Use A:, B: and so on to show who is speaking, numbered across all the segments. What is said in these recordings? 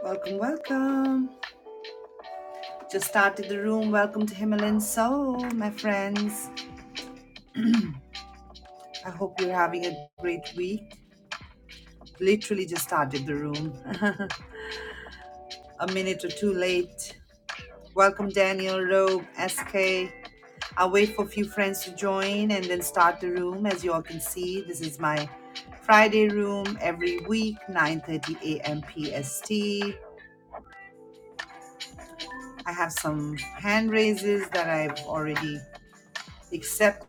A: Welcome, welcome. Just started the room. Welcome to Himalayan Soul, my friends. I hope you're having a great week. Literally just started the room. a minute or two late. Welcome, Daniel, Robe, SK. I'll wait for a few friends to join and then start the room. As you all can see, this is my Friday room every week, 9.30 a.m. PST. I have some hand raises that I've already accepted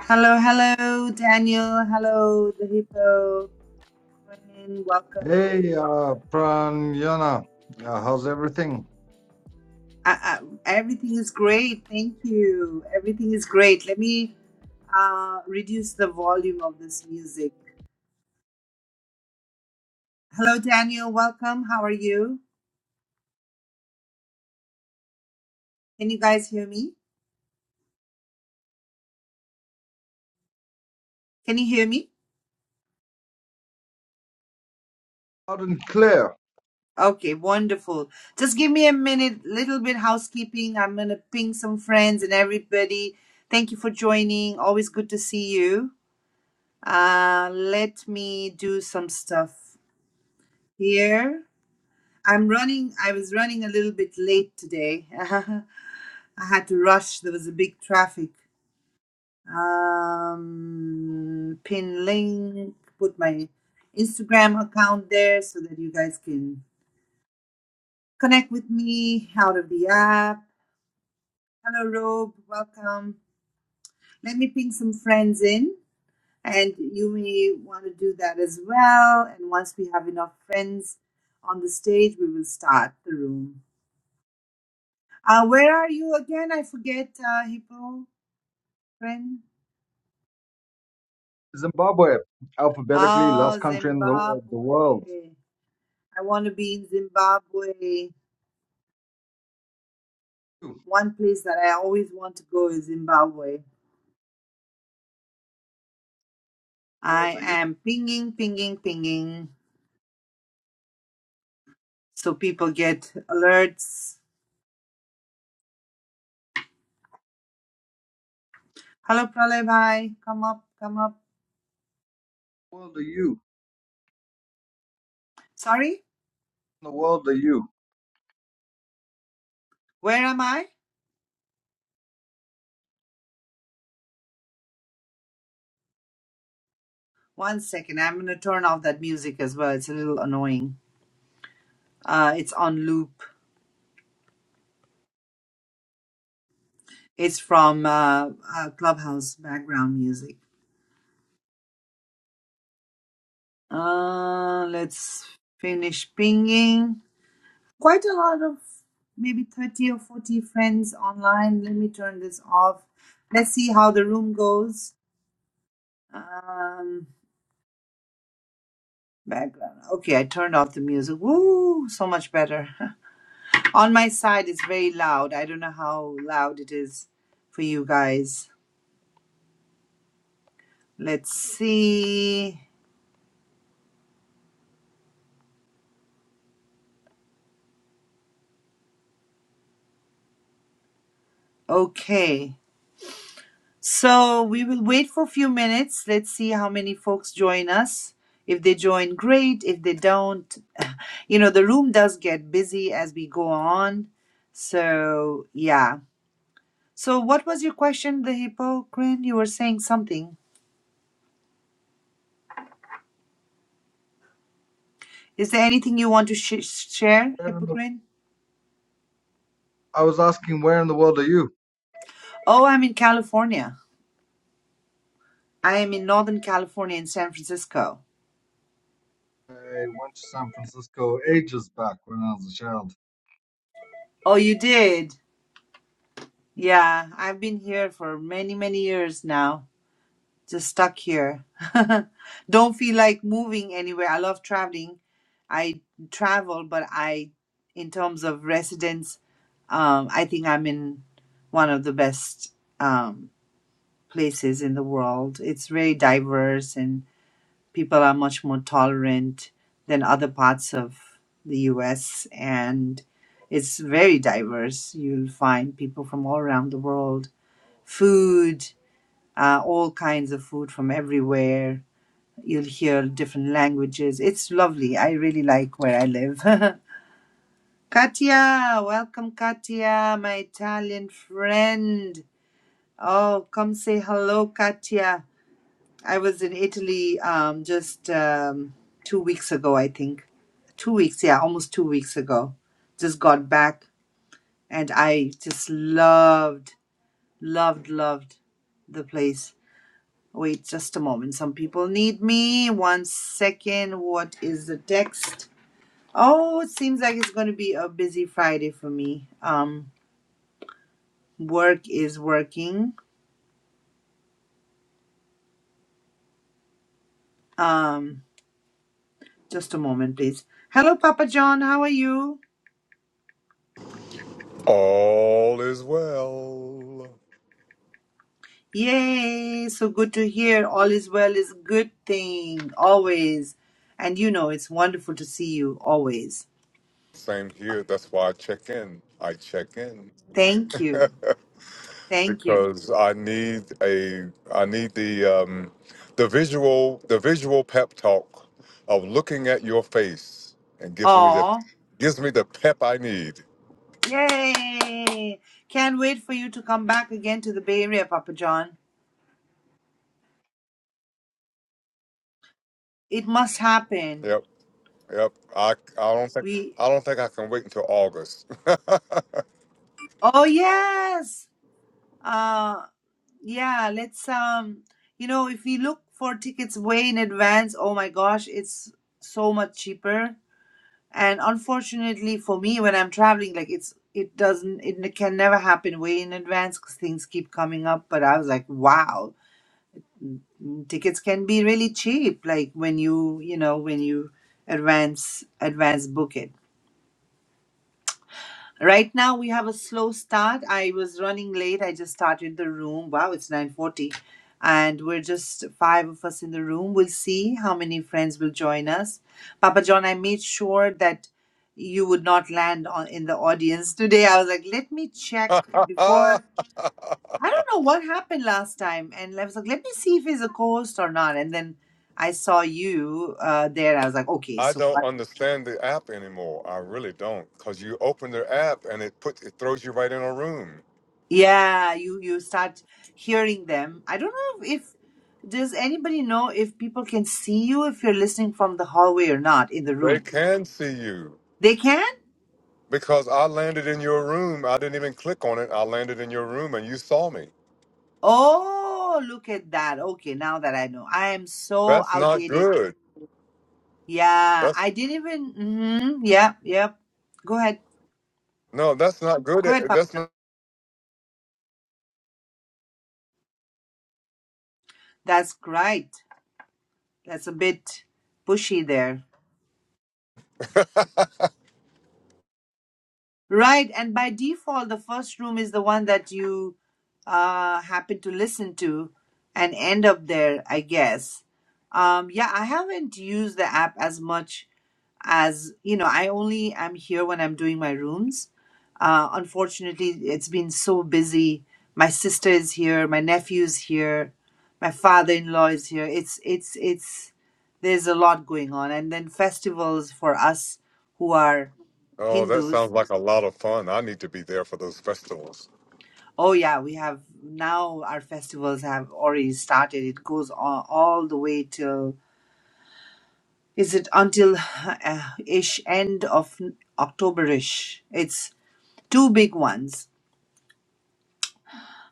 A: Hello, hello, Daniel. Hello, the hippo. Corinne, Welcome.
B: Hey, uh, Pranyana, uh, how's everything?
A: I, I, everything is great. Thank you. Everything is great. Let me uh, reduce the volume of this music. Hello, Daniel. Welcome. How are you? Can you guys hear me? Can you hear me?
B: Loud and clear.
A: Okay, wonderful. Just give me a minute, little bit housekeeping. I'm going to ping some friends and everybody. Thank you for joining. Always good to see you. Uh, let me do some stuff. Here, I'm running. I was running a little bit late today. I had to rush. There was a big traffic. Um, pin link. Put my Instagram account there so that you guys can connect with me out of the app. Hello, Rob. Welcome. Let me ping some friends in, and you may want to do that as well. And once we have enough friends on the stage, we will start the room. Uh, where are you again? I forget, uh, Hippo friend.
B: Zimbabwe, alphabetically last
A: Oh,
B: country in the, wo-
A: Zimbabwe.
B: the world.
A: I want to be in Zimbabwe.
B: You,
A: One place that I always want to go is Zimbabwe.
B: The world
A: I
B: are you?
A: am pinging, pinging, pinging, so people get alerts. Hello, Pralay bhai. Come up, come up.
B: The world are you?
A: Sorry,
B: The world are you?
A: where am I? One second. I'm going to turn off that music as well. It's a little annoying. Uh, it's on loop. It's from uh, uh, Clubhouse background music. Uh, let's finish pinging. Quite a lot of maybe 30 or 40 friends online. Let me turn this off. Let's see how the room goes. Um, background. Okay, I turned off the music. Woo, so much better. On my side, it's very loud. I don't know how loud it is for you guys. Let's see. Okay. So we will wait for a few minutes. Let's see how many folks join us. If they join, great. If they don't, you know, the room does get busy as we go on. So, yeah. So, what was your question, the Hippocrene? You were saying something. Is there anything you want to sh- share,
B: Where in the?
A: Hippocrene?
B: I was asking, where in the world are you?
A: Oh, I'm in California. I am in Northern California in San Francisco.
B: I went to San Francisco ages back when I was a child.
A: Oh, you did? Yeah, I've been here for many, many years now. just stuck here. Don't feel like moving anywhere. I love traveling. I travel, but I, in terms of residence, um, I think I'm in one of the best um, places in the world. It's very diverse, and people are much more tolerant than other parts of the U.S. and it's very diverse. You'll find people from all around the world, food, uh, all kinds of food from everywhere You'll hear different languages. It's lovely. I really like where I live. Katia, welcome, Katia, my Italian friend. Oh, come say hello, Katia. I was in Italy um, just um, two weeks ago, I think. Two weeks, yeah, almost two weeks ago. Just got back and I just loved, loved, loved the place. Wait just a moment. Some people need me. One second. What is the text? Oh, it seems like it's going to be a busy Friday for me. Um, work is working. Um, just a moment, please. Hello, Papa John. How are you?
C: All is well.
A: Yay! So good to hear. All is well is a good thing always, and you know it's wonderful to see you always.
C: Same here. That's why I check in. I check in
A: Thank you. Thank you.
C: because I need a I need the um the visual the visual pep talk of looking at your face and gives me the
A: Oh,
C: gives me the pep I need.
A: yay! Can't wait for you to come back again to the Bay Area, Papa John. It must happen.
C: Yep. Yep. I I don't think
A: We.
C: I don't think I can wait until August.
A: Oh yes. Uh, yeah, let's um, you know, if we look for tickets way in advance, oh my gosh, it's so much cheaper. And unfortunately for me, when I'm traveling, like it's it doesn't it n- can never happen way in advance because things keep coming up. But I was like, wow, mm, tickets can be really cheap, like when you you know when you advance advance book it. Right now we have a slow start. I was running late. I just started the room. Wow, it's 9:40 and we're just five of us in the room. We'll see how many friends will join us. Papa John, I made sure that you would not land on in the audience today. I was like, "Let me check before I don't know what happened last time." And I was like, "Let me see if he's a co-host or not." And then I saw you uh, there. I was like, "Okay,
C: I
A: so
C: don't
A: what
C: understand the app anymore. I really don't, because you open their app and it puts it throws you right in a room.
A: Yeah, you you start hearing them. I don't know if does anybody know if people can see you if you're listening from the hallway or not in the
C: They
A: room.
C: can see you
A: They can?
C: because I landed in your room. I didn't even click on it. I landed in your room and you saw me.
A: Oh, look at that. Okay, now that I know. I am so
C: That's not
A: outdated.
C: good.
A: Yeah,
C: That's
A: I didn't even mm-hmm. Yeah, yeah. Go ahead.
C: no, that's not good.
A: Go
C: Eh,
A: ahead, Papa.
C: That's
A: John.
C: not.
A: That's right. That's a bit pushy there. Right, and by default, the first room is the one that you uh, happen to listen to and end up there, I guess. Um, yeah, I haven't used the app as much as, you know, I only am here when I'm doing my rooms. Uh, unfortunately, it's been so busy. My sister is here, my nephew's here, my father-in-law is here. It's it's it's there's a lot going on, and then festivals for us who are
C: Oh, that
A: Hindus
C: sounds like a lot of fun. I need to be there for those festivals.
A: Oh yeah, we have now our festivals have already started. It goes on all the way till is it until uh, ish end of Octoberish. It's two big ones.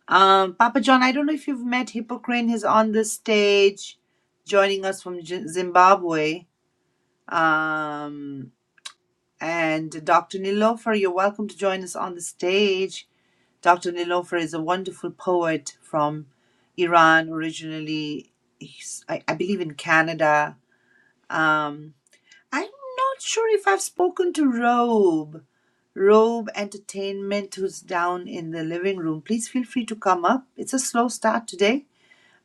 A: Um, Papa John, I don't know if you've met Hippocrene. He's on the stage, joining us from Z- Zimbabwe. Um, and Dr. Nilofer, you're welcome to join us on the stage. Dr. Nilofer is a wonderful poet from Iran, originally, he's, I, I believe, in Canada. Um, I'm not sure if I've spoken to Robe, Robe Entertainment, who's down in the living room. Please feel free to come up. It's a slow start today.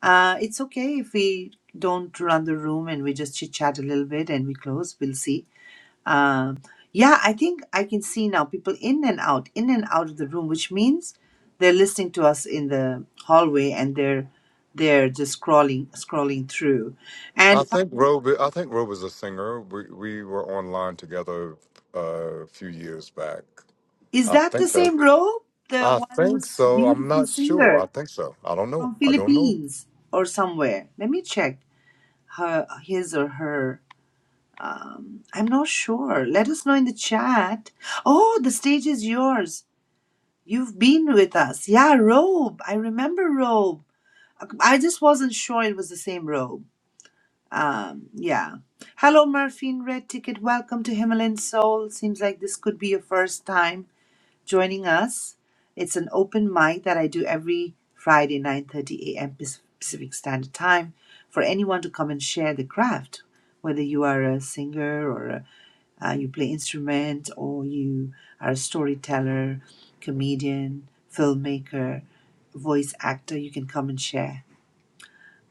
A: Uh, it's okay if we don't run the room and we just chit chat a little bit and we close. We'll see. Um, yeah, I think I can see now people in and out, in and out of the room, which means they're listening to us in the hallway and they're they're just scrolling scrolling through.
C: I
A: And
C: think Rob. I think Rob is a singer. We we were online together uh, a few years back.
A: is
C: I
A: that the
C: think that.
A: same row? The
C: I
A: one
C: think
A: who's
C: so. I'm
A: beautiful
C: not sure. I
A: singer
C: think so. I don't know.
A: from
C: I don't know.
A: Philippines or somewhere? Let me check her his or her. Um, I'm not sure. Let us know in the chat. Oh, the stage is yours. You've been with us. Yeah, Robe. I remember Robe. I just wasn't sure it was the same robe. Um, yeah. Hello, Murphy in Red Ticket. Welcome to Himalayan Soul. Seems like this could be your first time joining us. It's an open mic that I do every Friday, 9.30 a.m. Pac- Pacific Standard Time for anyone to come and share the craft, whether you are a singer or a, uh, you play instrument or you are a storyteller, comedian, filmmaker, voice actor, you can come and share.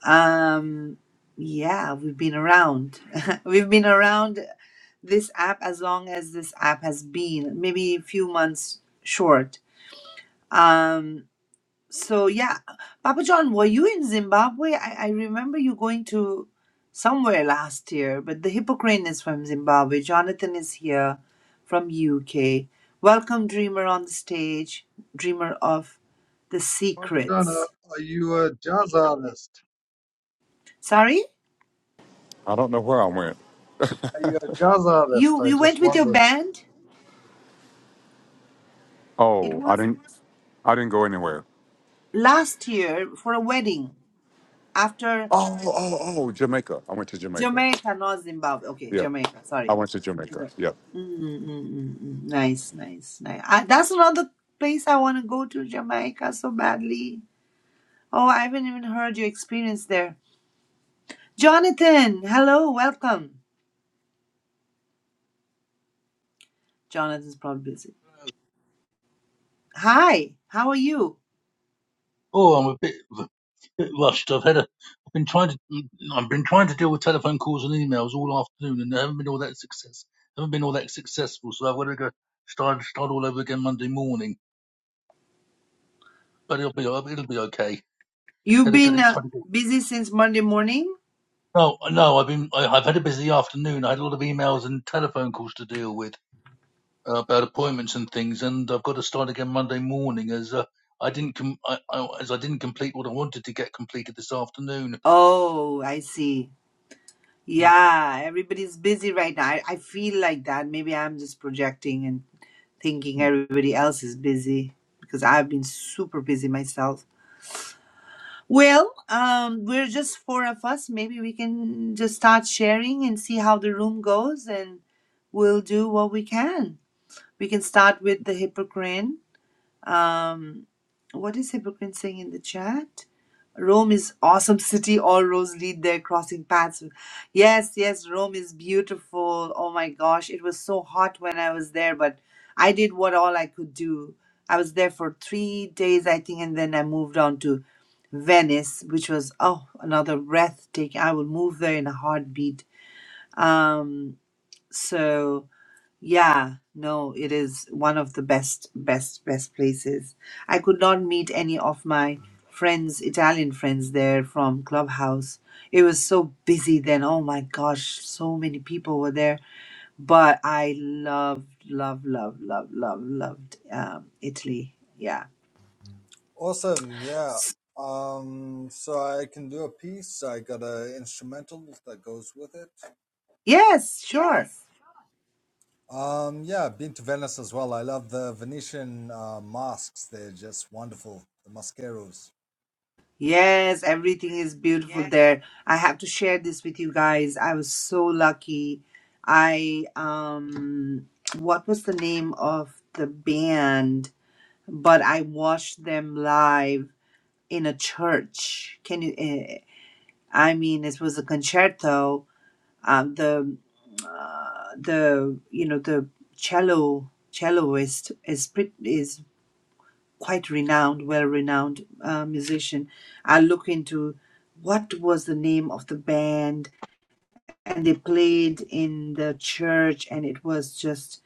A: Um, yeah, we've been around. we've been around this app as long as this app has been, maybe a few months short. Um, so yeah, Papa John, were you in Zimbabwe? I, I remember you going to somewhere last year, but the Hippocrane is from Zimbabwe. Jonathan is here from UK. Welcome, Dreamer, on the stage, Dreamer of the
B: Papa John, uh,
A: Secrets.
B: are you a jazz artist?
A: Sorry,
C: I don't know where I went.
B: Are you a jazz artist?
A: you
B: I
A: you
B: just
A: went with your
B: wondered.
A: band. It
C: Oh, I
A: was.
C: didn't. I didn't go anywhere.
A: last year for a wedding after
C: Oh, oh, oh, Jamaica. I went to Jamaica.
A: Jamaica, not Zimbabwe. Okay,
C: Yeah,
A: Jamaica.
C: I
A: Sorry.
C: went to Jamaica. Yeah.
A: Mm-mm-mm-mm. Nice, nice, nice. I, that's another place I want to go to, Jamaica, so badly. Oh, I haven't even heard your experience there. Jonathan, hello, welcome. Jonathan's probably busy. Hi, how are you?
D: Oh, I'm a bit, a bit rushed. I've had a, I've been trying to, I've been trying to deal with telephone calls and emails all afternoon, and I haven't been all that success. Haven't been all that successful, so I've got to go start start all over again Monday morning. But it'll be it'll be okay.
A: You've
D: Had a
A: been
D: good
A: uh,
D: trying to get.
A: busy since Monday morning?
D: No, no, I've been I, I've had a busy afternoon. I had a lot of emails and telephone calls to deal with uh, about appointments and things, and I've got to start again Monday morning as uh, I didn't com- I, I, as I didn't complete what I wanted to get completed this afternoon.
A: Oh, I see. Yeah, everybody's busy right now. I, I feel like that. Maybe I'm just projecting and thinking
D: Mm.
A: everybody else is busy because I've been super busy myself. Well, um, we're just four of us. Maybe we can just start sharing and see how the room goes, and we'll do what we can. We can start with the Hippocrene. Um, what is Hippocrene saying in the chat? Rome is awesome city. All roads lead there, crossing paths. with- Yes, yes, Rome is beautiful. Oh my gosh, it was so hot when I was there, but I did what all I could do. I was there for three days, I think, and then I moved on to Venice, which was oh another breathtaking. I will move there in a heartbeat. Um, so yeah, no, it is one of the best, best, best places. I could not meet any of my friends, Italian friends there from Clubhouse. It was so busy then. Oh my gosh, so many people were there. But I loved, loved, loved, loved, loved, loved um, Italy. Yeah.
B: Awesome, yeah. Um, so I can do a piece. I got a instrumental that goes with it.
A: Yes, sure.
B: Um, yeah, I've been to Venice as well. I love the Venetian uh, masks. They're just wonderful. The mascaros.
A: Yes, everything is beautiful there. I have to share this with you guys. I was so lucky. I um what was the name of the band? But I watched them live in a church. Can you eh, I mean it was a concerto. Um the uh, the you know the cello celloist is pretty is quite renowned, well-renowned uh, musician. I look into what was the name of the band, and they played in the church, and it was just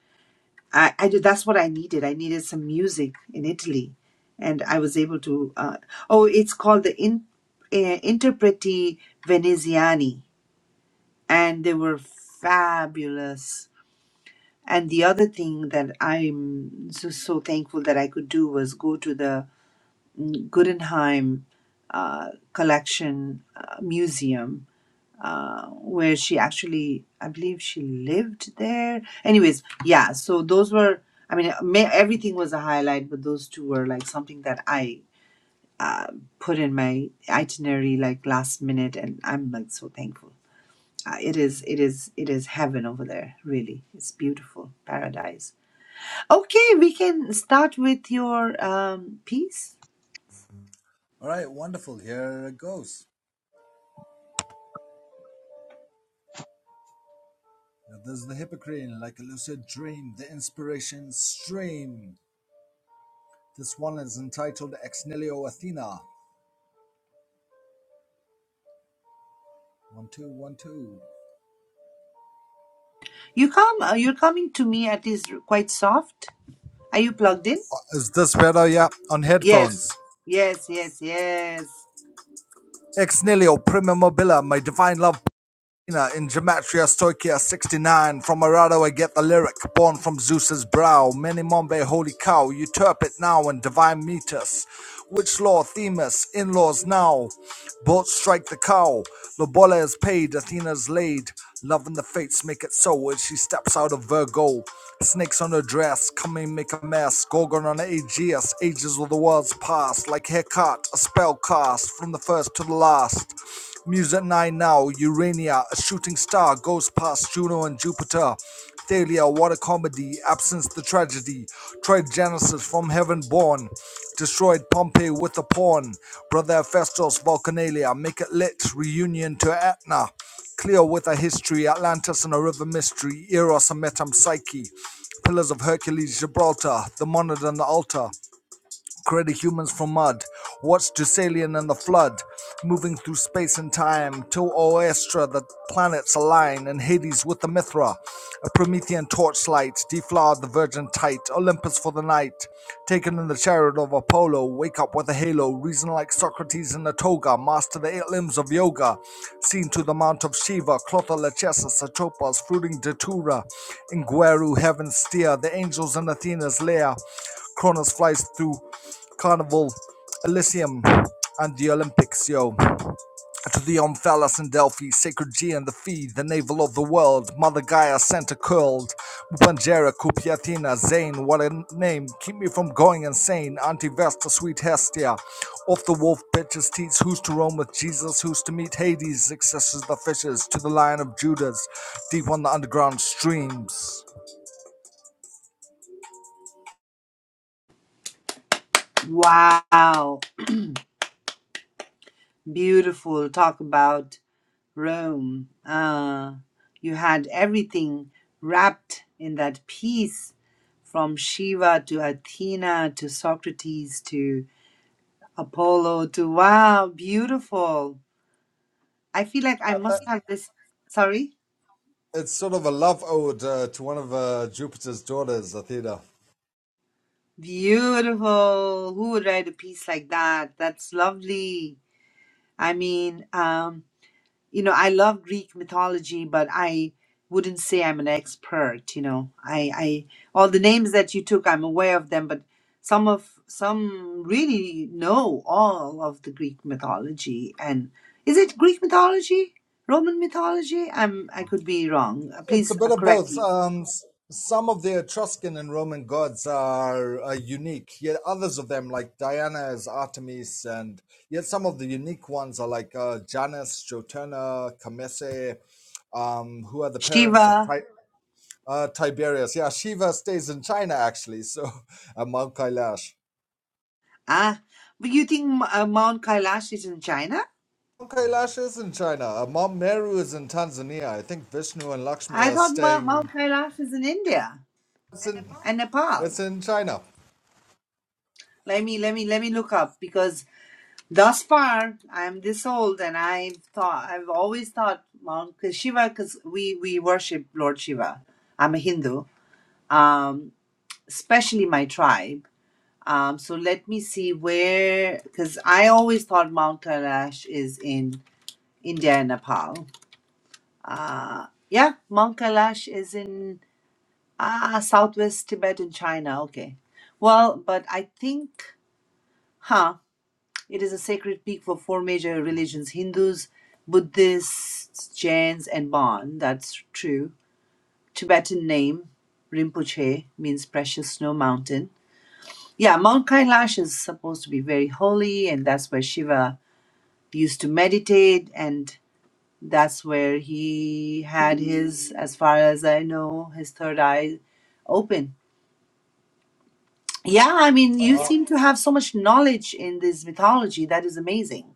A: I, I did, that's what I needed. I needed some music in Italy, and I was able to. Uh, oh, it's called the in, uh, Interpreti Veneziani, and they were fabulous. And the other thing that I'm so, so thankful that I could do was go to the Guggenheim uh, collection uh, museum uh, where she actually, I believe she lived there. Anyways, yeah, so those were, I mean, ma- everything was a highlight, but those two were like something that I uh, put in my itinerary like last minute, and I'm like so thankful. Uh, it is, it is, it is heaven over there. Really, it's beautiful paradise. Okay, we can start with your um, piece.
B: All right, wonderful. Here it goes. Now, There's the Hippocrene, like a lucid dream, the inspiration stream. This one is entitled Ex Nihilo Athena. One two one two.
A: You come, uh, you're coming to me at least quite soft. Are you plugged in?
B: Is this better? Yeah, on
A: Yes,
B: headphones.
A: yes, yes, yes.
B: Ex nihilo prima mobile, my divine love Athena in Gematria Stoichia 69. From Arado I get the lyric, born from Zeus's brow. Many Mombe, holy cow, you turp it now in divine meters. Which law, Themis, in laws now? Both strike the cow. Lobola is paid, Athena's laid. Love and the fates make it so as she steps out of Virgo. Snakes on her dress, coming make a mess. Gorgon on Aegeus, ages of the world's past. Like haircut, a spell cast, from the first to the last. News at 9 now. Urania, a shooting star, goes past Juno and Jupiter. Thalia, what a comedy. Absence, the tragedy. Tried Genesis from heaven born. Destroyed Pompeii with a pawn. Brother Festos, Vulcanalia, make it lit. Reunion to Etna. Cleo with a history. Atlantis and a river mystery. Eros and Metam Psyche. Pillars of Hercules, Gibraltar, the monad and the altar created humans from mud, watched Deucalion and the flood, moving through space and time, till Oestra the planets align, and Hades with the Mithra, a Promethean torchlight, deflowered the virgin tight, Olympus for the night, taken in the chariot of Apollo, wake up with a halo, reason like Socrates in a toga, master the eight limbs of yoga, seen to the mount of Shiva, Clotha Lachesis, Satropas, fruiting Datura, Ingueru, heaven steer, the angels in Athena's lair, Cronus flies through Carnival, Elysium, and the Olympics, yo. To the Omphalos and Delphi, Sacred G and the Fee, the navel of the world, Mother Gaia, Santa Curled, Mupangera, Cupiatina, Zane, what a name, keep me from going insane, Auntie Vesta, Sweet Hestia, off the wolf bitches, teats, who's to roam with Jesus, who's to meet Hades, successors the fishes, to the Lion of Judas, deep on the underground streams.
A: Wow, beautiful. Talk about Rome. Uh, you had everything wrapped in that piece from Shiva to Athena to Socrates to Apollo to wow, beautiful. I feel like I
B: Uh,
A: must have this. Sorry?
B: it's sort of a love ode uh, to one of uh, Jupiter's daughters, Athena.
A: Beautiful. Who would write a piece like that? That's lovely. I mean, um, you know, I love Greek mythology, but I wouldn't say I'm an expert, you know. I, I all the names that you took, I'm aware of them, but some of some really know all of the Greek mythology and is it Greek mythology? Roman mythology? I'm I could be wrong. Uh,
B: It's a
A: Please uh,
B: bit of
A: correct
B: both.
A: me.
B: Um, s- some of the Etruscan and Roman gods are, are unique, yet others of them, like Diana, is Artemis, and yet some of the unique ones are like uh, Janus, Joturna, Camese, um, who are the parents of
A: Shiva.
B: Ti- uh, Tiberius. Yeah, Shiva stays in China actually, so and Mount Kailash.
A: Ah, but you think uh, Mount Kailash is in China?
B: Mount Kailash is in China. Uh, Mount Meru is in Tanzania. I think Vishnu and Lakshmi
A: I
B: are
A: thought Ma-
B: staying.
A: Mount Kailash is in India
B: It's in,
A: and Nepal.
B: it's in China.
A: Let me let me let me look up because thus far I'm this old and I've thought I've always thought Mount 'cause Shiva because we we worship Lord Shiva. I'm a Hindu, um, especially my tribe. Um, so let me see where because I always thought Mount Kailash is in India and Nepal. Uh, yeah, Mount Kailash is in. Ah, Southwest Tibet in China. Okay. Well, but I think, huh, it is a sacred peak for four major religions Hindus, Buddhists, Jains, and Bon. That's true. Tibetan name, Rinpoche, means precious snow mountain. Yeah, Mount Kailash is supposed to be very holy, and that's where Shiva used to meditate, and that's where he had his, as far as I know, his third eye open. Yeah, I mean, you
B: Uh,
A: seem to have so much knowledge in this mythology. That is amazing.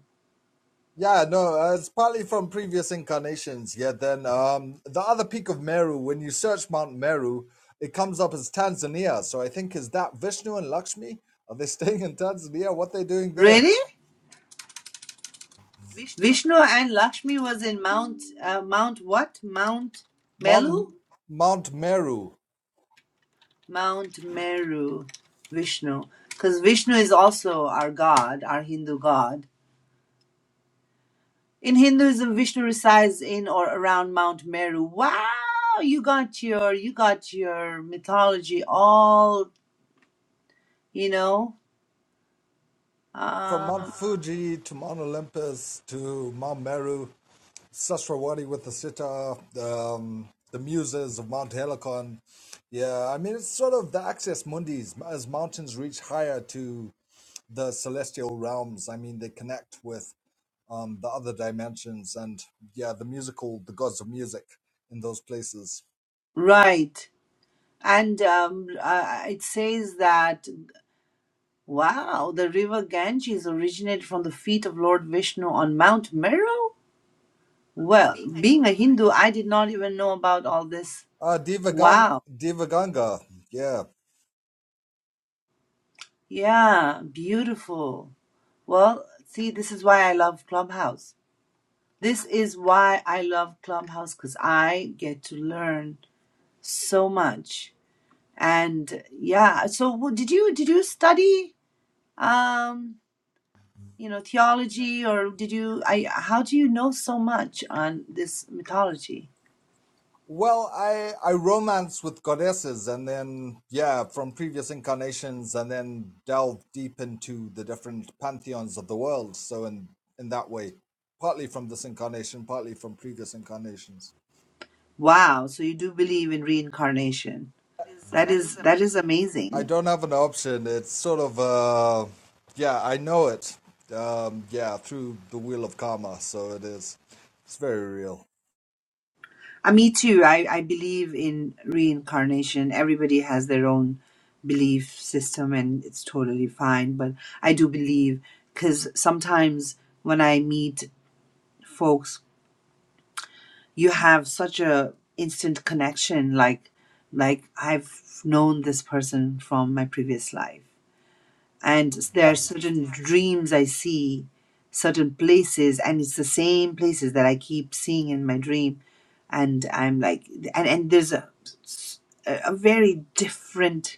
B: Yeah, no, uh, it's partly from previous incarnations. Yeah, then um, the other peak of Meru, when you search Mount Meru, it comes up as Tanzania. So I think is that Vishnu and Lakshmi? Are they staying in Tanzania? What they doing there?
A: Really? Vishnu and Lakshmi was in Mount uh, Mount what? Mount
B: Mount
A: Melu?
B: Mount Meru,
A: Mount Meru. Vishnu. Because Vishnu is also our god, our Hindu god. In Hinduism, Vishnu resides in or around Mount Meru. Wow, you got your you got your mythology all, you know.
B: from Mount
A: Um,
B: Fuji to Mount Olympus to Mount Meru, Sasrawadi with the sitar, um, the muses of Mount Helicon. Yeah, I mean it's sort of the access mundis as mountains reach higher to the celestial realms. I mean, they connect with um, the other dimensions and yeah, the musical, the gods of music in those places.
A: right. And um, uh, it says that, wow, the river Ganges originated from the feet of Lord Vishnu on Mount Meru? Well, being a Hindu, I did not even know about all this.
B: Uh, Devaganga,
A: Wow.
B: Devaganga, yeah.
A: Yeah, beautiful. Well, see, this is why I love Clubhouse. This is why I love Clubhouse because I get to learn so much. And yeah, so w- did you did you study? Um, you know, theology or did you I how do you know so much on this mythology?
B: Well, I I romance with goddesses, and then yeah, from previous incarnations, and then delve deep into the different pantheons of the world. So in in that way, partly from this incarnation, partly from previous incarnations.
A: Wow, so you do believe in reincarnation. That is that is
B: I
A: amazing.
B: don't have an option. It's sort of uh, yeah, I know it. Um, yeah, through the wheel of karma. So it is. It's very real.
A: Uh, me too. I, I believe in reincarnation. Everybody has their own belief system and it's totally fine, but I do believe cuz sometimes when I meet folks, you have such a instant connection like like I've known this person from my previous life and there
B: Yeah.
A: are certain dreams I see, certain places, and it's the same places that I keep seeing in my dream, and I'm like, and and there's a a very different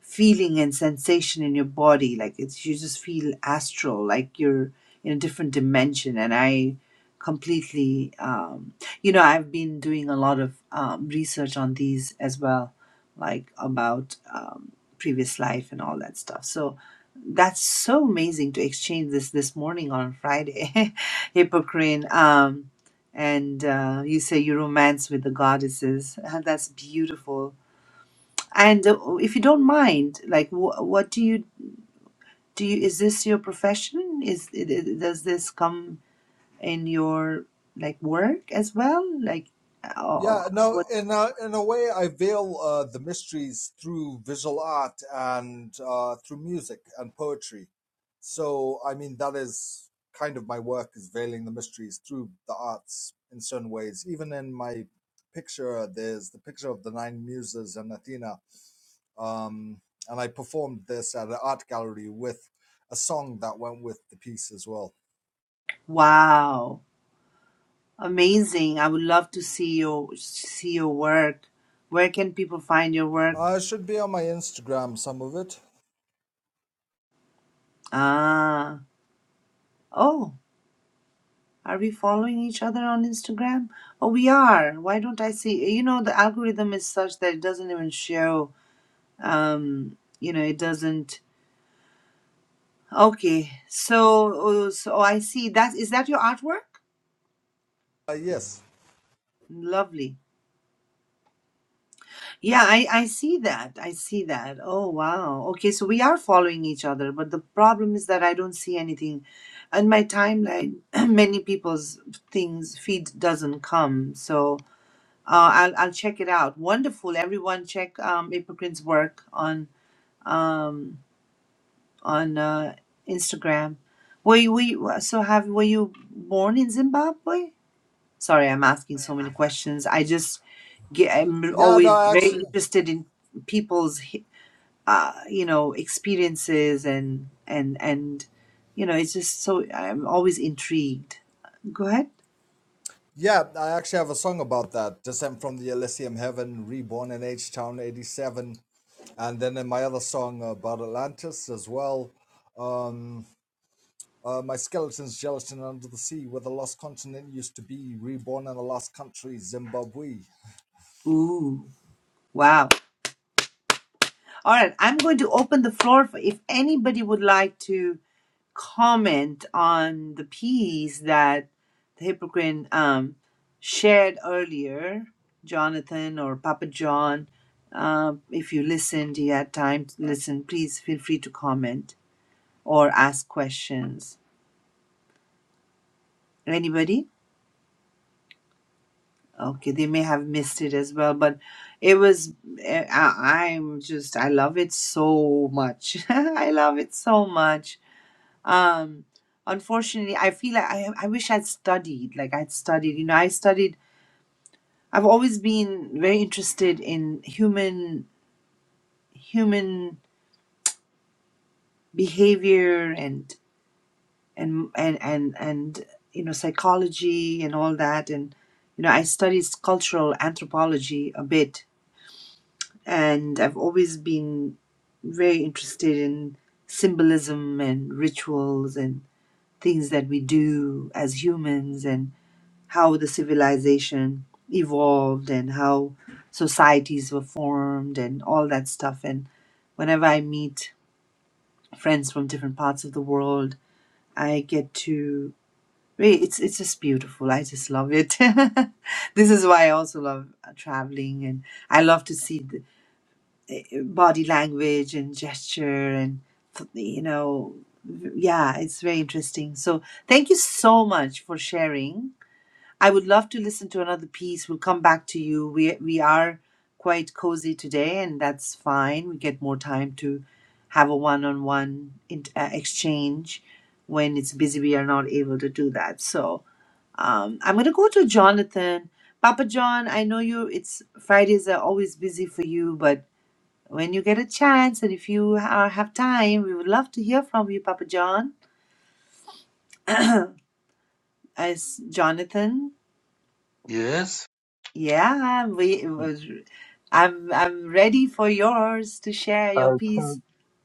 A: feeling and sensation in your body. Like it's you just feel astral, like you're in a different dimension. And I completely, um, you know, I've been doing a lot of um, research on these as well, like about um, previous life and all that stuff. So that's so amazing to exchange this this morning on Friday, Hippocrene. Um, and uh, you say you romance with the goddesses. That's beautiful and uh, if you don't mind, like, wh- what do you do? You, is this your profession? Is it, it, does this come in your like work as well? Like, uh,
B: Yeah, no,
A: what?
B: in a, in a way, I veil uh, the mysteries through visual art and uh, through music and poetry. So, I mean, that is kind of my work is veiling the mysteries through the arts in certain ways. Even in my picture, there's the picture of the nine muses and Athena. um, and I performed this at an art gallery with a song that went with the piece as well.
A: Wow, amazing! I would love to see your see your work. Where can people find your work?
B: Uh, it should be on my Instagram, some of it.
A: Ah, oh, are we following each other on Instagram? Oh, we are. Why don't I see? You know, the algorithm is such that it doesn't even show. Um, you know, it doesn't. Okay, so uh, so oh, I see that is that your artwork?
B: Uh, yes.
A: Lovely. Yeah, I I see that. I see that. Oh wow. Okay, so we are following each other, but the problem is that I don't see anything on my timeline. Many people's things feed doesn't come, so uh, I'll I'll check it out. Wonderful. Everyone, check um, April's work on um on uh, Instagram. Were you, were you so have were you born in Zimbabwe? Sorry, I'm asking so many questions. I just get, I'm
B: Yeah,
A: always
B: no, I
A: very
B: actually,
A: interested in people's, hi- uh, you know, experiences and and and, you know, it's just so I'm always intrigued. Go ahead.
B: yeah, I actually have a song about that. Descent from the Elysium Heaven, Reborn in H Town 87. And then in my other song about Atlantis as well. Um, uh, my skeleton's gelatin under the sea, where the lost continent used to be, reborn in the lost country, Zimbabwe.
A: Ooh, wow. All right, I'm going to open the floor for if anybody would like to comment on the piece that the hypocrite um, shared earlier, Jonathan or Papa John. Um, if you listened, you had time to listen, please feel free to comment or ask questions. Anybody? Okay, they may have missed it as well, but it was, eh, I, I'm just, I love it so much. I love it so much um unfortunately i feel like I, I wish i'd studied like i'd studied you know i studied i've always been very interested in human human behavior and and and and, and you know psychology and all that and you know i studied cultural anthropology a bit and i've always been very interested in symbolism and rituals and things that we do as humans and how the civilization evolved and how societies were formed and all that stuff. And whenever I meet friends from different parts of the world, I get to really- it's it's just beautiful. I just love it. this is why I also love uh, traveling and I love to see the body language and gesture and you know yeah, it's very interesting. So thank you so much for sharing I would love to listen to another piece. We'll come back to you. We we are quite cozy today, and that's fine. We get more time to have a one-on-one in, uh, exchange. When it's busy, we are not able to do that. So um, I'm going to go to Jonathan. Papa John, I know you. It's Fridays are always busy for you, but when you get a chance and if you are, have time, we would love to hear from you, Papa John. As Jonathan,
D: Yes.
A: Yeah, we, I'm I'm ready for yours to share your piece.
D: Okay,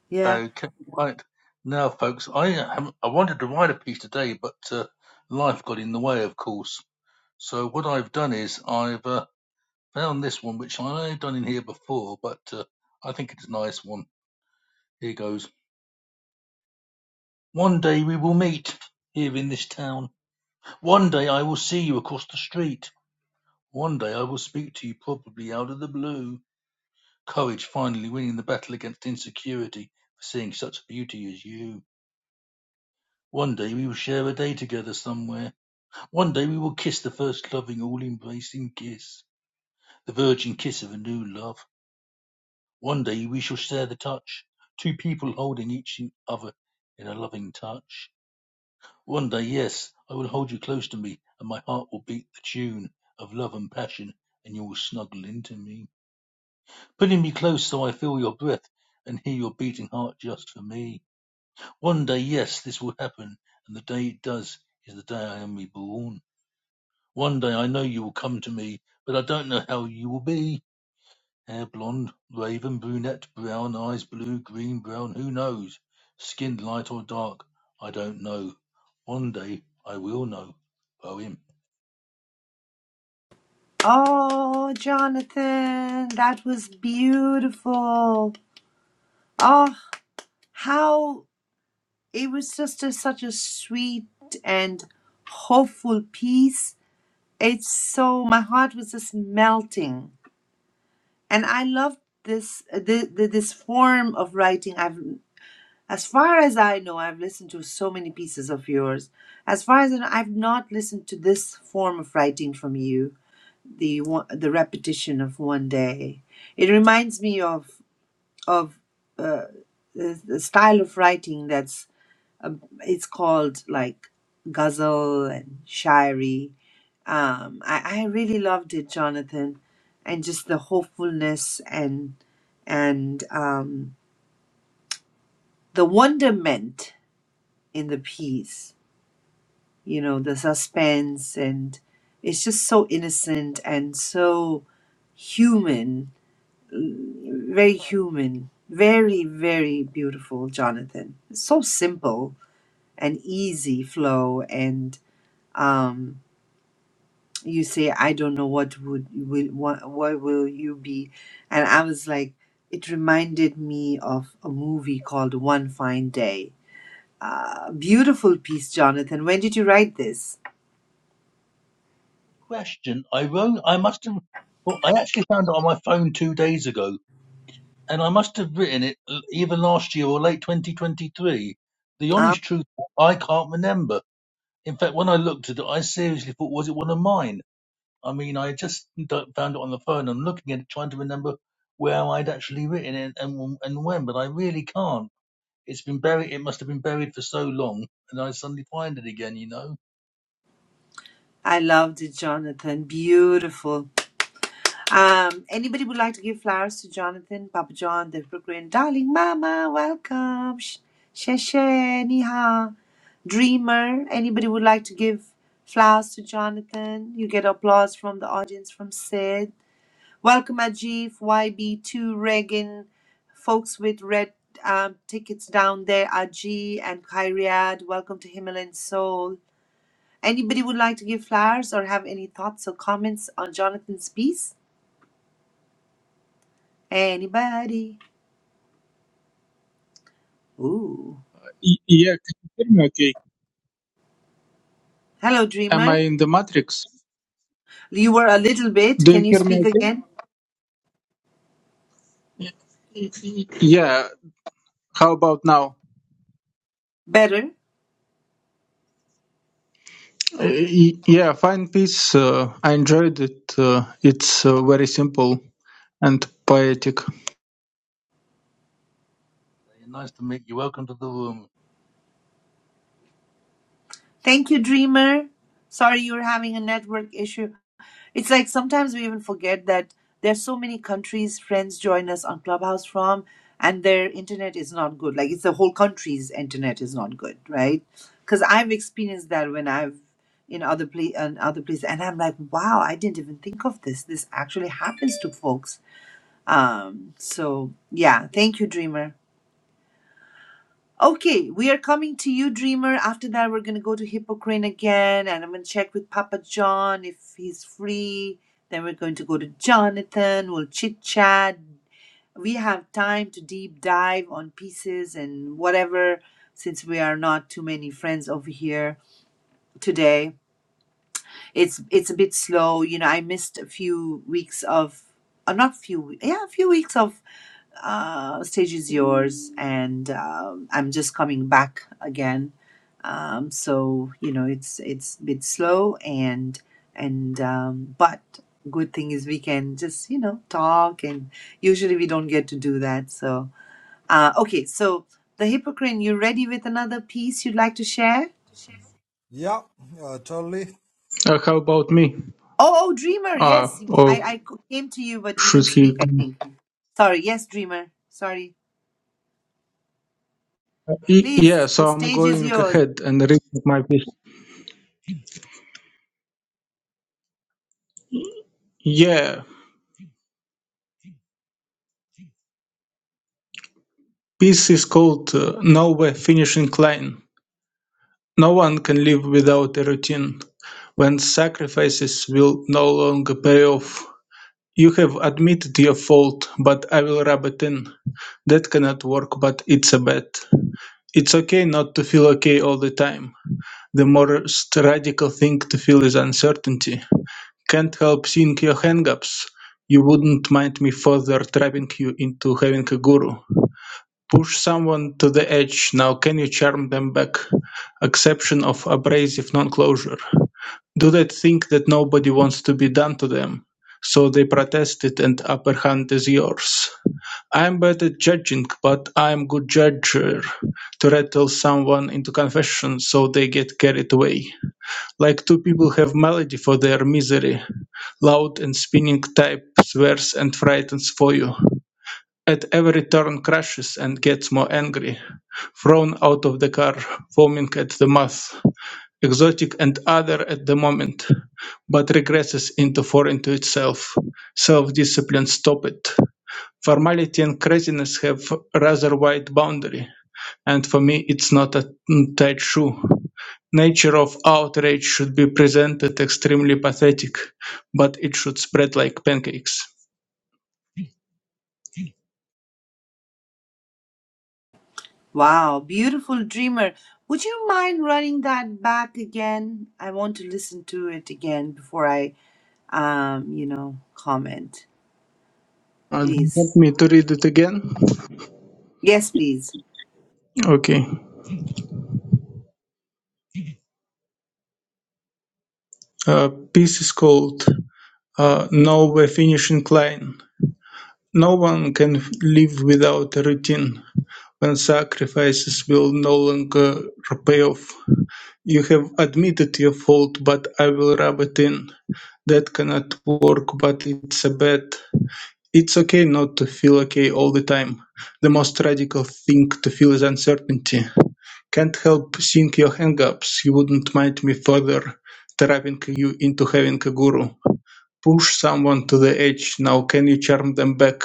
A: Yeah.
D: okay, right. Now, folks, I haven't, I wanted to write a piece today, but uh, life got in the way, of course. So what I've done is I've uh, found this one, which I've done in here before, but uh, I think it's a nice one. Here goes. One day we will meet here in this town. One day I will see you across the street. One day I will speak to you probably out of the blue. Courage finally winning the battle against insecurity for seeing such beauty as you. One day we will share a day together somewhere. One day we will kiss the first loving, all embracing kiss, the virgin kiss of a new love. One day we shall share the touch, two people holding each other in a loving touch. One day, yes, I will hold you close to me, and my heart will beat the tune of love and passion, and you will snuggle into me, putting me close so I feel your breath and hear your beating heart just for me. One day, yes, this will happen, and the day it does is the day I am reborn. One day I know you will come to me, but I don't know how you will be. Hair blonde, raven, brunette, brown, eyes blue, green, brown, who knows? Skin light or dark, I don't know. One day I will know. Poem.
A: Oh, Jonathan, that was beautiful. Oh, how it was just a, such a sweet and hopeful piece. It's so my heart was just melting, and I love this the, the this form of writing. I've As far as I know, I've listened to so many pieces of yours. As far as I know, I've not listened to this form of writing from you, the one, the repetition of one day. It reminds me of of uh, the, the style of writing that's um, it's called like ghazal and shayari. Um, I, I really loved it, Jonathan, and just the hopefulness and and um, the wonderment in the piece you know the suspense and it's just so innocent and so human very human very very beautiful jonathan so simple and easy flow and um you say i don't know what would will what, what will you be and i was like it reminded me of a movie called one fine day uh, beautiful piece jonathan when did you write this
D: Question. I wrote, I must have, well, I actually found it on my phone two days ago, and I must have written it l- either last year or late 2023. The honest truth, I can't remember. In fact, when I looked at it, I seriously thought, was it one of mine? I mean, I just d- found it on the phone. I'm looking at it, trying to remember where I'd actually written it and and when, but I really can't. It's been buried. It must have been buried for so long, and I suddenly find it again. You know,
A: I loved it, Jonathan. Beautiful. Um, anybody would like to give flowers to Jonathan, Papa John, the Brooklyn, darling Mama, welcome. Sh- Sheshe, Niha, Dreamer. Anybody would like to give flowers to Jonathan? You get applause from the audience from Sid. Welcome, Ajif, YB2, Regan, folks with red um, tickets down there, Aji and Kyriad. Welcome to Himalayan Soul. Anybody would like to give flowers or have any thoughts or comments on Jonathan's piece? Anybody? Ooh.
E: Y- Yeah, can you hear me okay?
A: Hello,
E: Am I
A: Dreamer.
E: in the matrix?
A: You were a little bit.
E: Do you
A: Can you
E: hear me
A: speak
E: okay?
A: again?
E: Y- y- Yeah, how about now?
A: Better.
E: Uh, y- Yeah, Fine Piece, uh, I enjoyed it. Uh, it's uh, very simple and poetic.
D: nice to meet you. Welcome to the room.
A: Thank you, Dreamer. Sorry you're having a network issue. It's like sometimes we even forget that there's so many countries friends join us on Clubhouse from, and their internet is not good. Like it's the whole country's internet is not good, right? Because I've experienced that when I've in other place in other places, and I'm like, wow, I didn't even think of this. This actually happens to folks. Um, so yeah, thank you, Dreamer. Okay, we are coming to you, Dreamer. After that, we're going to go to Hippocrene again, and I'm going to check with Papa John if he's free. Then we're going to go to Jonathan. We'll chit chat. We have time to deep dive on pieces and whatever, since we are not too many friends over here today. It's it's a bit slow, you know. I missed a few weeks of, uh, not few, yeah, a few weeks of uh, stage is yours and um, i'm just coming back again um, so you know it's it's a bit slow and and um, but good thing is we can just you know talk and usually we don't get to do that so uh, okay so the hypocrite you ready with another piece you'd like to share
B: Yeah, uh, totally.
E: Uh, how about me?
A: oh, oh dreamer
E: Uh,
A: yes
E: or
A: I, I c- came to you but you
E: should
A: didn't
E: he?
A: speak i think sorry yes dreamer sorry
E: Y- Yeah,
A: please the
E: so I'm
A: stage is
E: going
A: yours
E: ahead and reading my piece. Yeah, piece is called uh, Nowhere Finishing Line. No one can live without a routine. When sacrifices will no longer pay off, you have admitted your fault, but I will rub it in. That cannot work, but it's a bet. It's okay not to feel okay all the time. The most radical thing to feel is uncertainty. Can't help seeing your hangups. You wouldn't mind me further trapping you into having a guru. Push someone to the edge. Now can you charm them back? Exception of abrasive non-closure. Do they think that nobody wants to be done to them? So they protested and upper hand is yours. I'm bad at judging, but I'm good judger to rattle someone into confession so they get carried away. Like two people have melody for their misery, loud and spinning type swears and frightens for you. At every turn crashes and gets more angry, thrown out of the car, foaming at the mouth exotic and other at the moment, but regresses into foreign to itself. Self-discipline stop it. Formality and craziness have rather wide boundary, and for me it's not a tight shoe. Nature of outrage should be presented extremely pathetic, but it should spread like pancakes.
A: Wow, beautiful dreamer. Would you mind running that back again? I want to listen to it again before I, um, you know, comment.
E: Uh, do you
A: Please.
E: want me to read it again?
A: Yes, please.
E: Okay. Uh, piece is called uh, No Finishing Line. No one can live without a routine. When sacrifices will no longer repay off. You have admitted your fault, but I will rub it in. That cannot work, but it's a bet. It's okay not to feel okay all the time. The most radical thing to feel is uncertainty. Can't help seeing your hang-ups. You wouldn't mind me further trapping you into having a guru. Push someone to the edge. Now can you charm them back?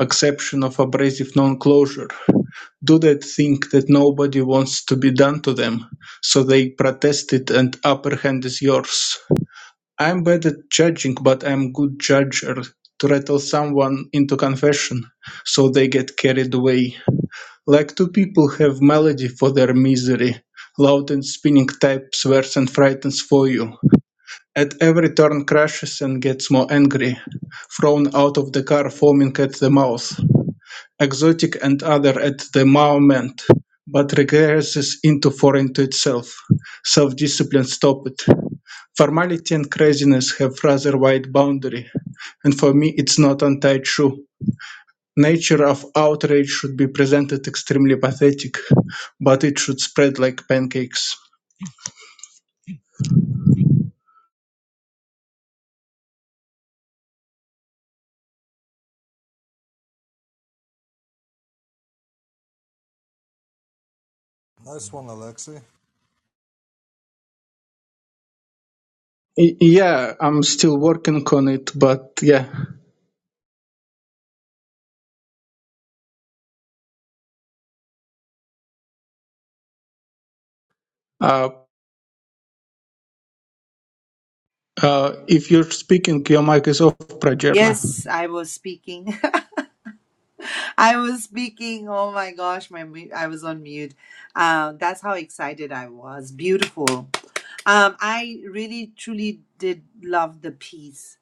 E: Acception of abrasive non-closure do they think that nobody wants to be done to them, so they protest it and upper hand is yours. I'm bad at judging, but I'm good judger to rattle someone into confession, so they get carried away. Like two people have melody for their misery, loud and spinning type swears and frightens for you. At every turn crashes and gets more angry, thrown out of the car foaming at the mouth exotic and other at the moment, but regresses into foreign to itself. Self-discipline stopped. Formality and craziness have rather wide boundary, and for me it's not untied shoe. Nature of outrage should be presented extremely pathetic, but it should spread like pancakes.
B: Nice one, Alexei.
E: Y- yeah, I'm still working on it, but yeah. Uh, uh, if you're speaking, your mic is off, Prajerna.
A: Yes, I was speaking. I was speaking. Oh my gosh, my mu- I was on mute. Uh, that's how excited I was. Beautiful. Um, I really truly did love the piece.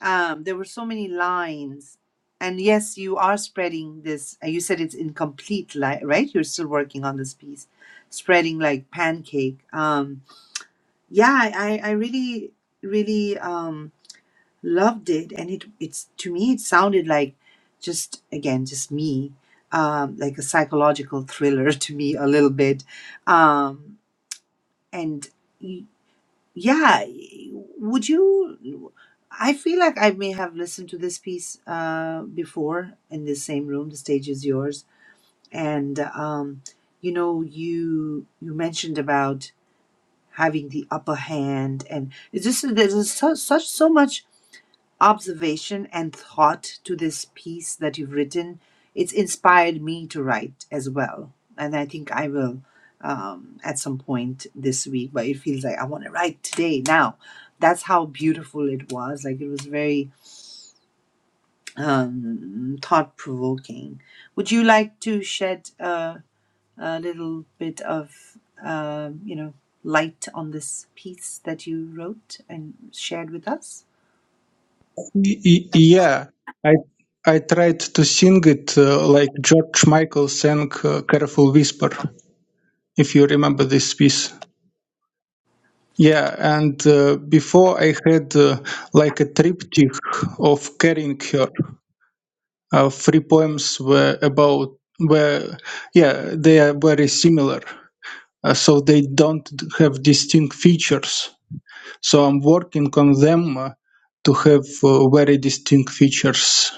A: um, there were so many lines. And yes, you are spreading this. uh, You said it's incomplete, li- right? You're still working on this piece, spreading like pancake. Um, yeah, I, I I really, really um, loved it, and it it's to me it sounded like just again just me, um, like a psychological thriller to me a little bit, um, and. Yeah, would you? I feel like I may have listened to this piece uh, before in this same room. The stage is yours, and um, you know, you you mentioned about having the upper hand, and it's just there's so, such so much observation and thought to this piece that you've written. It's inspired me to write as well. And I think I will um, at some point this week, but it feels like I want to write today, now. That's how beautiful it was. Like it was very um, thought provoking. Would you like to shed uh, a little bit of, um, you know, light on this piece that you wrote and shared with us?
E: Y- y- Yeah, I I tried to sing it uh, like George Michael sang uh, "Careful Whisper," if you remember this piece. Yeah, and uh, before I had uh, like a triptych of carrying her. Uh, three poems were about were yeah they are very similar, uh, so they don't d- have distinct features. So I'm working on them uh, to have uh, very distinct features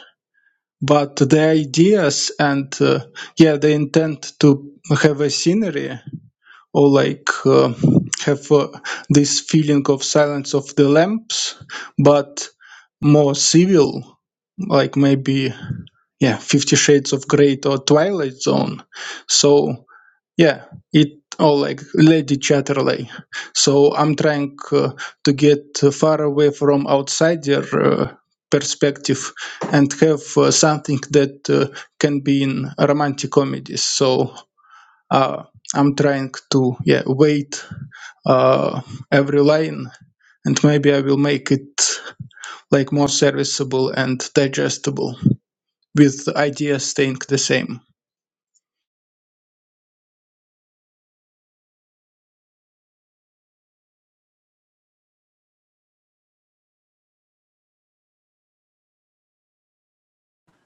E: but the ideas and uh, yeah the intent to have a scenery or like uh, have uh, this feeling of silence of the lamps but more civil like maybe yeah 50 shades of gray or twilight zone so yeah it all like lady chatterley so i'm trying uh, to get uh, far away from outsider uh, perspective and have uh, something that uh, can be in romantic comedies so uh, i'm trying to yeah wait uh, every line and maybe i will make it like more serviceable and digestible with ideas staying the same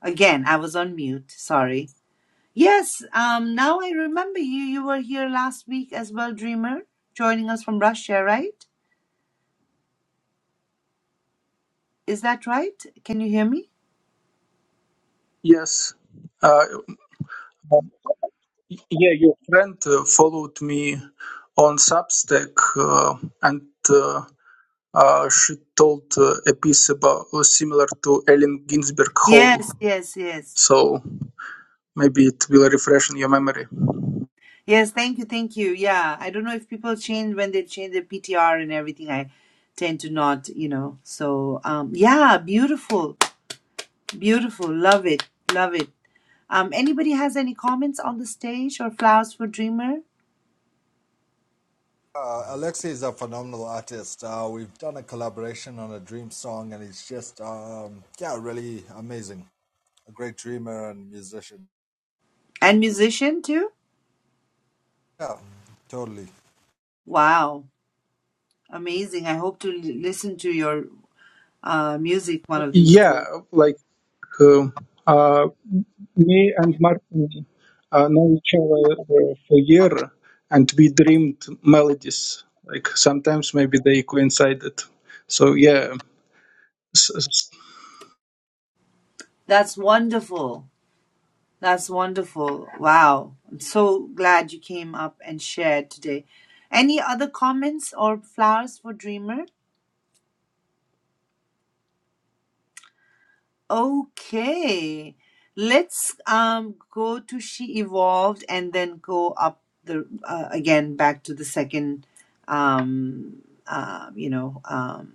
A: Again, I was on mute. Sorry. Yes, um, now I remember you. You were here last week as well, Dreamer, joining us from Russia, right? Is that right? Can you hear me?
E: Yes. Uh, Yeah, your friend uh, followed me on Substack, uh, and uh, uh, she told uh, a piece about uh, similar to Ellen Ginsberg
A: Yes,
E: Hall.
A: yes, yes.
E: So maybe it will refresh in your memory.
A: Yes, thank you, thank you. Yeah, I don't know if people change when they change their PTR and everything. I tend to not, you know. So, um, yeah, beautiful, beautiful. Love it, love it. Um, anybody has any comments on the stage or flowers for Dreamer
B: Uh, Alexei is a phenomenal artist. Uh, we've done a collaboration on a dream song, and he's just, um, yeah, really amazing. A great dreamer and musician.
A: and musician too?
B: Yeah, totally.
A: Wow, amazing. I hope to l- listen to your uh, music one of these
E: Yeah,
A: days.
E: like uh, uh, me and Martin uh, know each other uh, for a year, and we dreamed melodies. Like sometimes maybe they coincided. So yeah, S- s-
A: That's wonderful. That's wonderful. Wow. I'm so glad you came up and shared today. Any other comments or flowers for Dreamer? Okay, let's um go to She Evolved and then go up the uh, again back to the second um uh, you know um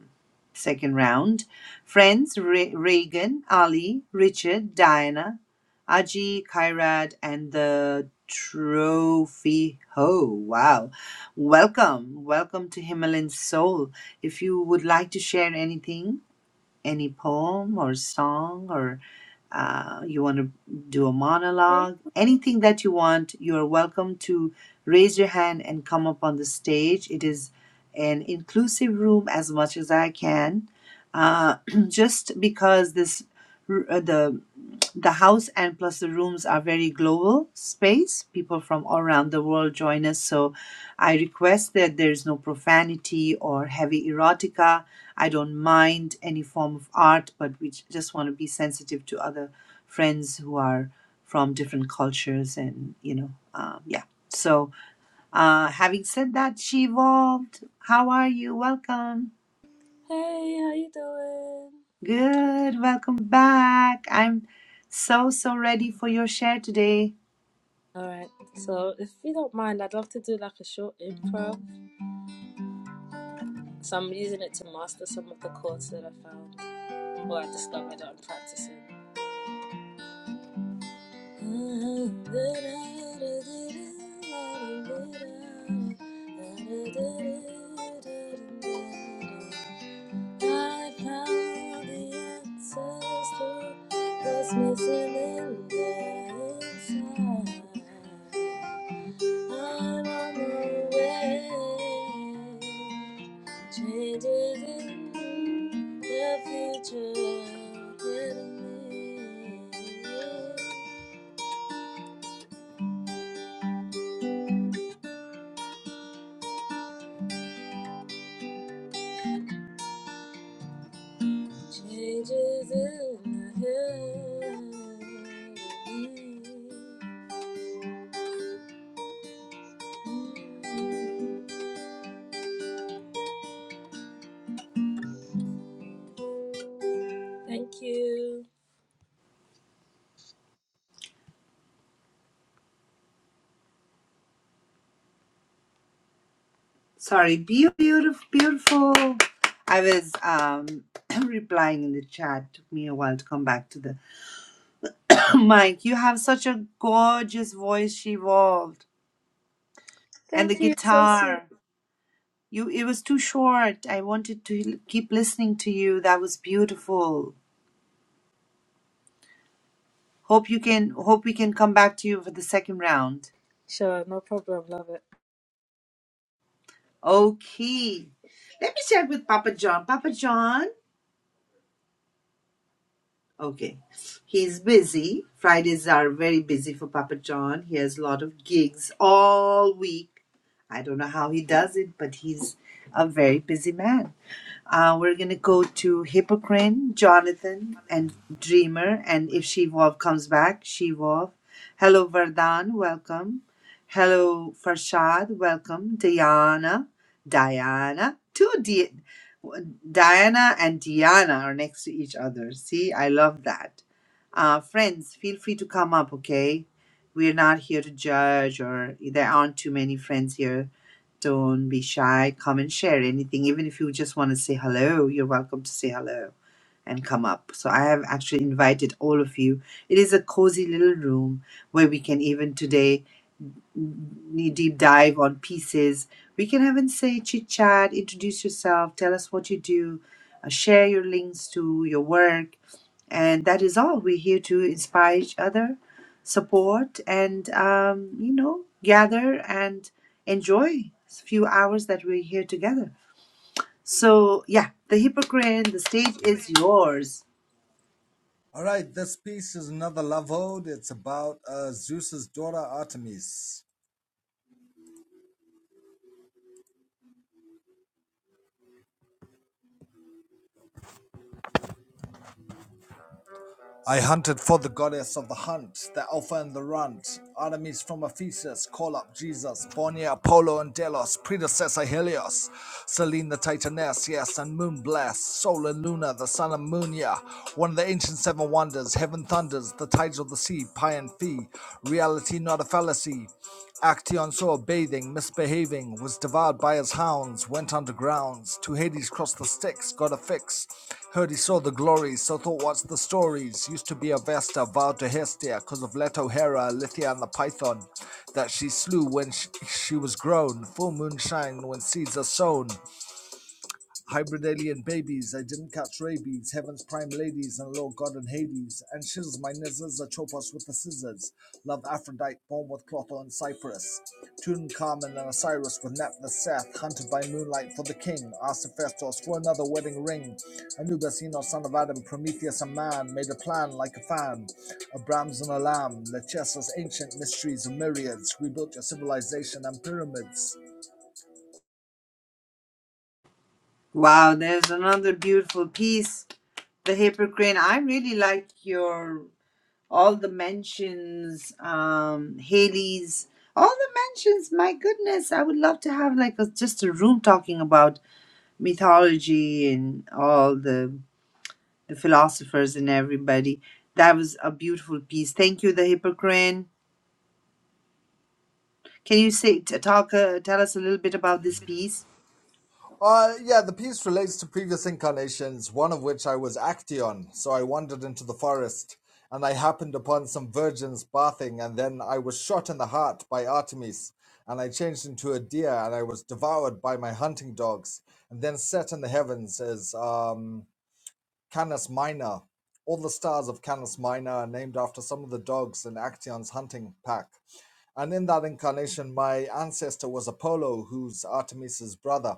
A: second round. Friends Re- Reagan, Ali, Richard, Diana, Aji, Kairad and the trophy ho wow welcome welcome to himalayan soul if you would like to share anything any poem or song or uh, you want to do a
F: Hey,
A: monologue, anything that you want, you are welcome to raise your hand and come up on the stage. It is an inclusive room as much as I can. Uh, just because this r- uh, the the house and plus the rooms are very global space. People from all around the world join us. So I request that there is no profanity or heavy erotica. I don't mind any form of art, but we j- just want to be sensitive to other friends who are from different cultures and, you know, um, yeah. So uh, having said that, she evolved. How are you? Welcome.
F: hey, how you doing?
A: Good. Welcome back. I'm so, so ready for your share today.
F: All right. So, if you don't mind, I'd love to do like a short improv. So I'm using it to master some of the chords that I found or I discovered that I'm practicing. I found the answers to what's missing in the inside. I'm on my way, traded in the future with me. Changes in the heaven. Thank you.
A: Sorry, beautiful, beautiful. I was um, replying in the chat. Took me a while to come back to the Mike. You have such a gorgeous voice, she evolved, and the
F: Thank you. So sweet.
A: guitar. You, it was too short. I wanted to l- keep listening to you. That was beautiful. Hope you can. Hope we can come back to you for the second round.
F: Sure, no problem. Love it.
A: Okay. Let me check with Papa John. Papa John. Okay. He's busy. Fridays are very busy for Papa John. He has a lot of gigs all week. I don't know how he does it, but he's a very busy man. Uh, we're gonna go to Hippocrene, Jonathan, and Dreamer, and if Shivov comes back, Shivov. Hello, Vardhan, welcome. Hello, Farshad, welcome. Diana, Diana, two D, Diana and Diana are next to each other. See, I love that. Uh, friends, feel free to come up, okay? We're not here to judge, or there aren't too many friends here don't be shy. Come and share anything. Even if you just want to say hello, you're welcome to say hello and come up. So I have actually invited all of you. It is a cozy little room where we can even today knee deep dive on pieces. We can even say chit chat, introduce yourself, tell us what you do, uh, share your links to your work. And that is all. We're here to inspire each other, support, and, um, you know, gather and enjoy a few hours that we're here together. So, yeah, the Hippocrene, the stage is yours.
B: All right, this piece is another love ode. It's about uh, Zeus's daughter Artemis. I hunted for the goddess of the hunt, the alpha and the runt, Artemis from Ephesus, call up Jesus, Bornea, Apollo and Delos, predecessor Helios, Selene the Titaness, yes, and Moonblast, Sol and Luna, the son of Munia, one of the ancient seven wonders, heaven thunders, the tides of the sea, Pi and Phi, reality not a fallacy, Actaeon saw bathing, misbehaving, was devoured by his hounds, went undergrounds, to Hades crossed the Styx, got a fix. Heard he saw the glories, so thought what's the stories. Used to be a Vesta, vowed to Hestia, cause of Leto Hera, Lithia and the Python, that she slew when she, she was grown. Full moon shine when seeds are sown. Hybrid alien babies, I didn't catch rabies. Heaven's prime ladies and Lord God and Hades. And shiz, my nizzles are chop us with the scissors. Love Aphrodite, born with Clotho and Cyprus. Tutankhamun and Osiris with Nat Seth, hunted by moonlight for the king. Asked Hephaestus for another wedding ring. Anubis, Enos, son of Adam, Prometheus, a man, made a plan like a fan. A Brahms and a lamb, Lachesis, ancient mysteries of myriads. We built your civilization and pyramids.
A: Wow, there's another beautiful piece the Hippocrene. I really like your all the mentions, um, Haley's, all the mentions. My goodness, I would love to have like a, just a room talking about mythology and all the the philosophers and everybody. That was a beautiful piece. Thank you, the Hippocrene. Can you say t- talk uh, tell us a little bit about this piece?
B: Uh, yeah, the piece relates to previous incarnations, one of which I was Actaeon, so I wandered into the forest, and I happened upon some virgins bathing, and then I was shot in the heart by Artemis, and I changed into a deer, and I was devoured by my hunting dogs, and then set in the heavens as um, Canis Minor. All the stars of Canis Minor are named after some of the dogs in Actaeon's hunting pack. And in that incarnation, my ancestor was Apollo, who's Artemis's brother.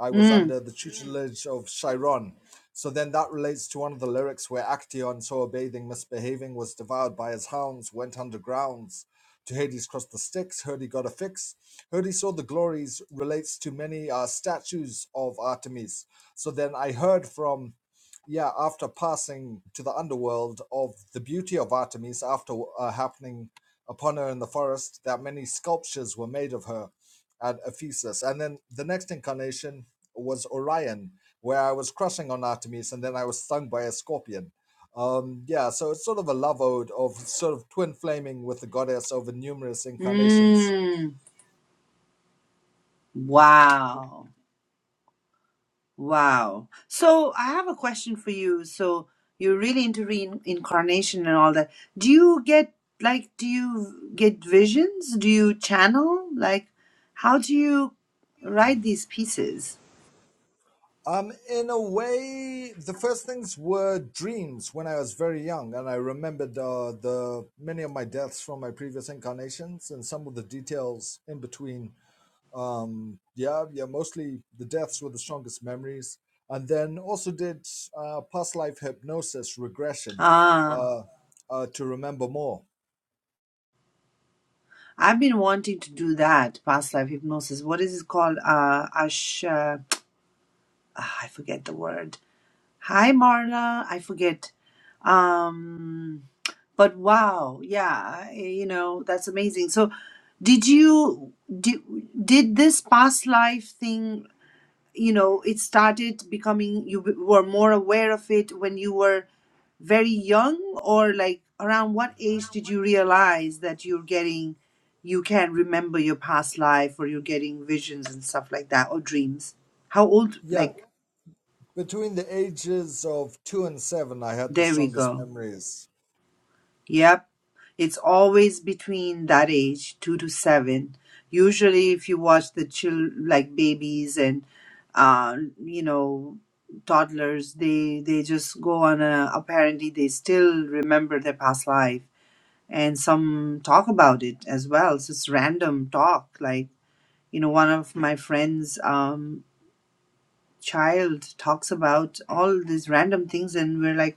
B: I was
A: Mm.
B: under the tutelage of Chiron. So then that relates to one of the lyrics where Actaeon, so bathing, misbehaving, was devoured by his hounds, went undergrounds. To Hades crossed the Styx, heard he got a fix. Heard he saw the glories relates to many uh, statues of Artemis. So then I heard from, yeah, after passing to the underworld of the beauty of Artemis after uh, happening upon her in the forest, that many sculptures were made of her at Ephesus. And then the next incarnation was Orion, where I was crushing on Artemis and then I was stung by a scorpion. Um, yeah, so it's sort of a love ode of sort of twin flaming with the goddess over numerous incarnations.
A: Mm. Wow. Wow. So I have a question for you. So you're really into reincarnation and all that. Do you get like do you get visions? Do you channel? Like how do you write these pieces?
B: Um, in a way, the first things were dreams when I was very young, and I remembered uh, the many of my deaths from my previous incarnations and some of the details in between Um, yeah, yeah, mostly the deaths were the strongest memories. And then also did uh, past life hypnosis regression
A: Ah,
B: uh, uh, to remember more.
A: I've been wanting to do that, past life hypnosis. What is it called? Uh Ash uh, ah, I forget the word. Hi Marla, I forget. Um But wow, yeah, eh, you know, that's amazing. So, did you did, did this past life thing, you know, it started becoming you were more aware of it when you were very young or like around what age did you realize that you're getting you can remember your past life or you're getting visions and stuff like that or dreams? How old
B: Yeah,
A: like
B: between the ages of two and seven, I had the
A: there we
B: strongest
A: go.
B: memories.
A: Yep. It's always between that age, two to seven. Usually, if you watch the chil like babies and uh, you know toddlers, they they just go on a. Apparently, they still remember their past life, and some talk about it as well. So it's random talk. Like you know, one of my friends' um, child talks about all these random things, and we're like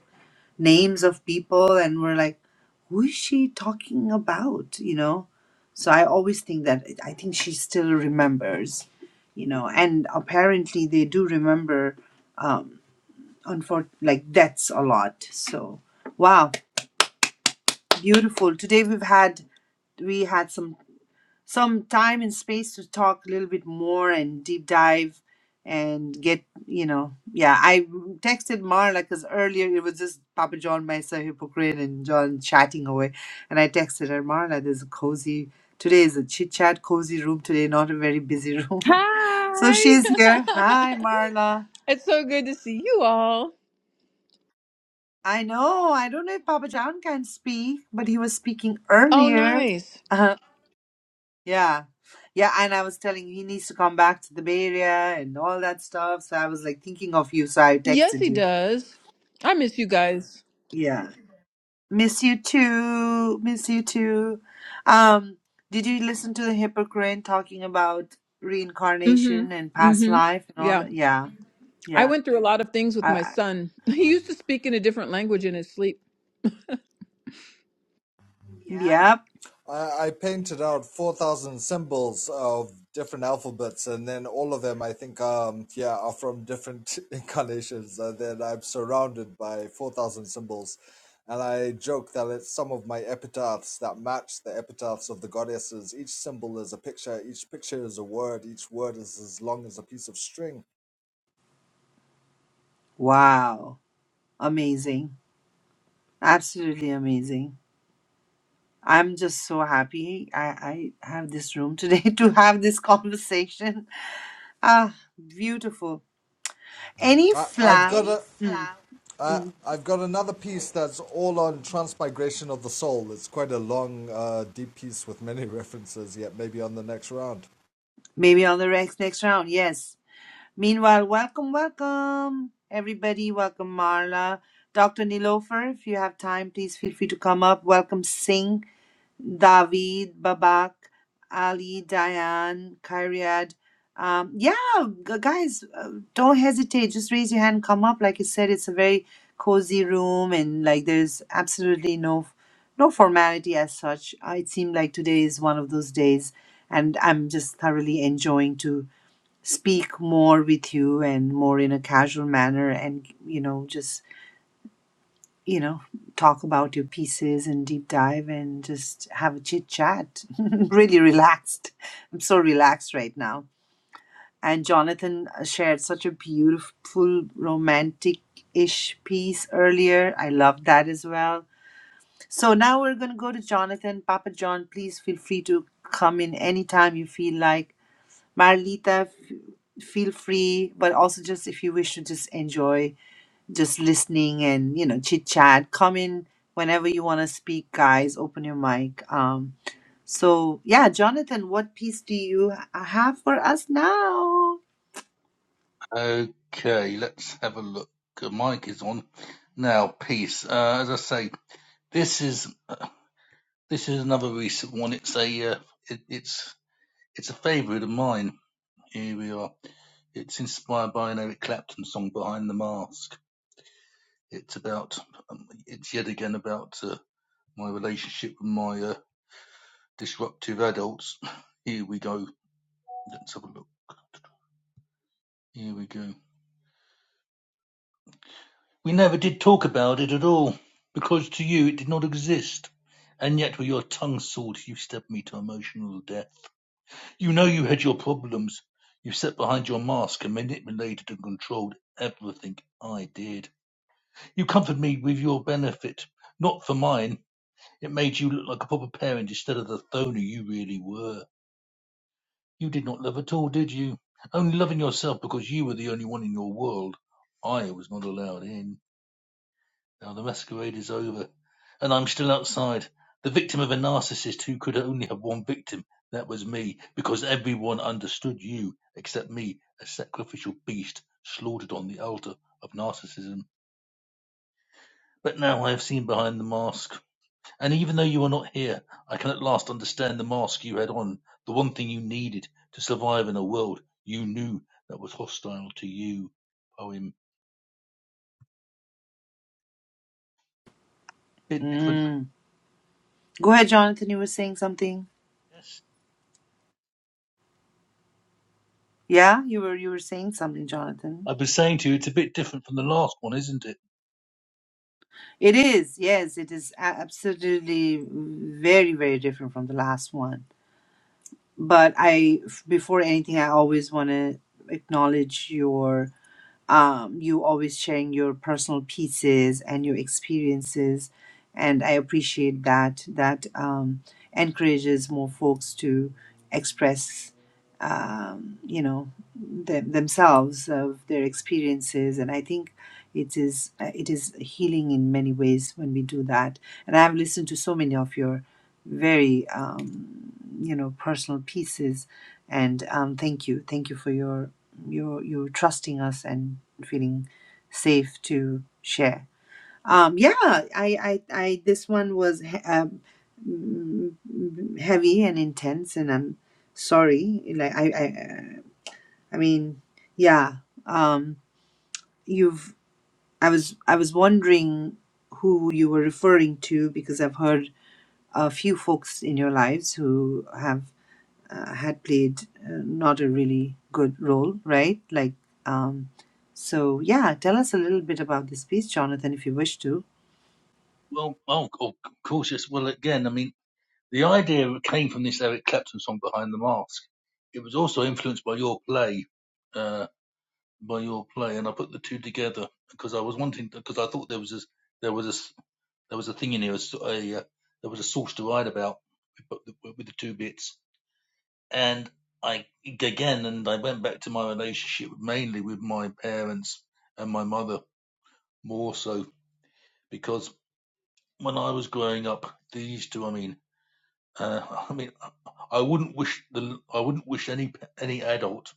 A: names of people and we're like who is she talking about you know so i always think that i think she still remembers you know and apparently they do remember um unfor- like deaths a lot so wow beautiful today we've had we had some some time and space to talk a little bit more and deep dive and get you know yeah i texted marla because earlier it was just papa john myself hypocrite and john chatting away and i texted her marla there's a cozy today is a chit chat cozy room today not a very busy room so
G: Hi.
A: she's here hi marla
G: it's so good to see you all.
A: i know i don't know if papa john can speak but he was speaking
G: Oh,
A: earlier
G: nice.
A: Yeah. Yeah, and I was telling you he needs to come back to the Bay Area and all that stuff. So I was like thinking of you, so I
G: Yes,
A: texted
G: he
A: you.
G: does. I miss you guys.
A: Yeah. Miss you too. Miss you too. Um, did you listen to the hypocrite talking about
G: Mm-hmm.
A: reincarnation and past
G: Mm-hmm.
A: life and all
G: Yeah.
A: that? Yeah.
G: I
A: Yeah.
G: went through a lot of things with
A: I,
G: my
A: I,
G: son. He used to speak in a different language in his sleep.
A: yep.
B: I, I painted out 4,000 symbols of different alphabets, and then all of them, I think, um, yeah, are from different incarnations. And then I'm surrounded by 4,000 symbols. And I joke that it's some of my epitaphs that match the epitaphs of the goddesses. Each symbol is a picture, each picture is a word, each word is as long as a piece of string.
A: Wow. Amazing. Absolutely amazing. I'm just so happy I, I have this room today to have this conversation Ah, beautiful. Any
B: I, I've got
A: flower?
B: a.
A: Mm,
B: Uh,
A: mm.
B: I've got another piece that's all on transmigration of the soul. It's quite a long, uh, deep piece with many references. Yet maybe on the next round.
A: Maybe on the next next round. Yes. Meanwhile, welcome, welcome everybody. Welcome Marla, Dr. Nilofer. If you have time, please feel free to come up. Welcome Singh. David, Babak, Ali, Diane, Kyriad. Um, yeah, gu- guys, uh, don't hesitate. Just raise your hand, come up. Like you said, it's a very cozy room, and like there's absolutely no no formality as such. Uh, It seemed like today is one of those days, and I'm just thoroughly enjoying to speak more with you and more in a casual manner, and you know, just you know, talk about your pieces and deep dive and just have a chit chat. really relaxed. I'm so relaxed right now. And Jonathan uh, shared such a beautiful romantic ish piece earlier. I love that as well. So now we're going to go to Jonathan. Papa John, please feel free to come in anytime you feel like. Marlita, f- feel free, but also just if you wish to just enjoy just listening and you know chit chat come in whenever you want to speak guys open your mic um so yeah jonathan what piece do you ha- have for us now
D: Okay, let's have a look. The mic is on now. Peace. Uh, as I say, this is uh, this is another recent one. It's a uh, it, it's it's a favourite of mine. Here we are. It's inspired by an Eric Clapton song, Behind the Mask It's about, um, it's yet again about uh, my relationship with my uh, disruptive adults. Here we go. Let's have a look. Here we go. We never did talk about it at all, because to you it did not exist. And yet with your tongue sword you stabbed me to emotional death. You know you had your problems. You sat behind your mask and manipulated and controlled everything I did. You comforted me with your benefit, not for mine. It made you look like a proper parent instead of the phony you really were. You did not love at all, did you? Only loving yourself because you were the only one in your world. I was not allowed in. Now the masquerade is over, and I'm still outside, the victim of a narcissist who could only have one victim. That was me, because everyone understood you, except me, a sacrificial beast slaughtered on the altar of narcissism. But now I have seen behind the mask. And even though you are not here, I can at last understand the mask you had on, the one thing you needed to survive in a world you knew that was hostile to you. Poem. Bit different,
A: mm. go ahead jonathan you were saying something
D: yes.
A: yeah you were you were saying something jonathan
D: I've been saying to you, it's a bit different from the last one, isn't it?
A: it is yes it is a- absolutely very very different from the last one but i f- before anything i always want to acknowledge your um, you always sharing your personal pieces and your experiences and i appreciate that that um, encourages more folks to express um, you know them, themselves of their experiences and i think it is uh, it is healing in many ways when we do that and i've listened to so many of your very um, you know personal pieces and um, thank you thank you for your you're you're trusting us and feeling safe to share. Um, yeah, I, I, I this one was he- um, mm, heavy and intense, and I'm sorry. Like I, I, I mean, yeah. Um, you've I was I was wondering who you were referring to because I've heard a few folks in your lives who have uh, had played uh, not a really good role, right? Like, um, so yeah, tell us a little bit about this piece, Jonathan, if you wish to.
D: Well, oh, of course, yes. Well, again, I mean, the idea came from this Eric Clapton song, Behind the Mask. It was also influenced by your play, uh, by your play, and I put the two together because I was wanting, because I thought there was this, there was a s There was a thing in here, a, s- a, uh, yeah, there was a source to write about with, the two bits. And I, again, and I went back to my relationship mainly with my parents and my mother more so because when I was growing up, these two, I mean, uh, I mean, I wouldn't wish the, I wouldn't wish any, any adult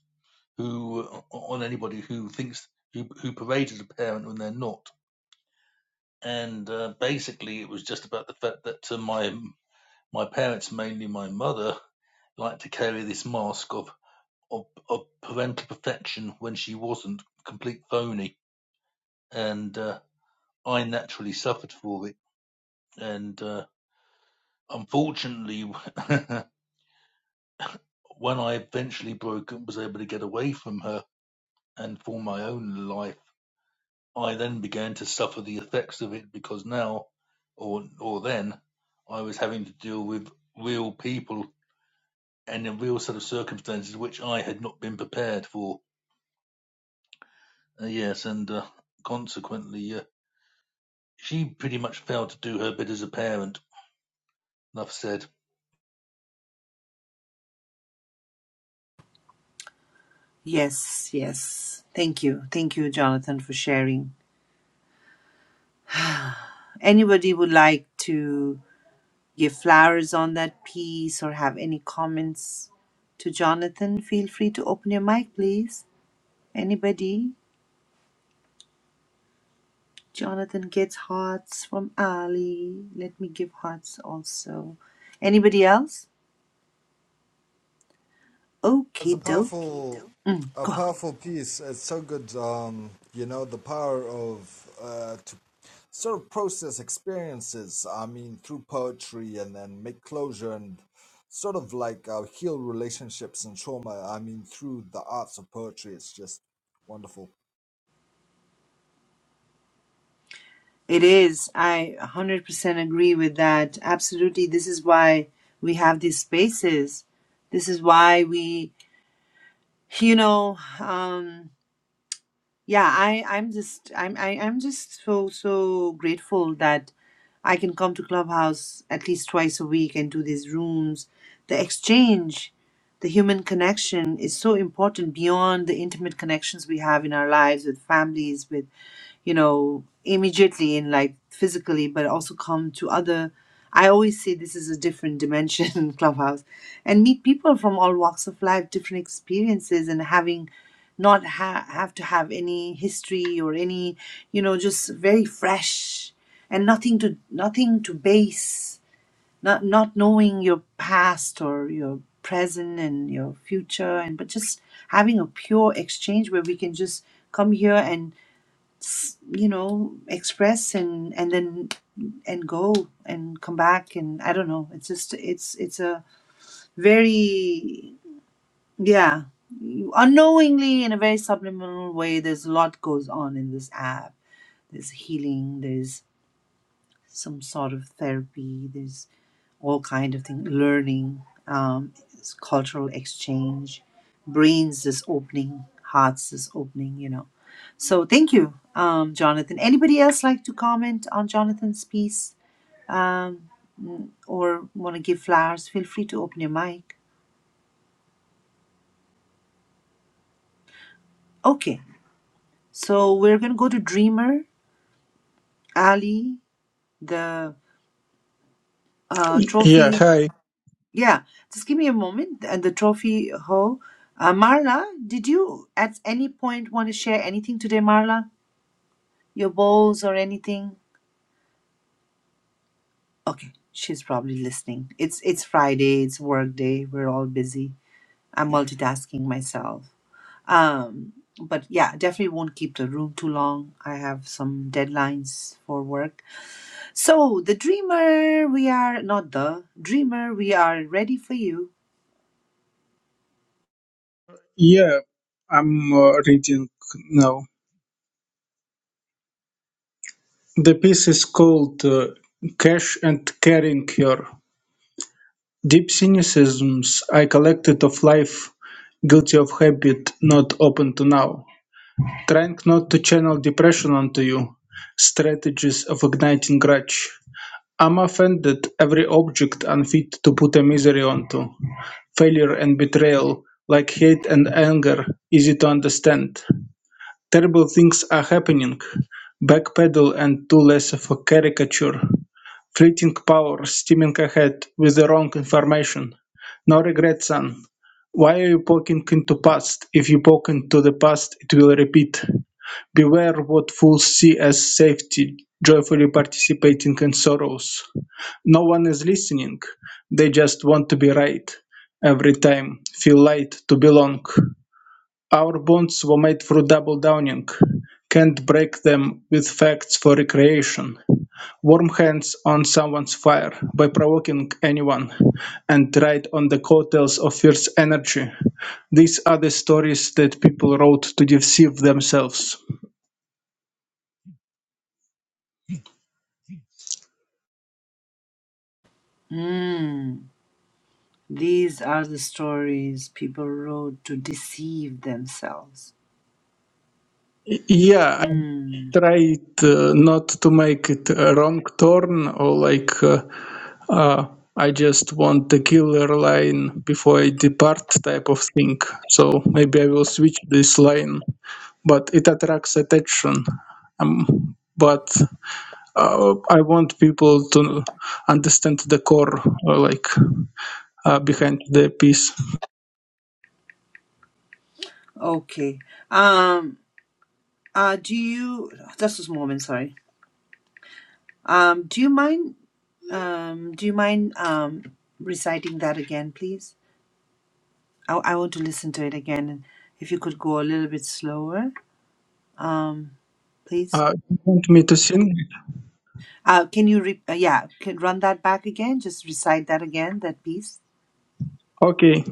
D: who, uh, on anybody who thinks, who, who parades as a parent when they're not and uh, basically it was just about the fact that uh, my My parents, mainly my mother, liked to carry this mask of of, of parental perfection when she wasn't, complete phony, and uh, I naturally suffered for it. And uh, unfortunately, when I eventually broke and was able to get away from her and form my own life, I then began to suffer the effects of it because now, or or then, I was having to deal with real people and in a real set of circumstances which I had not been prepared for Uh, yes, and uh, consequently, uh, she pretty much failed to do her bit as a parent. Enough said.
A: Yes, yes. Thank you. Thank you, Jonathan, for sharing. Anybody would like to give flowers on that piece or have any comments to Jonathan? Feel free to open your mic, please. Anybody? Jonathan gets hearts from Ali. Let me give hearts also. Anybody else?
B: It's a
A: Okay,
B: powerful,
A: Mm,
B: a
A: go ahead.
B: powerful piece. It's so good. Um, you know the power of uh, to sort of process experiences. I mean through poetry and then make closure and sort of like uh, heal relationships and trauma. I mean through the arts of poetry. It's just wonderful.
A: It is. I 100% agree with that. Absolutely. This is why we have these spaces. This is why we, you know, um, yeah, I, I'm just, I'm, I, I'm just so, so grateful that I can come to Clubhouse at least twice a week and do these rooms. The exchange, the human connection is so important beyond the intimate connections we have in our lives with families, with you know, immediately in like physically, but also come to other. I always say this is a different dimension, Clubhouse, and meet people from all walks of life, different experiences, and having not ha- have to have any history or any, you know, just very fresh and nothing to nothing to base, not not knowing your past or your present and your future, and but just having a pure exchange where we can just come here and s- you know express and and then and go and come back and i don't know it's just it's it's a very yeah unknowingly in a very subliminal way there's a lot goes on in this app there's healing there's some sort of therapy there's all kind of thing, learning, um, s- cultural exchange, brains is opening, hearts is opening, you know. So thank you, um, Jonathan. Anybody else like to comment on Jonathan's piece um, mm, or want to give flowers? Feel free to open your mic. Okay, so we're gonna go to Dreamer Ali, the uh,
E: yeah.
A: trophy.
E: Hi.
A: Yeah, just give me a moment. Uh, the trophy ho. Uh, Marla, did you at any point want to share anything today, Marla? Your bowls or anything? Okay, she's probably listening. It's it's Friday. It's work day. We're all busy. I'm multitasking myself. Um, but yeah, definitely won't keep the room too long. I have some deadlines for work. So the dreamer, we are not the dreamer. We are ready for you.
E: Yeah, I'm uh, reading now. The piece is called uh, Cash and Carrying Cure. Deep cynicisms I collected of life, guilty of habit not open to now. Trying not to channel depression onto you. Strategies of igniting grudge. I'm offended every object unfit to put a misery onto. Failure and betrayal, like hate and anger, easy to understand. Terrible things are happening: backpedal and too less of a caricature, fleeting power steaming ahead with the wrong information. No regret, son. Why are you poking into past? If you poke into the past, it will repeat. Beware what fools see as safety, joyfully participating in sorrows. No one is listening. They just want to be right. Every time, feel light to belong. Our bonds were made through double-downing. Can't break them with facts for recreation. Warm hands on someone's fire by provoking anyone and ride on the coattails of fierce energy. These are the stories that people wrote to deceive themselves.
A: Mm. These are the stories people wrote to deceive themselves.
E: Y- Yeah,
A: Hmm.
E: tried uh, not to make it a wrong turn or like uh, uh, I just want the killer line before I depart type of thing. So maybe I will switch this line, but it attracts attention. Um, but uh, I want people to understand the core, uh, like uh, behind the piece.
A: Okay. Um. Uh. Do you? Just a moment. Sorry. Um. Do you mind? Um. Do you mind? Um. Reciting that again, please. I I want to listen to it again. And if you could go a little bit slower. Um. Please.
E: Uh, you want me to sing?
A: Uh. Can you? Re- uh, yeah. Can run that back again. Just recite that again. That piece.
E: Okay.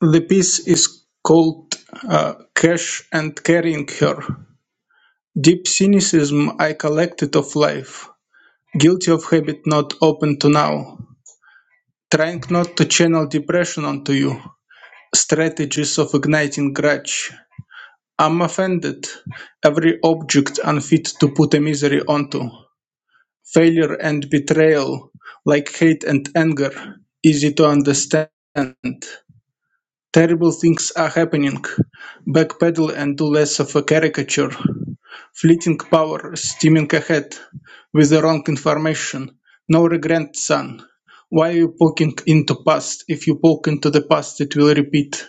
E: The piece is called uh, "Cash and Carrying Her: Deep cynicism I collected of life, guilty of habit not open to now, trying not to channel depression onto you, strategies of igniting grudge. I'm offended, every object unfit to put a misery onto, failure and betrayal, like hate and anger, easy to understand. Terrible things are happening. Backpedal and do less of a caricature. Fleeting power, steaming ahead. With the wrong information. No regret, son. Why are you poking into past? If you poke into the past, it will repeat.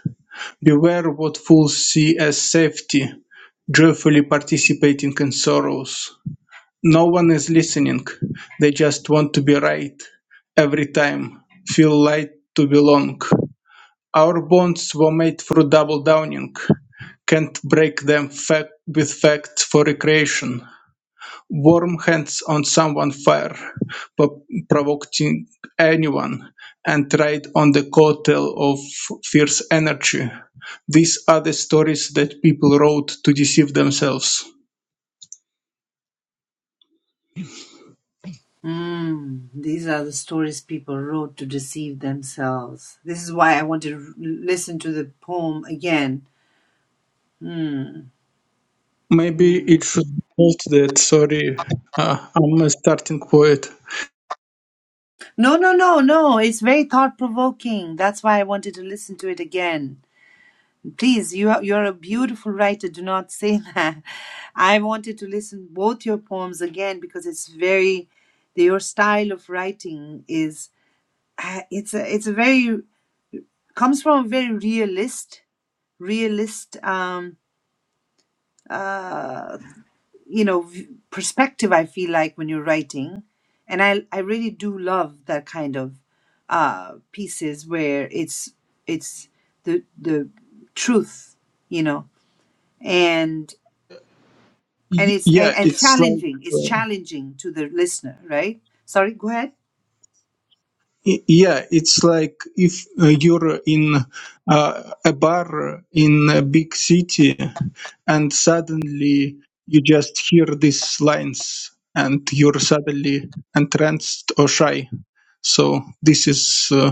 E: Beware what fools see as safety, joyfully participating in sorrows. No one is listening. They just want to be right. Every time. Feel light to belong. Our bonds were made through double downing. Can't break them Fact with facts for recreation. Warm hands on someone fire, po- provoking anyone, and ride on the coattail of fierce energy. These are the stories that people wrote to deceive themselves.
A: Mm, these are the stories people wrote to deceive themselves. This is why I want to r- listen to the poem again. Mm,
E: Maybe
A: mm.
E: it should be called that. Sorry, uh, I'm a starting poet.
A: No, no, no, no. It's very thought provoking. That's why I wanted to listen to it again. Please, you are, you're a beautiful writer. Do not say that. I wanted to listen both your poems again because it's very, your style of writing is, uh, it's a, it's a very, comes from a very realist, realist, um, uh, you know v- perspective i feel like when you're writing and i i really do love that kind of uh pieces where it's it's the the truth you know and and
E: Y-
A: it's and,
E: yeah,
A: and
E: it's like.
A: challenging it's
E: uh,
A: challenging to the listener right sorry go ahead
E: Y- Yeah, it's like if uh, you're in uh, a bar in a big city and suddenly you just hear these lines and you're suddenly entranced or shy. So this is uh,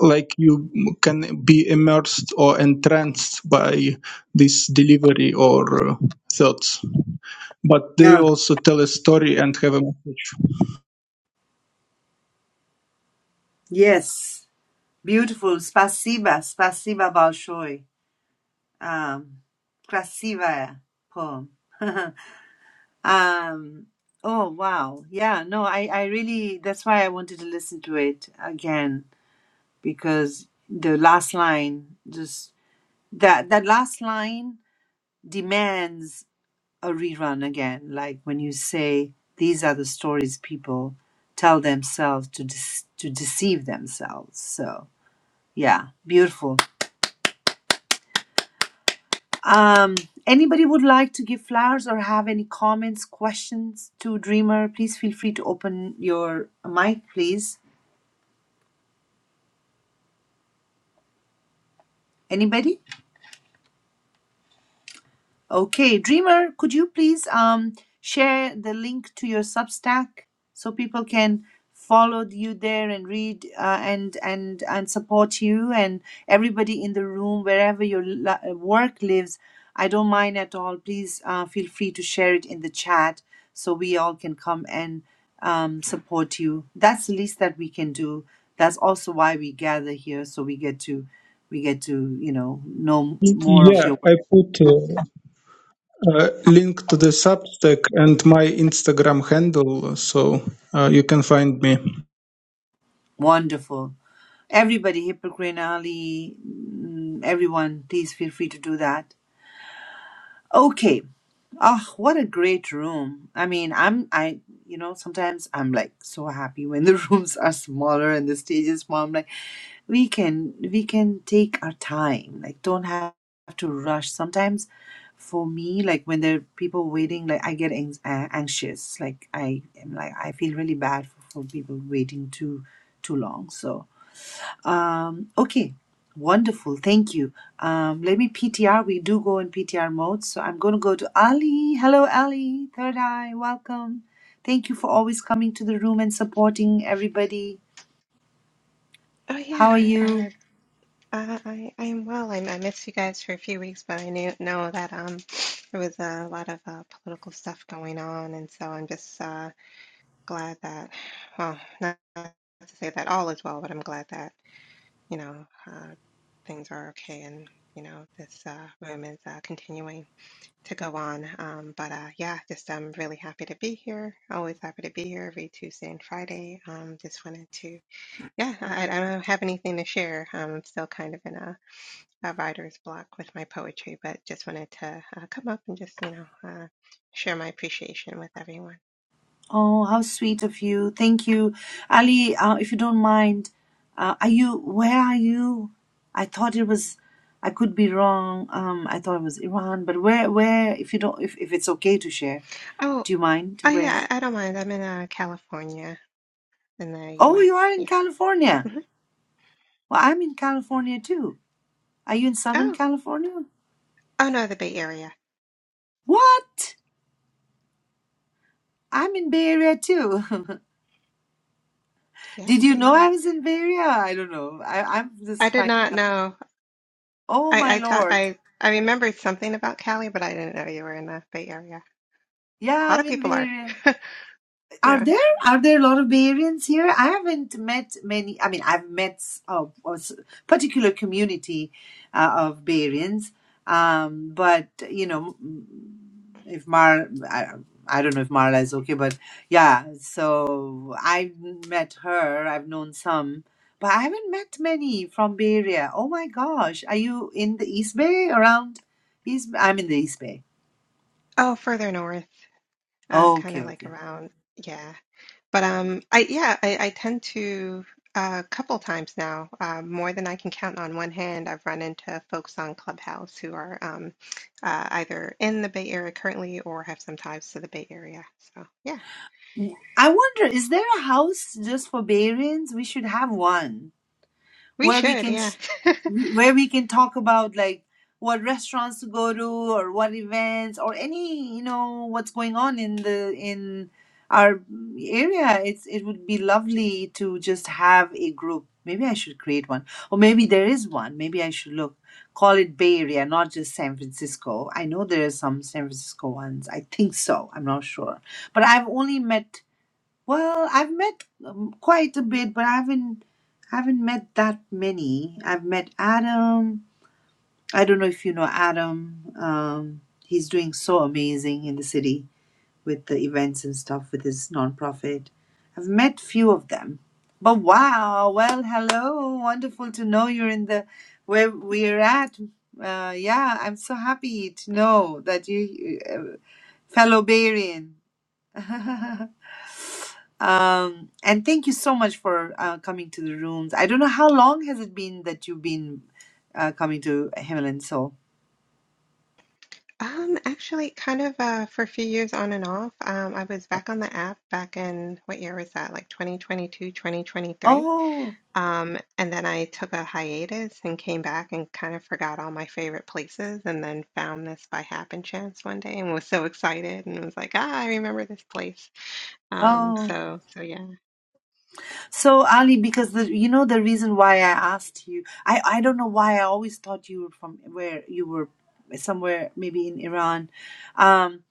E: like you can be immersed or entranced by this delivery or uh, thoughts. But they
A: no
E: also tell a story and have a message.
A: yes beautiful spasiba spasiba balshoi um krasiva poem Um, oh wow. Yeah, no, I I really that's why I wanted to listen to it again because the last line just that that last line demands a rerun again. Like when you say these are the stories people tell themselves to dec to deceive themselves. So, yeah, beautiful. Um, anybody would like to give flowers or have any comments, questions to Dreamer? Please feel free to open your mic, please. Anybody? Okay, Dreamer, could you please um, share the link to your Substack so people can follow you there and read uh, and and and support you and everybody in the room wherever your la- uh, work lives. I don't mind at all. Please uh, feel free to share it in the chat so we all can come and um, support you. That's the least that we can do. That's also why we gather here, so we get to we get to you know know
E: Y-
A: more of
E: Yeah,
A: your work.
E: I put. uh, uh, link to the Substack and my Instagram handle, so uh, you can find me.
A: Wonderful. Everybody, Hippocrene, Ali, mm, everyone, please feel free to do that. Okay. Ah, what a great room. I mean, I'm, I, you know, sometimes I'm like so happy when the rooms are smaller and the stage is small. I'm like, we can, we can take our time. Like, don't have to rush. Sometimes for me, like when there are people waiting, like I get anx- uh, anxious. Like I am like, I feel really bad for, for people waiting too, too long. So, um, okay, wonderful. Thank you. Um, let me PTR. We do go in PTR mode. So I'm going to go to Ali. Hello, Ali. Third Eye, welcome. Thank you for always coming to the room and supporting everybody.
H: Oh
A: How
H: yeah,
A: are
H: uh,
A: you?
H: I I I am well. I, I missed you guys for a few weeks, but I knew know that um there was a lot of uh, political stuff going on, and so I'm just uh, glad that well, not, not to say that all is well, but I'm glad that you know uh, things are okay, and you know this uh, room is uh, continuing to go on. Um, but uh, yeah, just I'm really happy to be here. Always happy to be here every Tuesday and Friday. Um, just wanted to. Yeah, I, I don't have anything to share. Um, I'm still kind of in a, a writer's block with my poetry, but just wanted to uh, come up and just, you know, uh, share my appreciation with everyone.
A: Oh, how sweet of you. Thank you. Ali, uh, if you don't mind, uh, are you, where are you? I thought it was, I could be wrong. Um, I thought it was Iran, but where, where, if you don't, if, if it's okay to share,
H: Oh,
A: do you mind
H: oh
A: where?
H: yeah, I, I don't mind. I'm in uh, California in the
A: Oh,
H: U.S.
A: you are in
H: Yeah.
A: California.
H: hmm
A: Well, I'm in California too. Are you in Southern
H: Oh,
A: California?
H: oh no, the Bay Area.
A: What? I'm in Bay Area too.
H: Yeah,
A: Did you
H: Bay
A: know
H: Area.
A: I was in Bay Area? I don't know. I, I'm
H: I
A: just
H: did
A: fine.
H: not know.
A: Oh
H: I,
A: my
H: I thought
A: lord.
H: I I remembered something about Cali, but I didn't know you were in the Bay Area. A
A: Yeah,
H: lot
A: I'm
H: of
A: in
H: people
A: Bay
H: are.
A: Area. Are
H: Yeah.
A: there are there a lot of Bay Areans here? I haven't met many. I mean, I've met a, a s- particular community uh, of Bay Areans, um, but you know, m- if Mar, I, I don't know if Marla is okay, but yeah. So I have met her. I've known some, but I haven't met many from Bay Area. Oh my gosh, are you in the East Bay around? East, I'm in the East Bay.
H: Oh, further north, uh, kind
A: Okay,
H: of like
A: okay.
H: around. Yeah. But um, I yeah, I, I tend to a couple times now, uh, more than I can count on one hand. I've run into folks on Clubhouse who are um, uh, either in the Bay Area currently or have some ties to the Bay Area. So yeah,
A: I wonder, is there a house just for Barians? We should have one
H: we
A: where we
H: should.
A: can
H: Yeah.
A: sh- we- where we can talk about like what restaurants to go to or what events or any you know what's going on in the in our area. It's it would be lovely to just have a group. Maybe I should create one, or maybe there is one. Maybe I should look call it Bay Area, not just San Francisco. I know there are some San Francisco ones. I think so. I'm not sure, but I've only met well, I've met um, quite a bit, but I haven't haven't met that many. I've met Adam. I don't know if you know Adam. Um, he's doing so amazing in the city with the events and stuff with his nonprofit. I've met few of them. But wow, well, hello. Wonderful to know you're in the where we're at. Uh, yeah, I'm so happy to know that you, uh, fellow Barian. Um, and thank you so much for uh, coming to the rooms. I don't know how long has it been that you've been uh, coming to Himmel and Soul.
H: Um, actually, kind of uh, for a few years on and off. Um, I was back on the app back in what year was that? Like 2022, twenty twenty three.
A: Oh,
H: Um, and then I took a hiatus and came back and kind of forgot all my favorite places and then found this by happen chance one day and was so excited and was like, ah, I remember this place. Um,
A: oh.
H: so so yeah.
A: So Ali, because the you know the reason why I asked you, I I don't know why I always thought you were from where you were somewhere maybe in Iran. Um,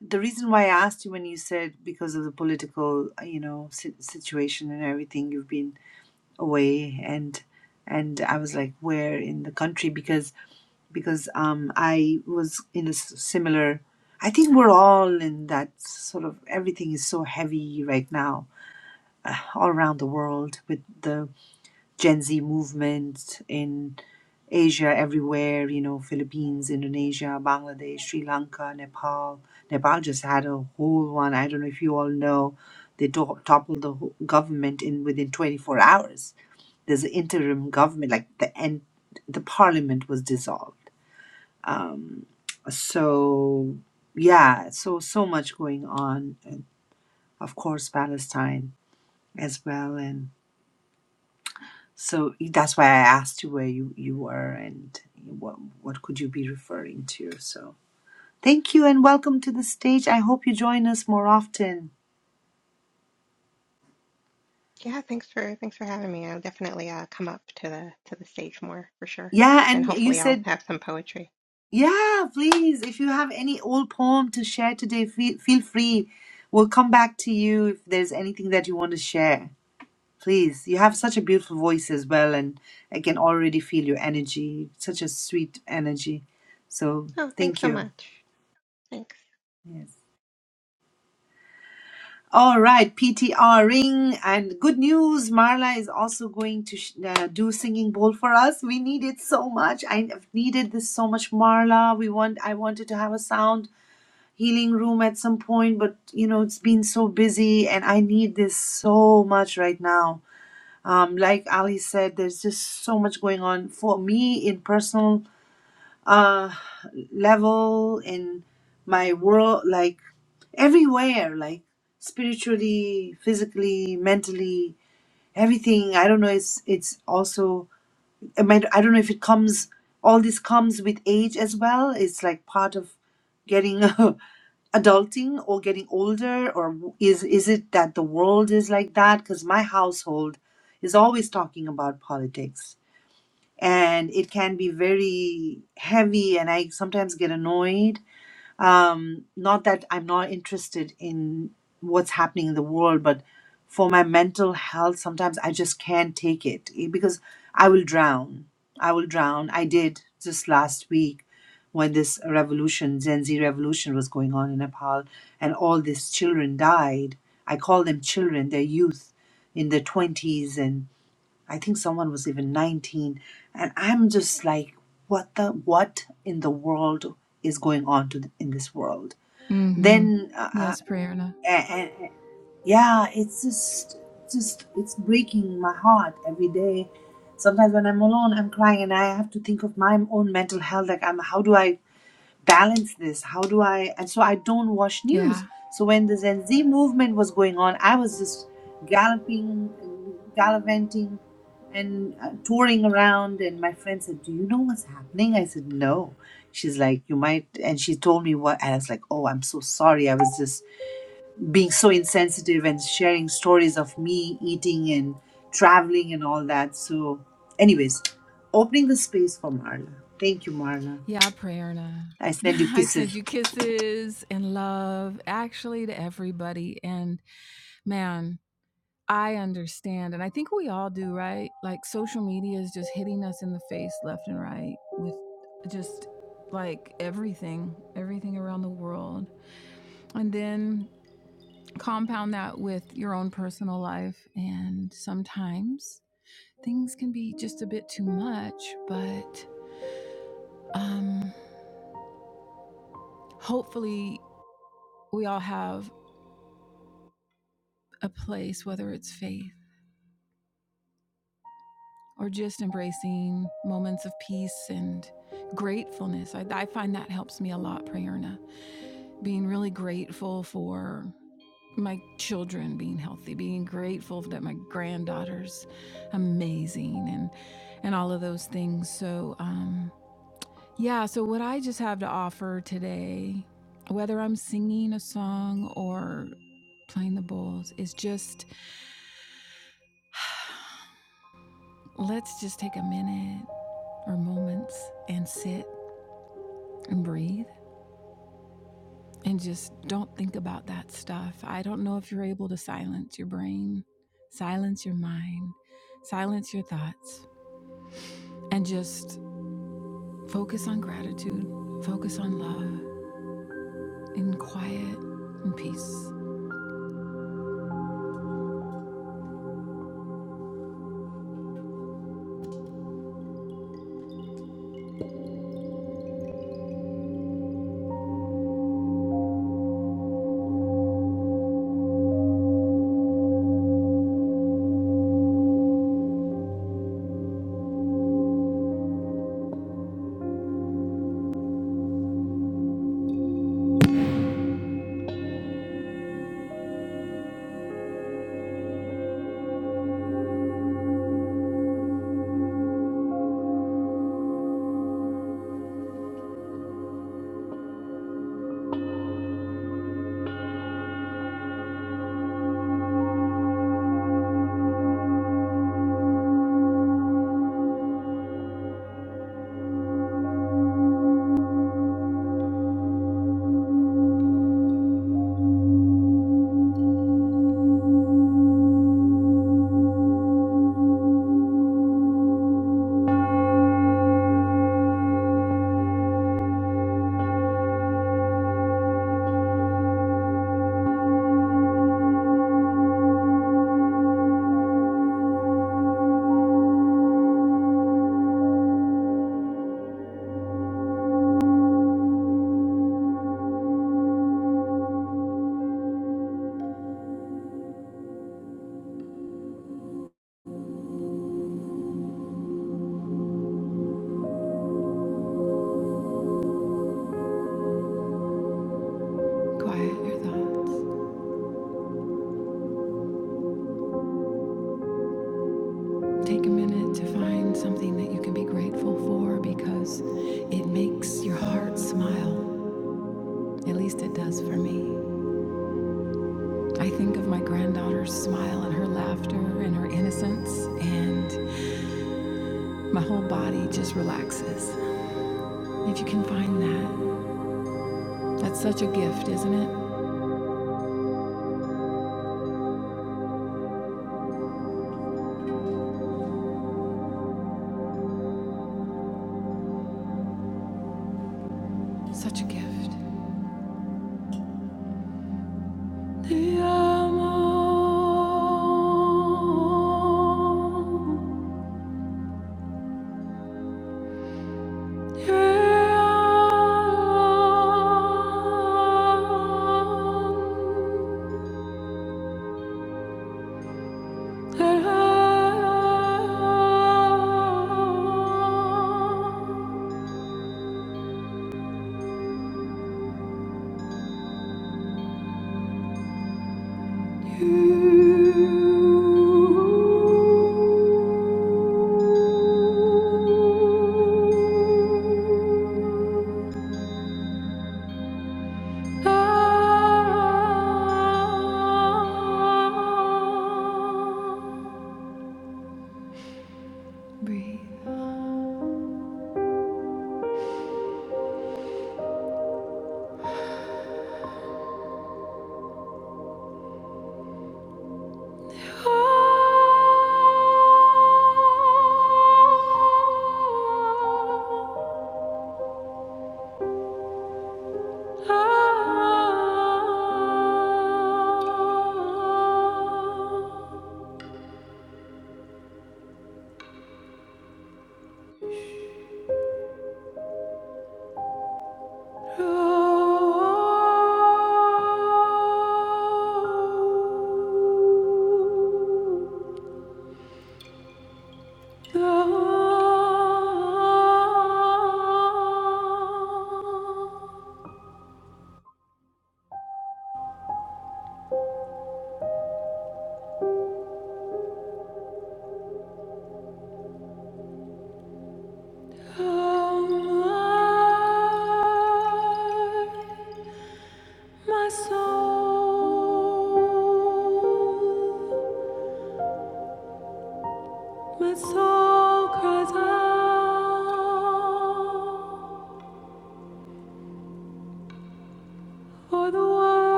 A: the reason why I asked you when you said because of the political uh, you know si- situation and everything, you've been away and and I was like, where in the country? Because because um, I was in a s- similar. I think we're all in that sort of everything is so heavy right now, uh, all around the world with the Gen Z movement in Asia, everywhere, you know, Philippines, Indonesia, Bangladesh, Sri Lanka, Nepal. Nepal just had a whole one. I don't know if you all know, they to- toppled the whole government in within 24 hours. There's an interim government, like the end, the parliament was dissolved so yeah so so much going on and of course palestine as well and so that's why i asked you where you, you were and what what could you be referring to so thank you and welcome to the stage i hope you join us more often
H: Yeah, thanks for thanks for having me. I'll definitely uh come up to the to the stage more for sure.
A: yeah
H: And
A: and you
H: hopefully I'll
A: said
H: have some poetry.
A: yeah please if you have any old poem to share today feel, feel free we'll come back to you if there's anything that you want to share Please, you have such a beautiful voice as well, and I can already feel your energy, such a sweet energy. So,
H: Oh, thanks
A: thank
H: so
A: you.
H: much. Thanks.
A: Yes. All right, PTR ring and good news. Marla is also going to sh- uh, do singing bowl for us. We need it so much. I've needed this so much, Marla. We want. I wanted to have a sound healing room at some point, but you know it's been so busy, and I need this so much right now. um, like ali said there's just so much going on for me in personal uh, level in my world like everywhere like spiritually physically mentally everything i don't know it's it's also i might i don't know if it comes all this comes with age as well it's like part of getting adulting or getting older or w- is is it that the world is like that because my household is always talking about politics and it can be very heavy and i sometimes get annoyed um, not that I'm not interested in what's happening in the world, but for my mental health, sometimes I just can't take it eh, because I will drown. I will drown. I did just last week when this revolution, Gen Z revolution, was going on in Nepal, and all these children died. I call them children, they're youth in their 20s and I think someone was even 19. And I'm just like, what the, what in the world is going on to in this world?
G: Mm-hmm.
A: Then, uh,
G: Yes, Prerna.
A: uh, and, yeah, it's just, just, it's breaking my heart every day. Sometimes when I'm alone, I'm crying and I have to think of my own mental health. Like, I'm, how do I balance this? How do I? And so I don't watch
G: Yeah.
A: news. So when the Gen Z movement was going on, I was just galloping, and gallivanting, and uh, touring around. And my friend said, "Do you know what's happening?" I said, "No." She's like, "You might," and she told me what. And I was like, "Oh, I'm so sorry. I was just being so insensitive and sharing stories of me eating and traveling and all that." So, anyways, opening the space for Marla. Thank you, Marla.
G: Yeah, Prerna.
A: I send you
G: I
A: kisses.
G: send you kisses and love actually to everybody. And man. I understand. And I think we all do, right? Like social media is just hitting us in the face left and right with just like everything, everything around the world. And then compound that with your own personal life. And sometimes things can be just a bit too much, but um, hopefully we all have a place, whether it's faith or just embracing moments of peace and gratefulness. I, I find that helps me a lot, Prayerna. Being really grateful for my children being healthy, being grateful that my granddaughter's amazing, and and all of those things. So, um, yeah. So what I just have to offer today, whether I'm singing a song or playing the bowls, is just let's just take a minute or moments and sit and breathe and just don't think about that stuff. I don't know if you're able to silence your brain, silence your mind, silence your thoughts, and just focus on gratitude, focus on love in quiet and peace. Quiet your thoughts. Take a minute to find something that you can be grateful for because it makes your heart smile. At least it does for me. I think of my granddaughter's smile and her laughter and her innocence and My whole body just relaxes. If you can find that, that's such a gift, isn't it? Such a gift. Te amo. Te amo. Te amo. You.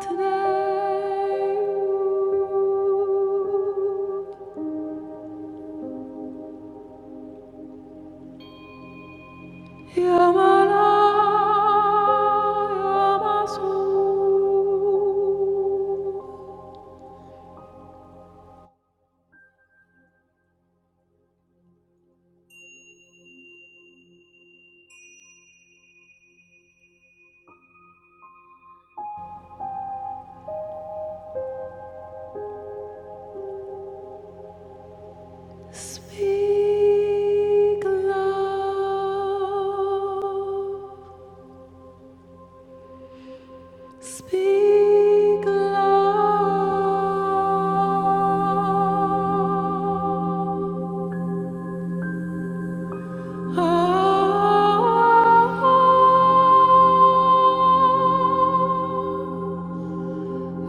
G: Today, Yamalaya. Speak love, speak love. Oh, low.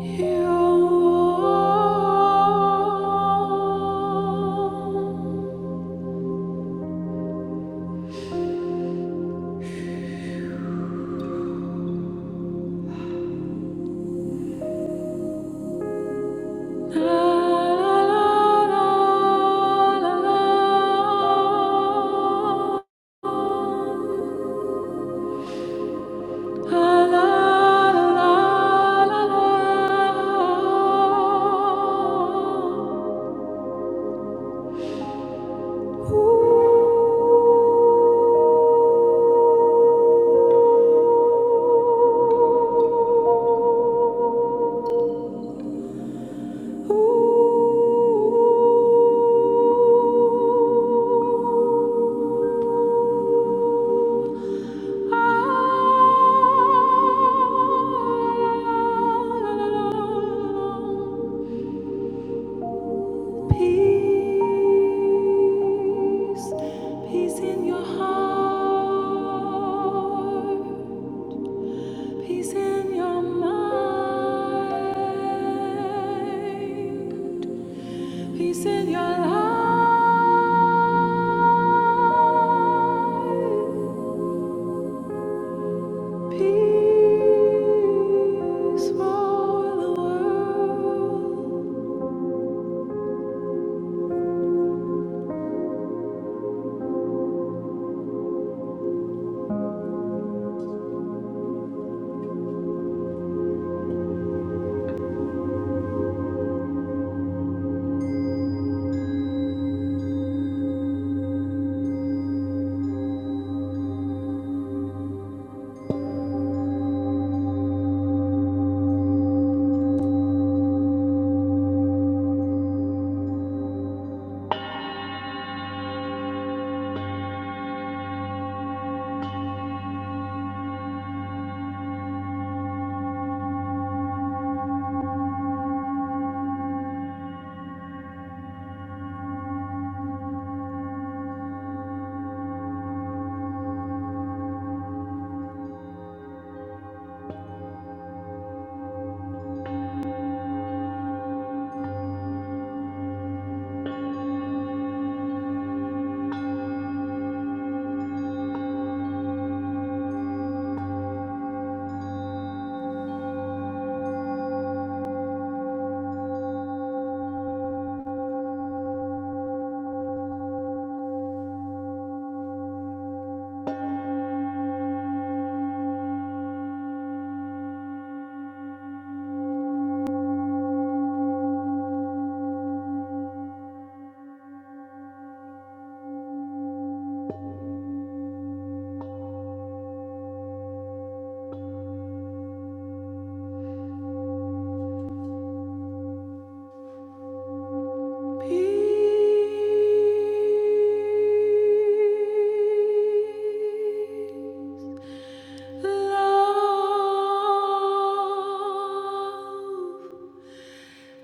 G: You are. Peace, peace in your heart, peace in your mind, peace in your life. Peace for the world. Of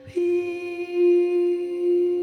G: peace.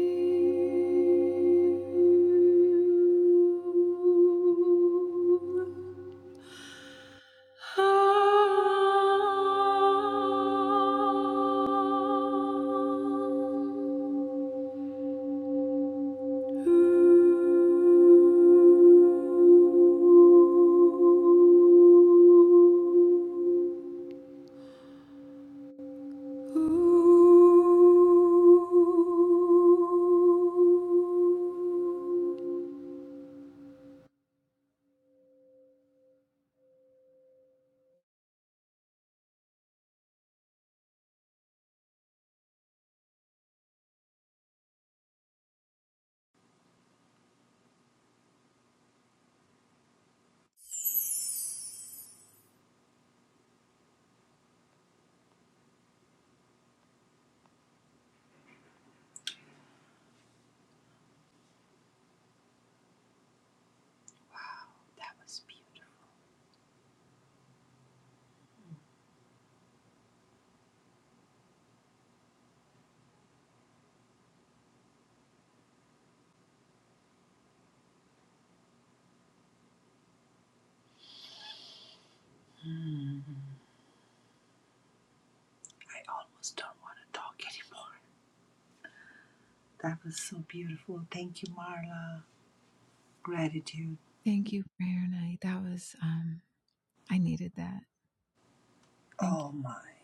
A: was beautiful. I almost don't want to talk anymore. That was so beautiful. Thank you, Marla. Gratitude.
G: Thank you, Prayer Night. That was um I needed that. Thank you.
A: Oh my.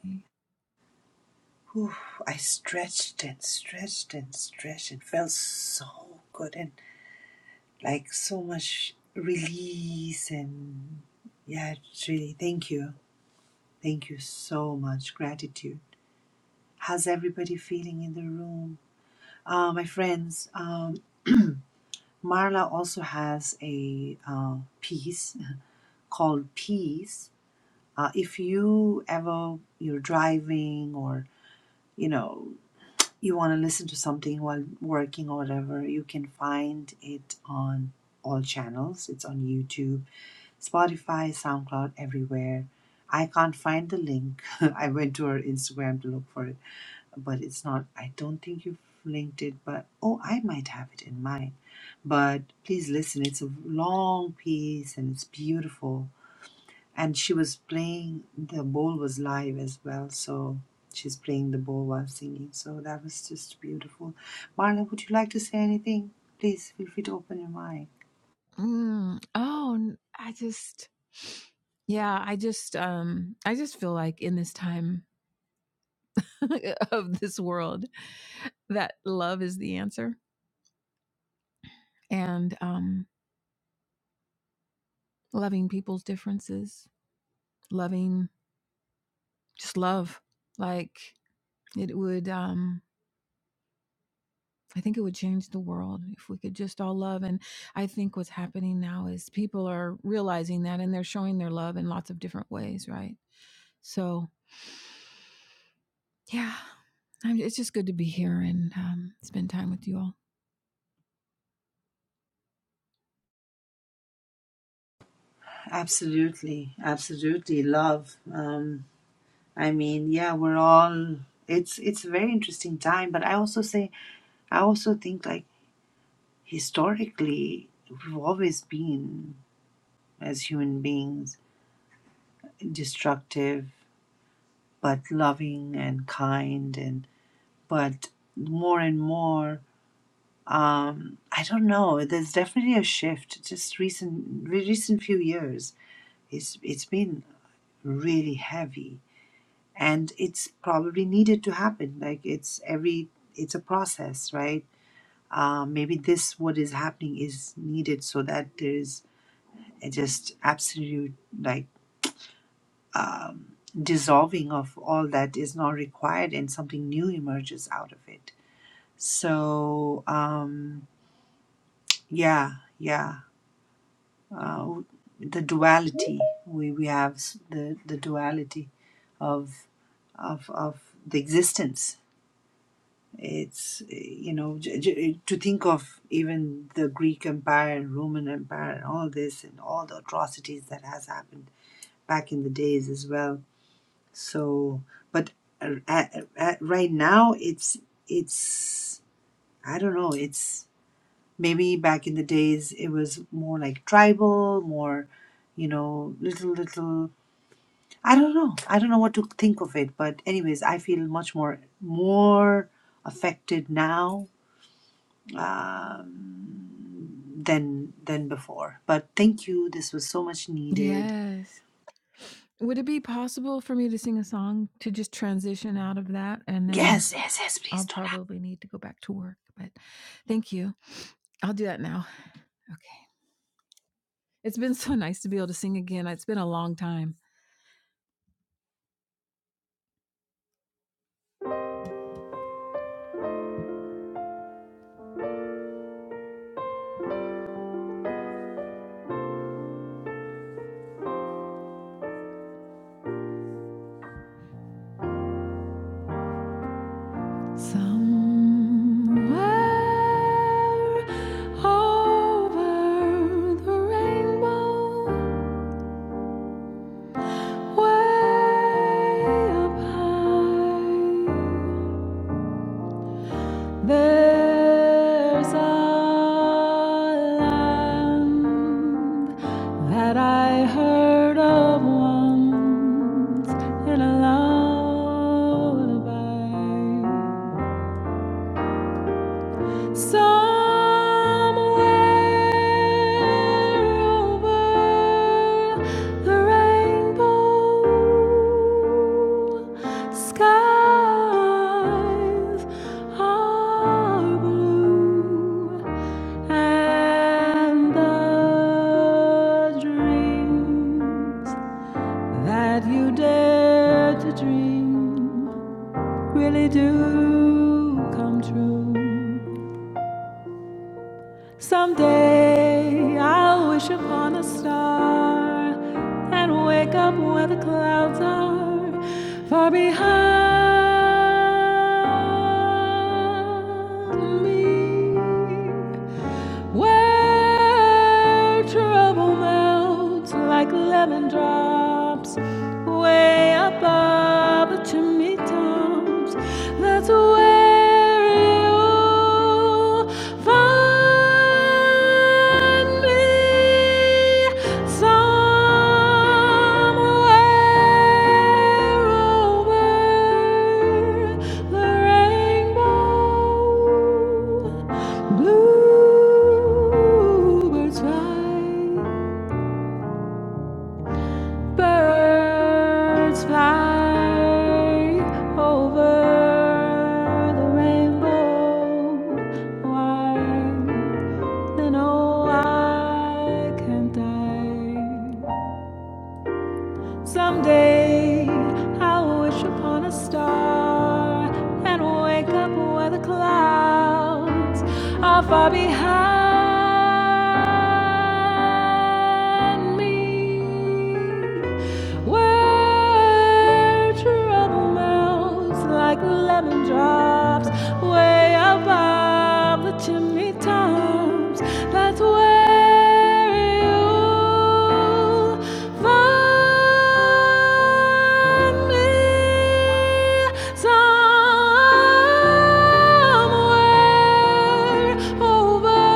A: Whew. I stretched and stretched and stretched. It felt so good and like so much release and yeah, it's really thank you. Thank you so much. Gratitude. How's everybody feeling in the room? Uh, my friends, um, Marla also has a uh, piece called Peace Uh, if you ever you're driving or you know you want to listen to something while working or whatever, you can find it on all channels. It's on YouTube, Spotify, SoundCloud, everywhere. I can't find the link. I went to her Instagram to look for it, but it's not. I don't think you've linked it, but oh, I might have it in mine. But please listen. It's a long piece and it's beautiful and she was playing the bowl was live as well so she's playing the bowl while singing so that was just beautiful marla would you like to say anything please feel free to open your mic
G: Mm, oh, n- I just yeah, I just um I just feel like in this time of this world that love is the answer and um, loving people's differences, loving just love. Like it would, um, I think it would change the world if we could just all love. And I think what's happening now is people are realizing that and they're showing their love in lots of different ways, right? So, yeah, I'm, it's just good to be here and um, spend time with you all.
A: absolutely absolutely love um i mean yeah we're all it's it's a very interesting time but i also say i also think like historically we've always been as human beings destructive but loving and kind and but more and more um, I don't know there's definitely a shift just recent re- recent few years it's it's been really heavy and it's probably needed to happen like it's every it's a process right uh, maybe this what is happening is needed so that there's a just absolute like um, dissolving of all that is not required and something new emerges out of it so um, Yeah, yeah. Uh, the duality we we have s- the the duality of of of the existence. It's eh, you know j- j- to think of even the Greek Empire and Roman Empire and all this and all the atrocities that has happened back in the days as well. So, but uh, uh, uh, right now it's it's I don't know. It's Maybe back in the days it was more like tribal, more, you know, little little I don't know. I don't know what to think of it, but anyways, I feel much more more affected now um, than than before. But thank you. This was so much needed.
G: Yes. Would it be possible for me to sing a song to just transition out of that? And then
A: Yes, yes, yes, please
G: I'll
A: don't ask.
G: probably need to go back to work. But thank you. I'll do that now. Okay. It's been so nice to be able to sing again. It's been a long time. Somewhere over the rainbow, way up high. There's a land that I heard of once in a lullaby. Somewhere over the rainbow skies are blue. And the dreams you dare to dream really do come true. Someday you'll be a star and wake up Baltar far behind me. Where trouble melts like lemon drops, way above the chimney tops. That's where you find me somewhere over the rainbow. Bluebirds fly, birds fly over the rainbow. Why then oh I can't I? Someday I'll wish upon a star and wake up where the clouds are far behind me. Where trouble melts like lemon drops way above the chimney tops. That's where you Find me somewhere over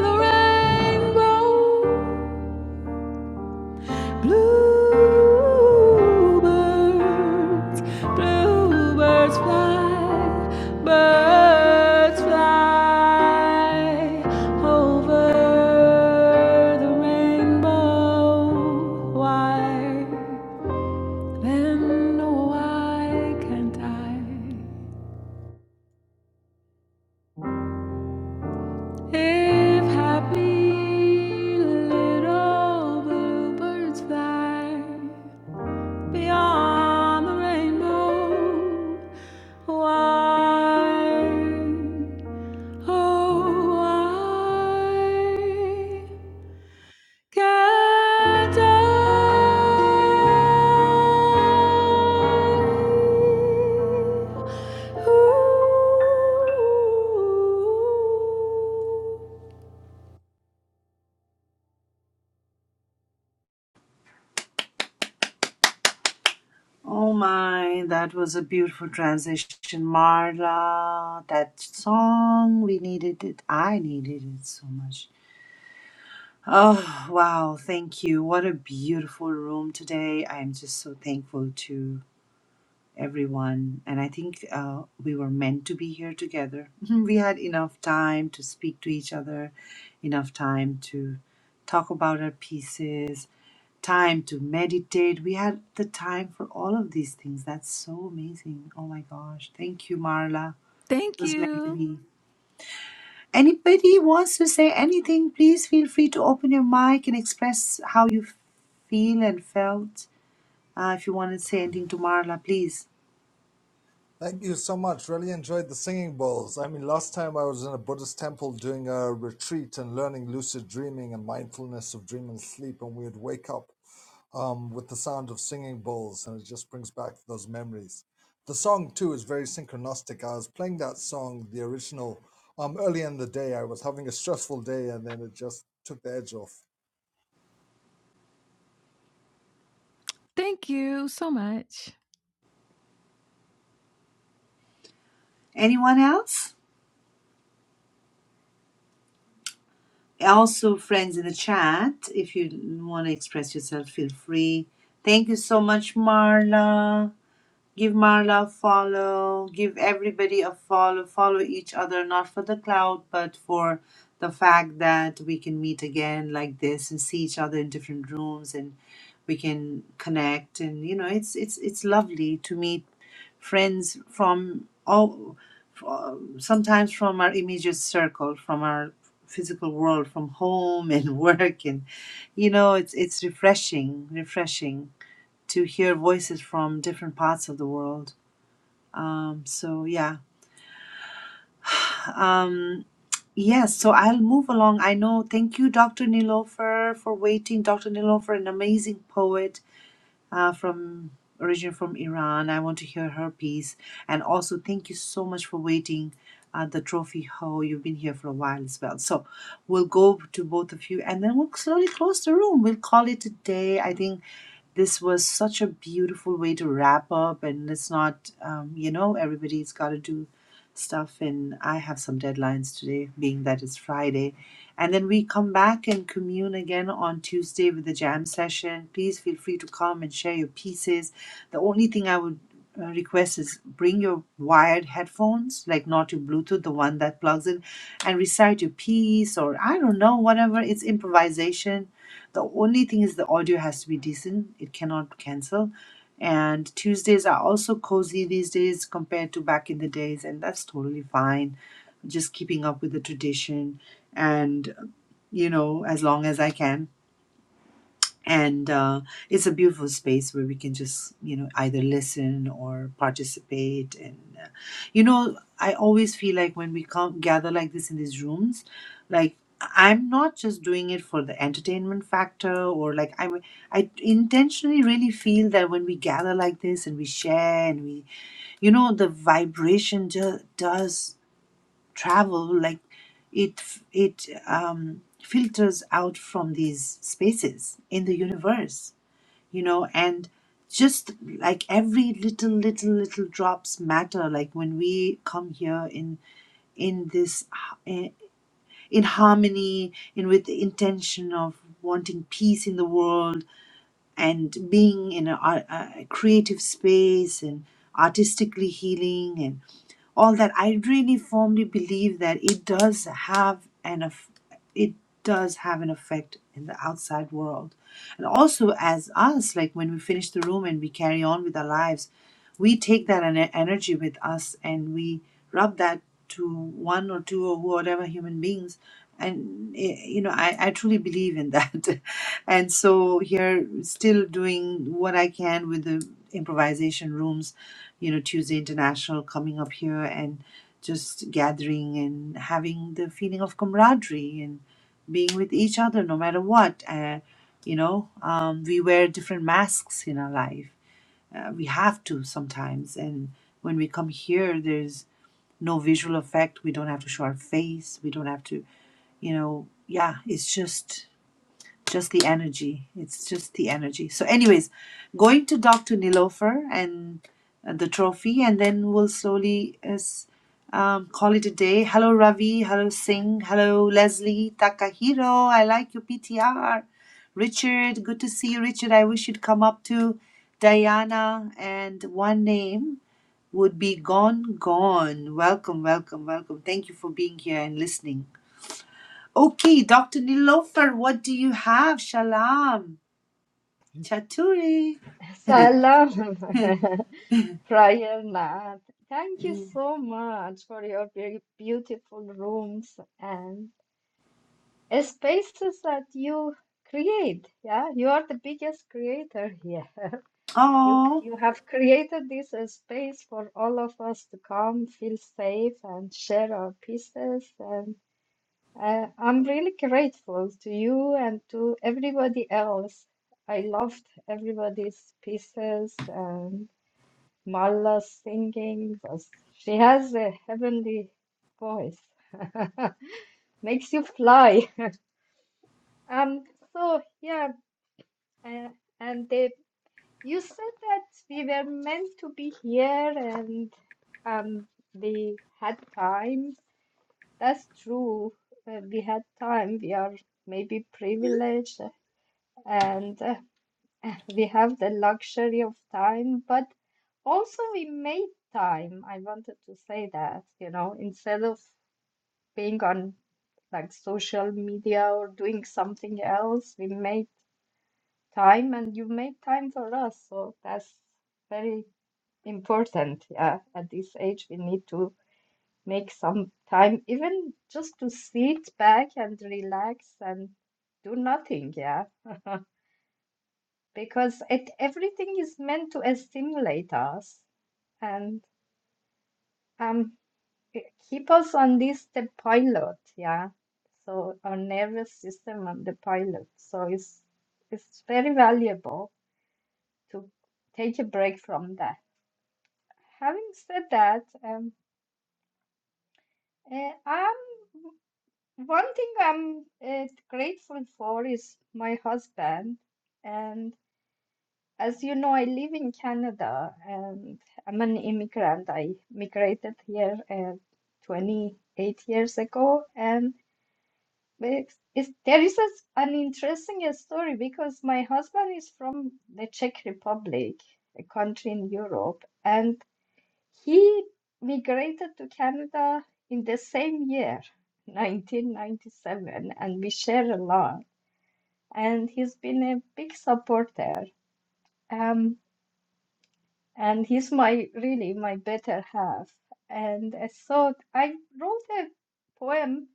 G: the rainbow. Bluebirds, bluebirds fly, birds fly over the rainbow wire. Then no, why can't I? If happy little bluebirds fly beyond the rainbow, why, oh why, Thank
A: Oh my, that was a beautiful transition, Marla. That song, we needed it. I needed it so much. Oh, wow. Thank you. What a beautiful room today. I'm just so thankful to everyone. And I think uh, we were meant to be here together. We had enough time to speak to each other, enough time to talk about our pieces, time to meditate. We had the time for all of these things. That's so amazing. Oh my gosh. Thank you, Marla. It was meant to
G: you.
A: be. Anybody wants to say anything, please feel free to open your mic and express how you feel and felt. Uh, if you want to say anything to Marla, please.
B: Thank you so much. Really enjoyed the singing bowls. I mean, last time I was in a Buddhist temple doing a retreat and learning lucid dreaming and mindfulness of dream and sleep, and we would wake up um, with the sound of singing bowls, and it just brings back those memories. The song too is very synchronistic. I was playing that song, the original, um, early in the day. I was having a stressful day, and then it just took the edge off.
G: Thank you so much.
A: Anyone else? Also, friends in the chat, if you want to express yourself, feel free. Thank you so much, Marla. Give Marla a follow. Give everybody a follow. Follow each other, not for the cloud, but for the fact that we can meet again like this and see each other in different rooms and we can connect and you know it's it's it's lovely to meet friends from all fro- sometimes from our immediate circle from our physical world from home and work and you know it's it's refreshing refreshing to hear voices from different parts of the world um so yeah um Yes, so I'll move along. I know. Thank you, Dr. Nilofer, for waiting. Dr. Nilofer, an amazing poet uh, from originally from Iran. I want to hear her piece. And also, thank you so much for waiting at the trophy hall. You've been here for a while as well. So we'll go to both of you and then we'll slowly close the room. We'll call it a day. I think this was such a beautiful way to wrap up and it's not um, you know everybody's got to do stuff and i have some deadlines today being that it's friday and then we come back and commune again on tuesday with the jam session please feel free to come and share your pieces the only thing i would uh, request is bring your wired headphones like not your bluetooth the one that plugs in and recite your piece or i don't know whatever it's improvisation the only thing is the audio has to be decent it cannot cancel and tuesdays are also cozy these days compared to back in the days and that's totally fine just keeping up with the tradition and you know as long as i can and uh, it's a beautiful space where we can just you know either listen or participate and uh, you know i always feel like when we come gather like this in these rooms like i'm not just doing it for the entertainment factor or like i i intentionally really feel that when we gather like this and we share and we you know the vibration ju- does travel like it it um filters out from these spaces in the universe you know and just like every little little little drops matter like when we come here in in this h- in harmony in with the intention of wanting peace in the world and being in a, a creative space and artistically healing all that i really firmly believe that it does have an eff- it does have an effect in the outside world and also as us like when we finish the room and we carry on with our lives we take that ener- energy with us and we rub that to one or two or whatever human beings and eh, you know i, I truly believe in that and so here still doing what i can with the improvisation rooms you know, Tuesday International coming up here and just gathering and having the feeling of camaraderie and being with each other no matter what. Uh, you know, um, we wear different masks in our life. Uh, we have to sometimes. And when we come here, there's no visual effect. We don't have to show our face. We don't have to, you know, yeah, it's just just the energy. It's just the energy. So, anyways, going to Dr. Nilofer and uh, the trophy, and then we'll slowly as, um, call it a day. Hello, Ravi. Hello, Singh. Hello, Leslie. Takahiro. I like your PTR. Richard. Good to see you, Richard. I wish you'd come up to Diana. And one name would be Gone Gone. Welcome, welcome, welcome. Thank you for being here and listening. Okay, Dr. Nilofer, what do you have? Shalom. Chaturi.
I: Salam, Prayer Thank you so much for your very beautiful rooms and spaces that you create. Yeah, you are the biggest creator here. You
A: oh,
I: you have created this uh, space for all of us to come, feel safe, and share our pieces. And uh, I'm really grateful to you and to everybody else. I loved everybody's pieces. Mala singing. was- She has a heavenly voice. Makes you fly. Um, so yeah, uh, and they, you said that we were meant to be here and um, we had time. That's true. Uh, we had time. We are maybe privileged, and uh, We have the luxury of time, but also we made time. I wanted to say that, you know, instead of being on like social media or doing something else, we made time and you made time for us. So that's very important. Yeah, at this age, we need to make some time, even just to sit back and relax and do nothing. Yeah. because it everything is meant to stimulate us and um keep us on this the pilot yeah so our nervous system on the pilot so it's it's very valuable to take a break from that having said that um eh, i'm one thing i'm uh, grateful for is my husband and. As you know, I live in Canada and I'm an immigrant. I migrated here uh, 28 years ago, and it's, it's, there is a s an interesting uh, story because my husband is from the Czech Republic, a country in Europe, and he migrated to Canada in the same year, 1997, and we share a lot. And he's been a big supporter. Um, and he's my really my better half. And I thought I wrote a poem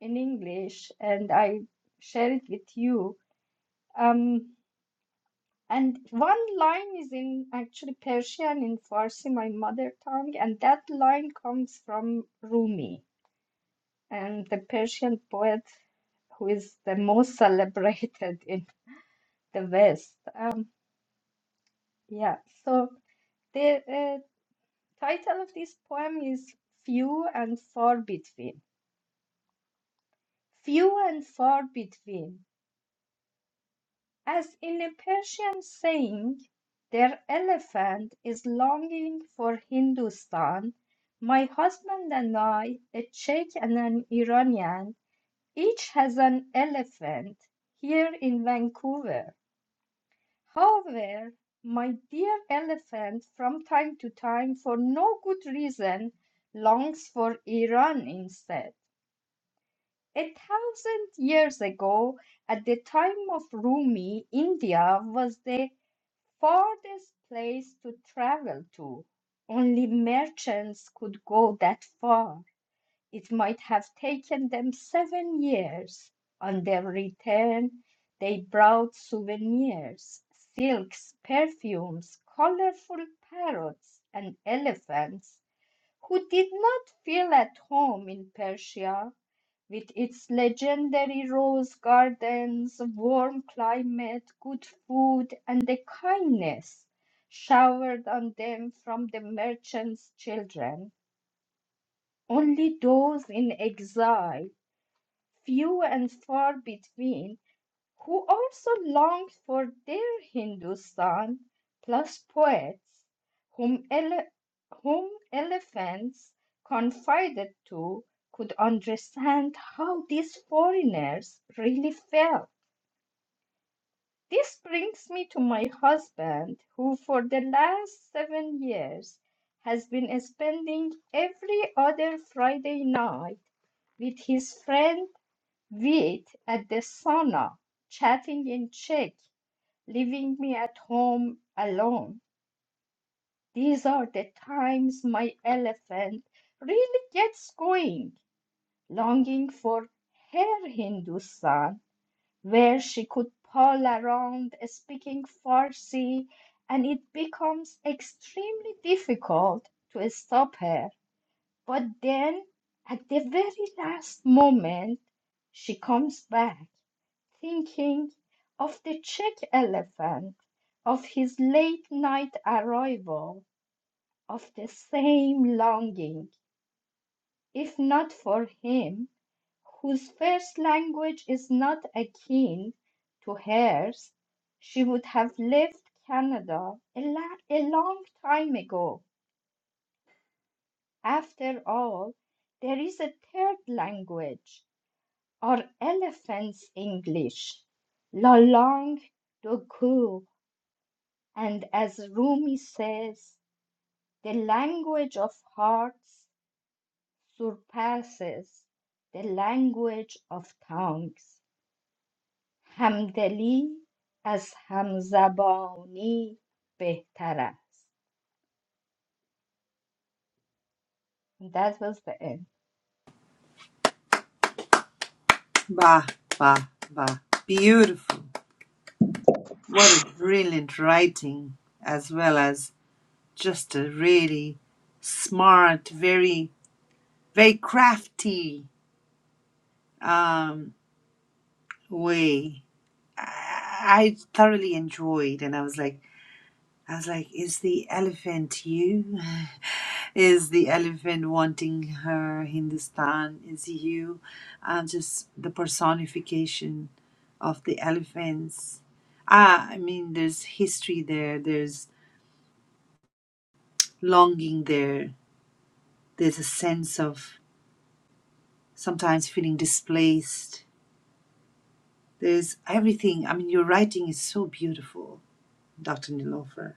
I: in English and I share it with you. Um, and one line is in actually Persian in Farsi, my mother tongue, and that line comes from Rumi, and the Persian poet who is the most celebrated in the West. Um, yeah, so there. uh, Title of this poem is Few and Far Between. Few and far between. As in a Persian saying, their elephant is longing for Hindustan. My husband and I, a Czech and an Iranian, each has an elephant here in Vancouver. However, my dear elephant, from time to time, for no good reason, longs for Iran instead. A thousand years ago, at the time of Rumi, India was the farthest place to travel to. Only merchants could go that far. It might have taken them seven years. On their return, they brought souvenirs, silks, perfumes, colorful parrots, and elephants, who did not feel at home in Persia with its legendary rose gardens, warm climate, good food, and the kindness showered on them from the merchants' children. Only those in exile, few and far between, who also longed for their Hindustan, plus poets whom, ele- whom elephants confided to could understand how these foreigners really felt. This brings me to my husband, who for the last seven years has been spending every other Friday night with his friend Vit at the sauna, chatting in Czech leaving me at home alone. These are the times my elephant really gets going, longing for her Hindustan, where she could pull around speaking Farsi, and it becomes extremely difficult to stop her but then, at the very last moment, she comes back, thinking of the Czech elephant, of his late night arrival, of the same longing, if not for him, whose first language is not akin to hers, she would have left Canada a, la- a long time ago. After all, there is a third language. Are elephants English? La langue de Goût, and as Rumi says, the language of hearts surpasses the language of tongues. Hamdeli as Hamzabani behtar ast. And that was the end.
A: bah, bah, bah. Beautiful. What a brilliant writing, as well as just a really smart, very, very crafty um, way. I I thoroughly enjoyed, and I was like, I was like, is the elephant you? Is the elephant wanting her Hindustan? Is you? I'm just the personification of the elephants. Ah, I mean, there's history there, there's longing there, there's a sense of sometimes feeling displaced. There's everything. I mean, your writing is so beautiful, Dr. Nilofer.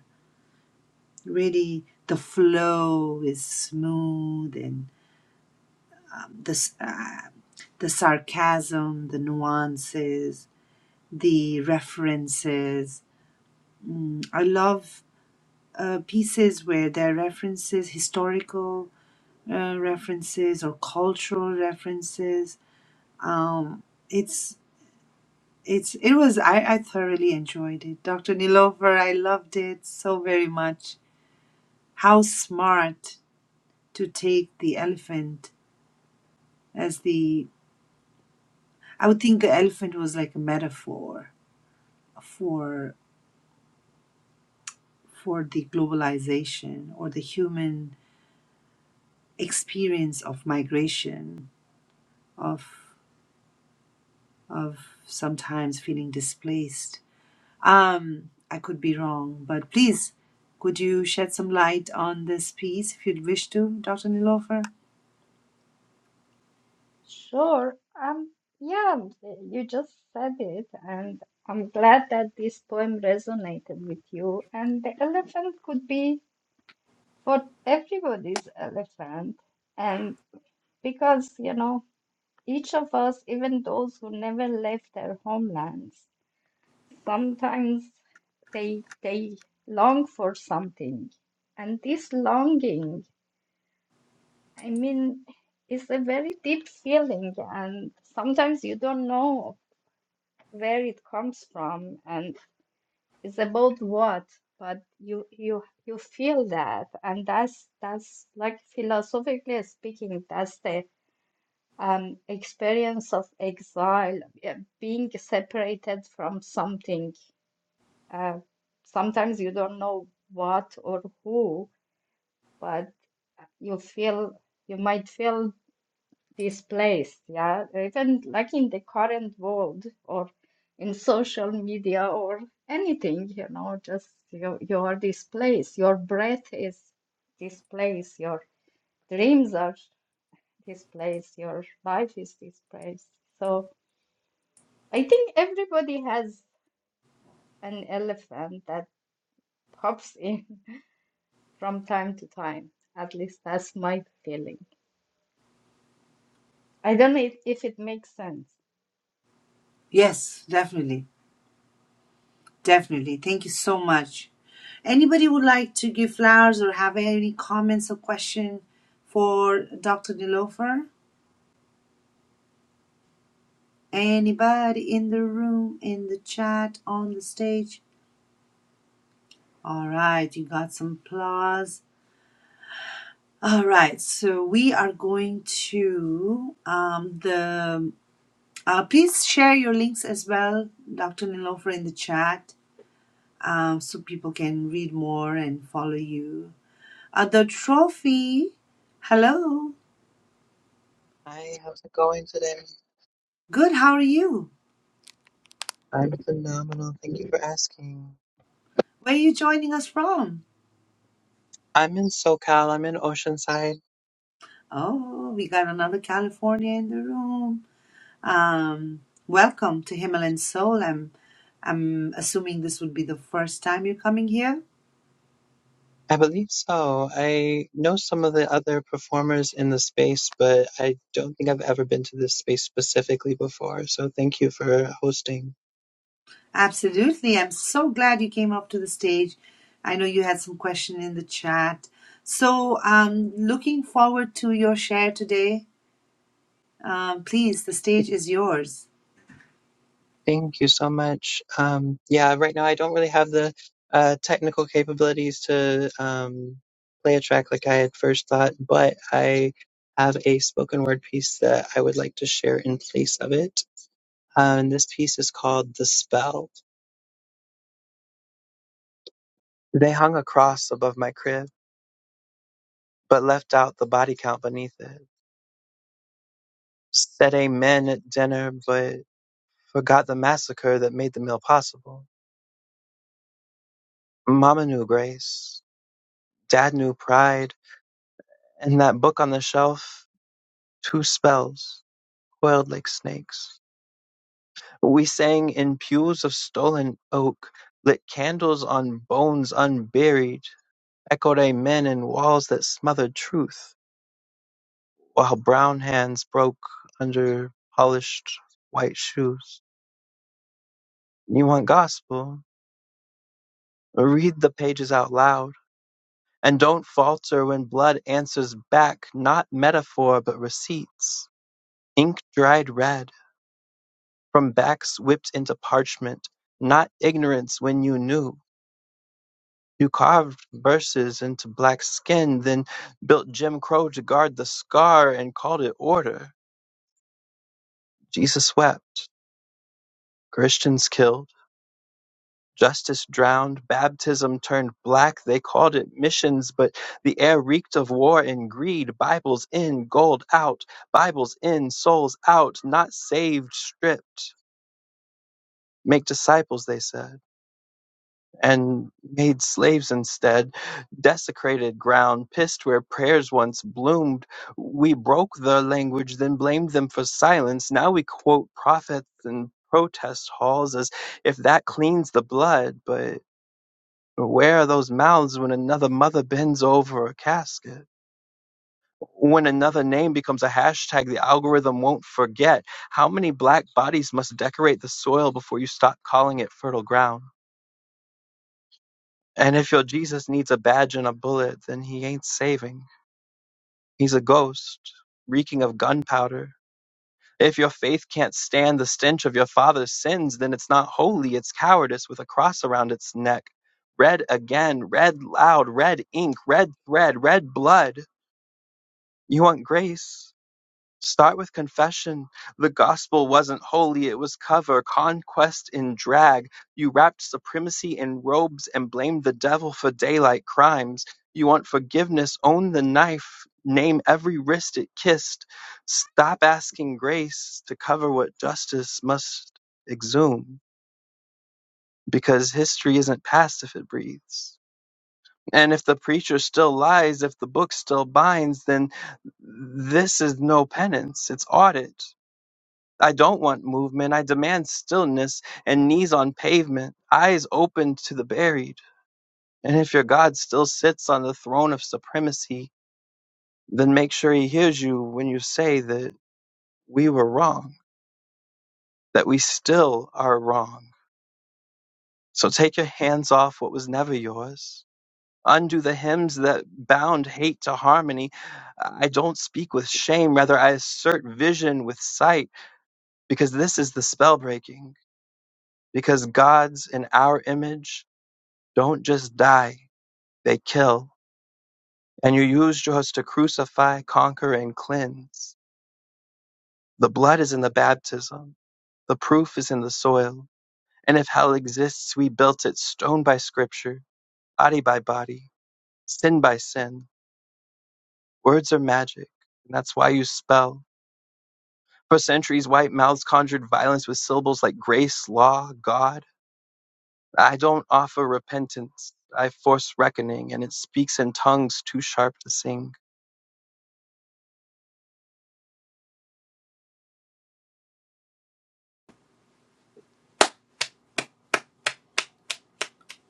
A: Really, the flow is smooth and the s- uh, the sarcasm, the nuances, the references. Mm, I love uh, pieces where there are references, historical uh, references or cultural references. Um, it's it's it was I, I thoroughly enjoyed it. Dr. Nilofer, I loved it so very much. How smart to take the elephant as the I would think the elephant was like a metaphor for for the globalization or the human experience of migration of of sometimes feeling displaced um i could be wrong but please could you shed some light on this piece if you'd wish to dr nilofer
I: Sure. Um, yeah, you just said it, and I'm glad that this poem resonated with you. And the elephant could be for everybody's elephant. And because, you know, each of us, even those who never left their homelands, sometimes they they long for something. And this longing, I mean, is a very deep feeling, and sometimes you don't know where it comes from and it's about what but you you you feel that and that's that's like philosophically speaking that's the um experience of exile uh, being separated from something uh, sometimes you don't know what or who but you feel you might feel displaced, yeah, even like in the current world or in social media or anything, you know, just you, you are displaced. Your breath is displaced. Your dreams are displaced. Your life is displaced. So I think everybody has an elephant that pops in from time to time. At least that's my feeling. I don't know if, if it makes sense.
A: yes definitely definitely thank you so much anybody would like to give flowers or have any comments or question for dr nilofer Anybody in the room, in the chat, on the stage? All right, you got some applause. All right, so we are going to um, the. Uh, please share your links as well, Dr. Nilofer, in the chat um, so people can read more and follow you. Uh, the trophy. Hello.
J: Hi, how's it going today?
A: Good, how are you?
J: I'm phenomenal. Thank you for asking.
A: Where are you joining us from?
J: I'm in SoCal. I'm in Oceanside.
A: Oh, we got another California in the room. Um, welcome to Himalayan Soul. I'm I'm assuming this would be the first time you're coming here.
J: I believe so. I know some of the other performers in the space, but I don't think I've ever been to this space specifically before. So thank you for hosting.
A: Absolutely. I'm so glad you came up to the stage. I know you had some question in the chat. So um looking forward to your share today. Um, please, the stage is yours.
J: Thank you so much. Um, yeah, right now I don't really have the uh, technical capabilities to um, play a track like I had first thought, but I have a spoken word piece that I would like to share in place of it. uh, and this piece is called The Spell. They hung a cross above my crib, but left out the body count beneath it. Said amen at dinner, but forgot the massacre that made the meal possible. Mama knew grace, dad knew pride, and that book on the shelf, two spells, coiled like snakes. We sang in pews of stolen oak, lit candles on bones unburied, echoed amen in walls that smothered truth. while brown hands broke under polished white shoes. You want gospel? Read the pages out loud. And don't falter when blood answers back, not metaphor, but receipts. Ink dried red, from backs whipped into parchment, not ignorance when you knew. You carved verses into black skin, then built Jim Crow to guard the scar and called it order. Jesus wept. Christians killed Justice drowned, baptism turned black. They called it missions, but the air reeked of war and greed. Bibles in, gold out. Bibles in, souls out. Not saved, stripped. Make disciples, they said, and made slaves instead. Desecrated ground, pissed where prayers once bloomed. We broke their language, then blamed them for silence. Now we quote prophets and protest halls as if that cleans the blood, but. But where are those mouths when another mother bends over a casket? When another name becomes a hashtag, the algorithm won't forget. How many black bodies must decorate the soil before you stop calling it fertile ground? And if your Jesus needs a badge and a bullet, then he ain't saving. He's a ghost, reeking of gunpowder. If your faith can't stand the stench of your father's sins, then it's not holy, it's cowardice with a cross around its neck. Red again, red loud, red ink, red thread, red blood. You want grace? Start with confession. The gospel wasn't holy, it was cover, conquest in drag. You wrapped supremacy in robes and blamed the devil for daylight crimes. You want forgiveness? Own the knife. Name every wrist it kissed. Stop asking grace to cover what justice must exhume, because history isn't past if it breathes. And if the preacher still lies, if the book still binds, then this is no penance. It's audit. I don't want movement. I demand stillness and knees on pavement, eyes open to the buried. And if your God still sits on the throne of supremacy, then make sure he hears you when you say that we were wrong, that we still are wrong. So take your hands off what was never yours undo the hymns that bound hate to harmony. I don't speak with shame, rather, I assert vision with sight, because this is the spell breaking. Because gods in our image don't just die, they kill. And you used yours to crucify, conquer, and cleanse. The blood is in the baptism, the proof is in the soil. And if hell exists, we built it stone by scripture, body by body, sin by sin. Words are magic, and that's why you spell. For centuries, white mouths conjured violence with syllables like grace, law, God. I don't offer repentance. I force reckoning, and it speaks in tongues too sharp to sing.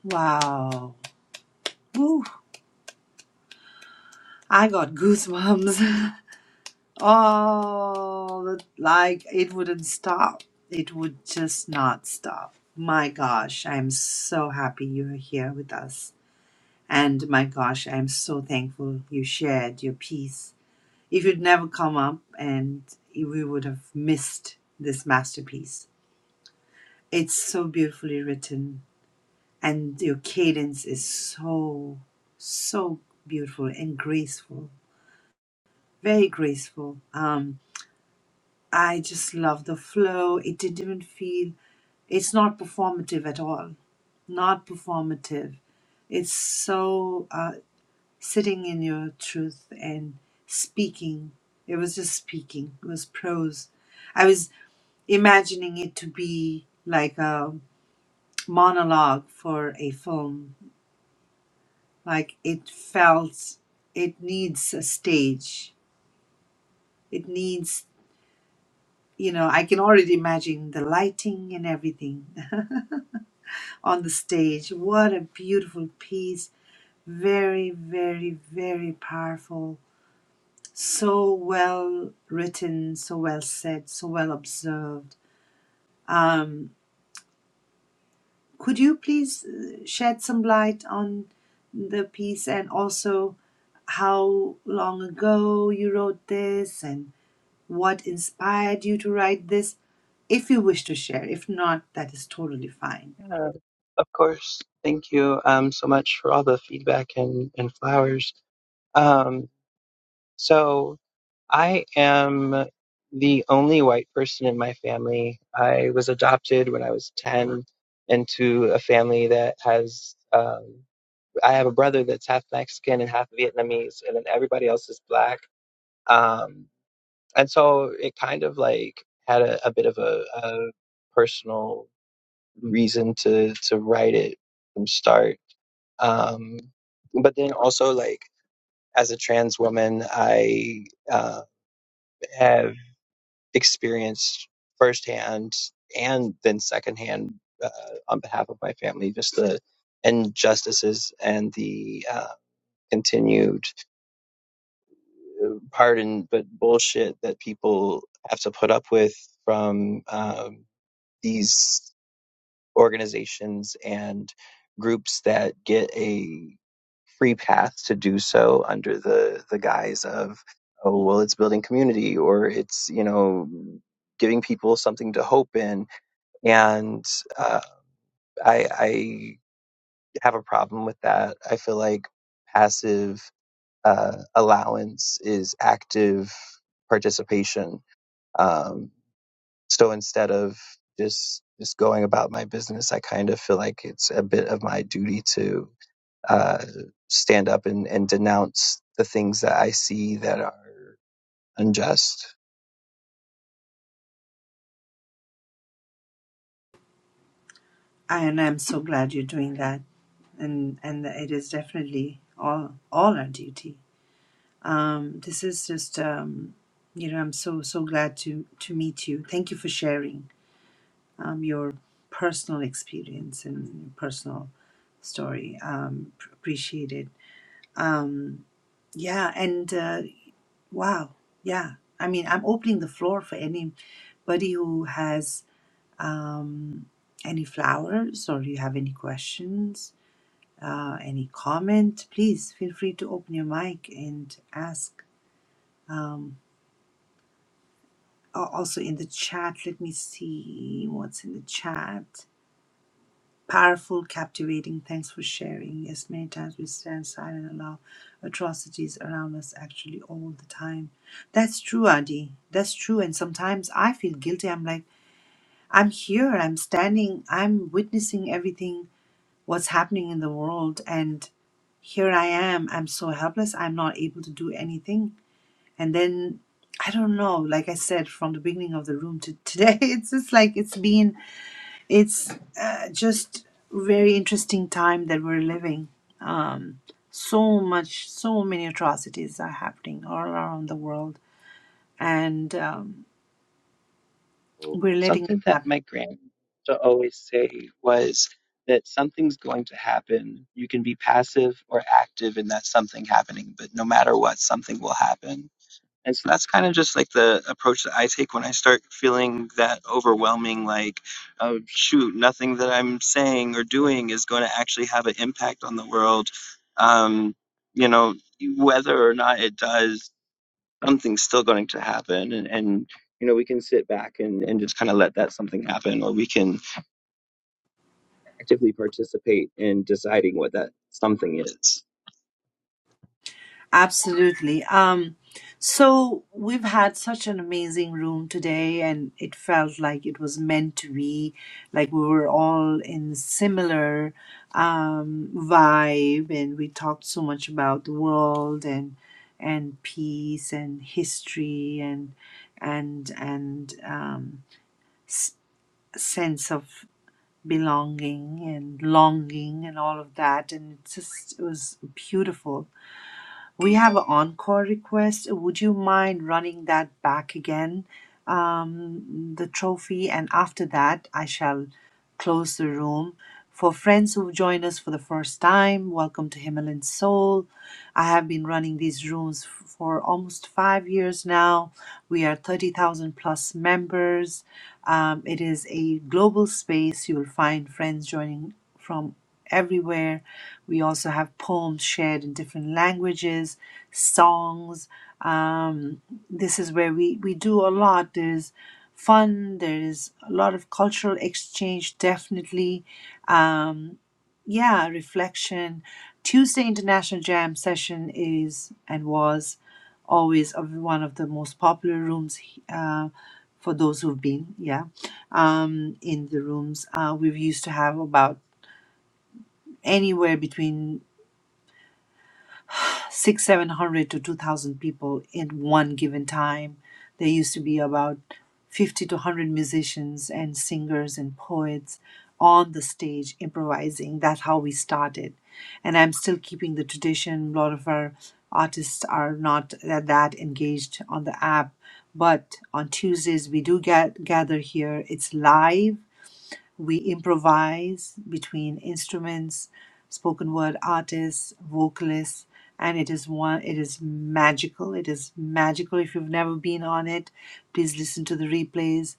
A: Wow. Woo. I got goosebumps. Oh, that- like it wouldn't stop. It would just not stop. My gosh, I'm so happy you're here with us. And my gosh, I'm so thankful you shared your piece. If you'd never come up, and we would have missed this masterpiece. It's so beautifully written, and your cadence is so, so beautiful and graceful. Very graceful. Um, I just love the flow. It didn't even feel, it's not performative at all. Not performative. It's so uh, sitting in your truth and speaking. It was just speaking, it was prose. I was imagining it to be like a monologue for a film. Like it felt, it needs a stage. It needs, you know, I can already imagine the lighting and everything. on the stage. What a beautiful piece. Very, very, very powerful. So well written, so well said, so well observed. Um, could you please uh, shed some light on the piece and also how long ago you wrote this and what inspired you to write this? If you wish to share, if not, that is totally fine.
J: Yeah, of course. Thank you um, so much for all the feedback and, and flowers. Um, so, I am the only white person in my family. I was adopted when I was 10 into a family that has. um, I have a brother that's half Mexican and half Vietnamese, and then everybody else is black. Um, and so it kind of like had a, a bit of a, a personal reason to to write it from start. Um, but then also like as a trans woman, I uh, have experienced firsthand and then secondhand uh, on behalf of my family just the injustices and the uh, continued pardon, but bullshit that people have to put up with from um, these organizations and groups that get a free pass to do so under the the guise of oh well it's building community or it's you know giving people something to hope in and uh, I, I have a problem with that i feel like passive uh, allowance is active participation um, so instead of just just going about my business, I kind of feel like it's a bit of my duty to uh, stand up and, and denounce the things that I see that are unjust.
A: And I'm so glad you're doing that. and and it is definitely all all our duty. Um, this is just um, you know I'm so so glad to to meet you. Thank you for sharing um, your personal experience and your personal story. Um, p- appreciate it. Yeah, and uh, wow, yeah. I mean, I'm opening the floor for anybody who has um, any flowers or you have any questions uh, any comment, please feel free to open your mic and ask. Um, al- also in the chat, let me see what's in the chat. Powerful, captivating. Thanks for sharing. Yes, many times we stand silent and allow atrocities around us actually all the time. That's true, Adi. That's true. And sometimes I feel guilty. I'm like, I'm here, I'm standing, I'm witnessing everything, what's happening in the world. here I am. I'm so helpless. I'm not able to do anything. And then I don't know. Like I said from the beginning of the room to today, it's just like it's been. It's uh, just very interesting time that we're living. Um, so much, so many atrocities are happening all around the world, and um, we're letting it
J: Something
A: happen.
J: that my grandma always say was that something's going to happen. You can be passive or active in that something happening, but no matter what, something will happen And so that's kind of just like the approach that I take when I start feeling that overwhelming, like, oh, shoot, nothing that I'm saying or doing is going to actually have an impact on the world. Um, you know, whether or not it does, something's still going to happen. And, and you know, we can sit back and, and just kind of let that something happen, or we can actively participate in deciding what that something is.
A: Absolutely. Um, so we've had such an amazing room today, and it felt like it was meant to be. Like we were all in similar um, vibe, and we talked so much about the world and and peace and history and and and um, s- sense of belonging and longing and all of that. And it's just it was beautiful we have an encore request. Would you mind running that back again, um, the trophy? And after that, I shall close the room. For friends who join us for the first time, welcome to Himalayan Soul. I have been running these rooms f- for almost five years now. We are 30,000 plus members. Um, it is a global space. You will find friends joining from everywhere we also have poems shared in different languages, songs. Um, this is where we, we do a lot. There's fun, there's a lot of cultural exchange, definitely. Um, yeah, reflection. Tuesday International Jam session is and was always of one of the most popular rooms uh, for those who've been, yeah um, in the rooms. Uh, we've used to have about anywhere between six, seven hundred to two thousand people in one given time. There used to be about fifty to hundred musicians and singers and poets on the stage improvising. That's how we started, and I'm still keeping the tradition. A lot of our artists are not that, that engaged on the app, but on Tuesdays we do get gather here. It's live we improvise between instruments, spoken word artists, vocalists, and it is one it is magical. It is magical. If you've never been on it, please listen to the replays.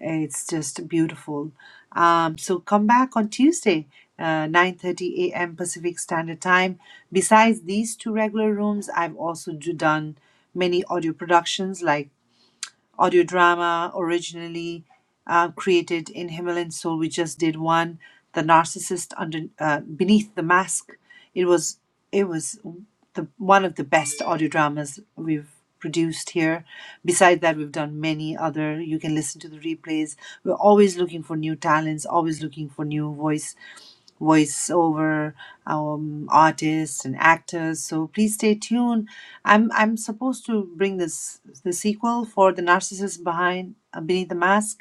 A: It's just beautiful. Um, so come back on Tuesday, uh, 9:30 a.m. Pacific Standard Time. Besides these two regular rooms, I've also do- done many audio productions like audio drama originally uh, created in Himalayan Soul. We just did one, the narcissist under uh, beneath the mask. It was it was the one of the best audio dramas we've produced here. Besides that, we've done many other. You can listen to the replays. We're always looking for new talents, always looking for new voices voiceover um, artists and actors. So please stay tuned. I'm I'm supposed to bring this the sequel for the narcissist behind uh, beneath the mask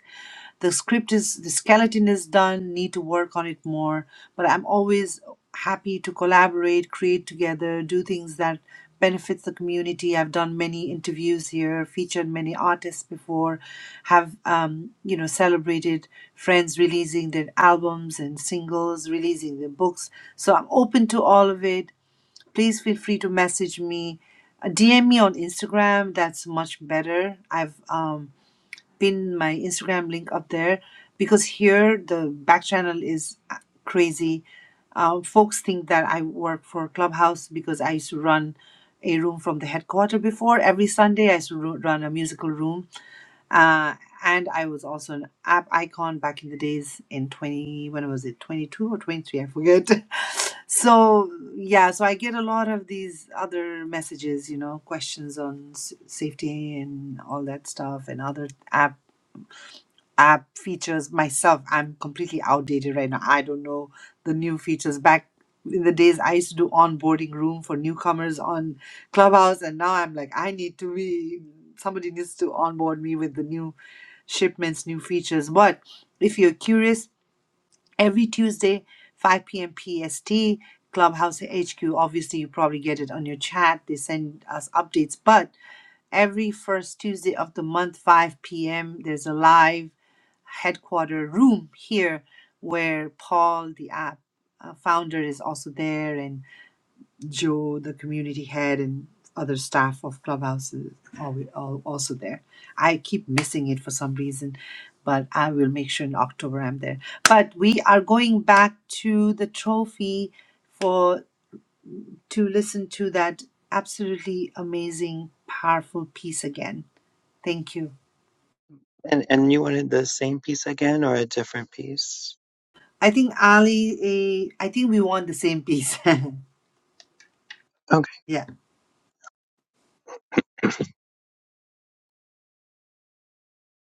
A: the script is the skeleton is done need to work on it more but i'm always happy to collaborate create together do things that benefits the community i've done many interviews here featured many artists before have um, you know celebrated friends releasing their albums and singles releasing their books so i'm open to all of it please feel free to message me Uh, dm me on instagram that's much better i've um, pin my Instagram link up there because here the back channel is uh, crazy. Uh, folks think that I work for Clubhouse because I used to run a room from the headquarter before. Every Sunday, I used to ru- run a musical room, uh, and I was also an app icon back in the days in twenty. When was it? Twenty two or twenty three? I forget. So yeah, so I get a lot of these other messages, you know, questions on s- safety and all that stuff, and other app app features myself i'm completely outdated right now i don't know the new features back in the days i used to do onboarding room for newcomers on clubhouse and now i'm like i need to be somebody needs to onboard me with the new shipments new features but if you're curious every tuesday 5 p.m pst clubhouse hq obviously you probably get it on your chat they send us updates but every first tuesday of the month 5 p.m there's a live headquarter room here where Paul, the app uh, founder, is also there, and Joe, the community head, and other staff of Clubhouse is alwa- al- also there. I keep missing it for some reason, but I will make sure in October I'm there. But we are going back to the trophy for to listen to that absolutely amazing, powerful piece again. Thank you.
J: And and you wanted the same piece again or a different piece?
A: I think Ali, eh, I think we want the same piece.
J: Okay.
A: yeah.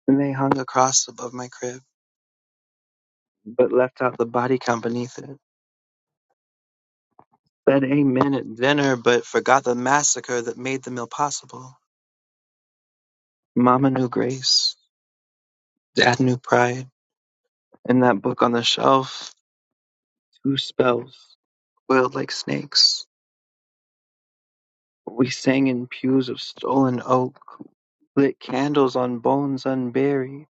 J: And they hung a cross above my crib, but left out the body count beneath it. Said amen at dinner, but forgot the massacre that made the meal possible. Mama knew grace, Dad knew pride, and that book on the shelf, two spells coiled like snakes. We sang in pews of stolen oak, lit candles on bones unburied,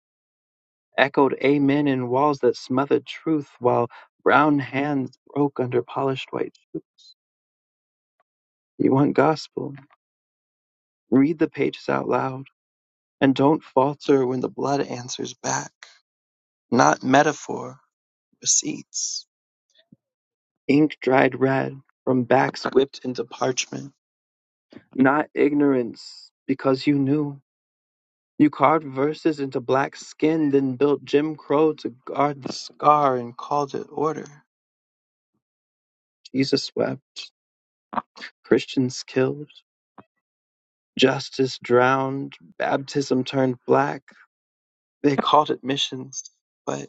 J: echoed amen in walls that smothered truth while brown hands broke under polished white shoes. You want gospel? Read the pages out loud and don't falter when the blood answers back. Not metaphor, receipts. Ink dried red from backs whipped into parchment. Not ignorance because you knew. You carved verses into black skin, then built Jim Crow to guard the scar and called it order. Jesus wept, Christians killed, justice drowned, baptism turned black. They called it missions, but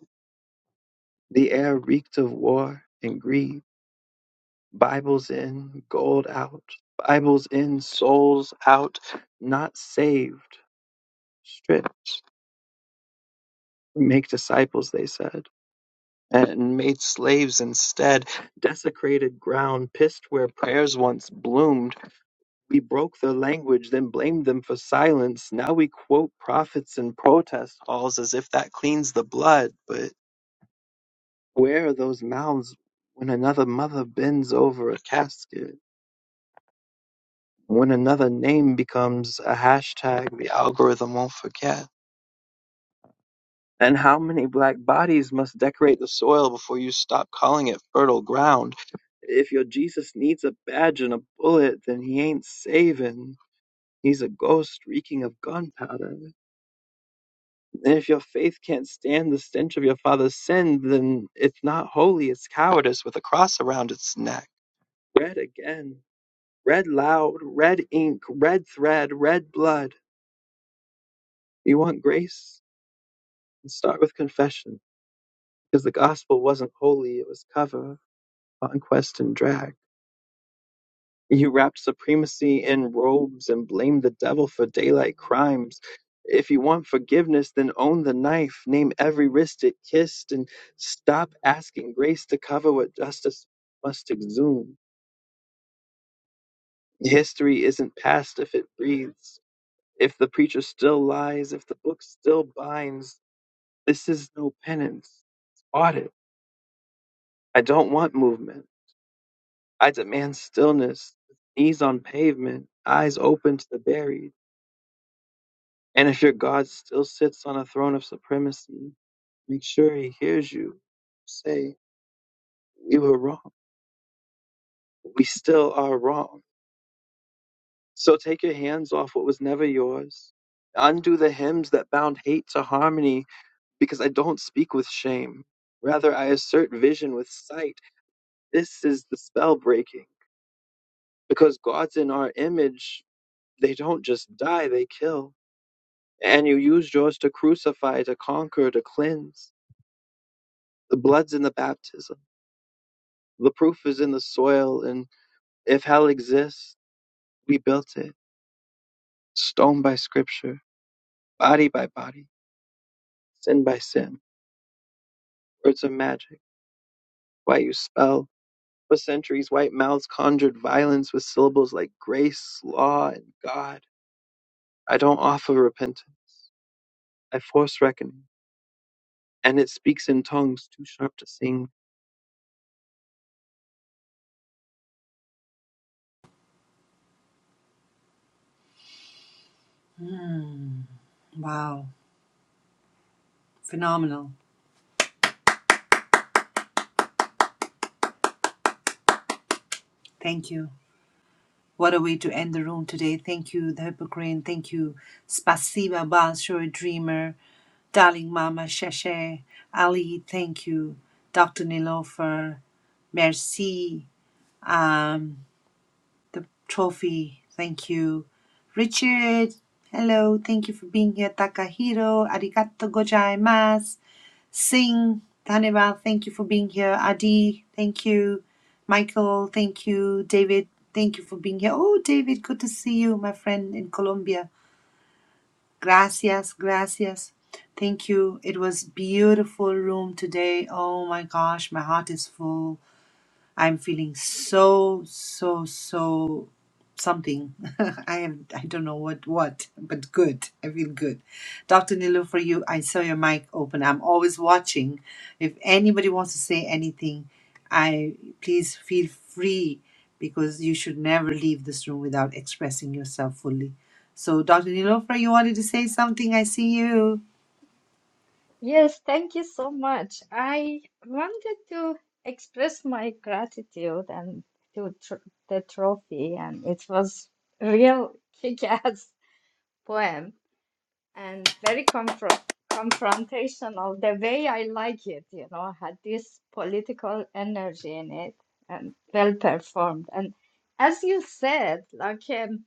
J: the air reeked of war and greed. Bibles in, gold out. Bibles in, souls out, not saved, stripped. Make disciples, they said. and made slaves instead, desecrated ground, pissed where prayers once bloomed. We broke their language, then blamed them for silence. Now we quote prophets in protest halls as if that cleans the blood. But where are those mouths when another mother bends over a casket? When another name becomes a hashtag, the algorithm won't forget. And how many black bodies must decorate the soil before you stop calling it fertile ground? If your Jesus needs a badge and a bullet, then he ain't saving. He's a ghost reeking of gunpowder. And if your faith can't stand the stench of your father's sin, then it's not holy, it's cowardice with a cross around its neck. Red again. Red loud. Red ink. Red thread. Red blood. You want grace? Start with confession. Because the gospel wasn't holy, it was cover. conquest and drag. You wrapped supremacy in robes and blamed the devil for daylight crimes. If you want forgiveness, then own the knife, name every wrist it kissed, and stop asking grace to cover what justice must exhume. History isn't past if it breathes. If the preacher still lies, if the book still binds, this is no penance. It's audit. I don't want movement. I demand stillness, knees on pavement, eyes open to the buried. And if your God still sits on a throne of supremacy, make sure he hears you say, We were wrong. We still are wrong. So take your hands off what was never yours. Undo the hymns that bound hate to harmony, because I don't speak with shame. Rather, I assert vision with sight. This is the spell breaking. Because gods in our image, they don't just die, they kill. And you used yours to crucify, to conquer, to cleanse. The blood's in the baptism The proof is in the soil, and if hell exists, we built it, stone by scripture, body by body, sin by sin, words of magic, white you spell. For centuries, white mouths conjured violence with syllables like grace, law, and God. I don't offer repentance. I force reckoning, and it speaks in tongues too sharp to sing.
A: Mm, wow, phenomenal. Thank you. What a way to end the room today. Thank you, the Hippocrane. Thank you, Spasiba Basho, Dreamer, Darling Mama Sheshe, Ali. Thank you, Dr. Nilofer. Merci, um, the trophy. Thank you, Richard. Hello, thank you for being here, Takahiro. Arigato gozaimasu. Singh, Dhanival, thank you for being here. Adi, thank you. Michael, thank you. David, thank you for being here. Oh, David, good to see you, my friend in Colombia. Gracias, gracias. Thank you. It was beautiful room today. Oh my gosh, my heart is full. I'm feeling so so so something. I am I don't know what what, but good. I feel good. Dr. Nilu, for you, I saw your mic open. I'm always watching. If anybody wants to say anything, I please feel free because you should never leave this room without expressing yourself fully. So, Dr. for you wanted to say something? I see you.
I: Yes, thank you so much. I wanted to express my gratitude and to tr the trophy, and it was real kick-ass poem and very confront confrontational the way I like it, you know, had this political energy in it and well performed. And as you said, like um,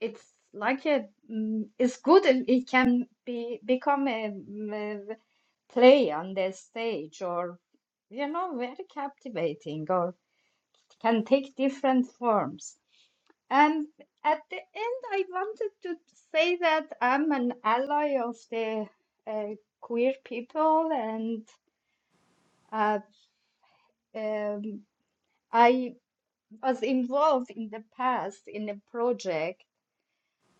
I: it's like a mm, it's good and it can be become a, mm, a play on the stage or you know very captivating or can take different forms and at the end i wanted to say that i'm an ally of the uh, queer people and uh, um, i was involved in the past in a project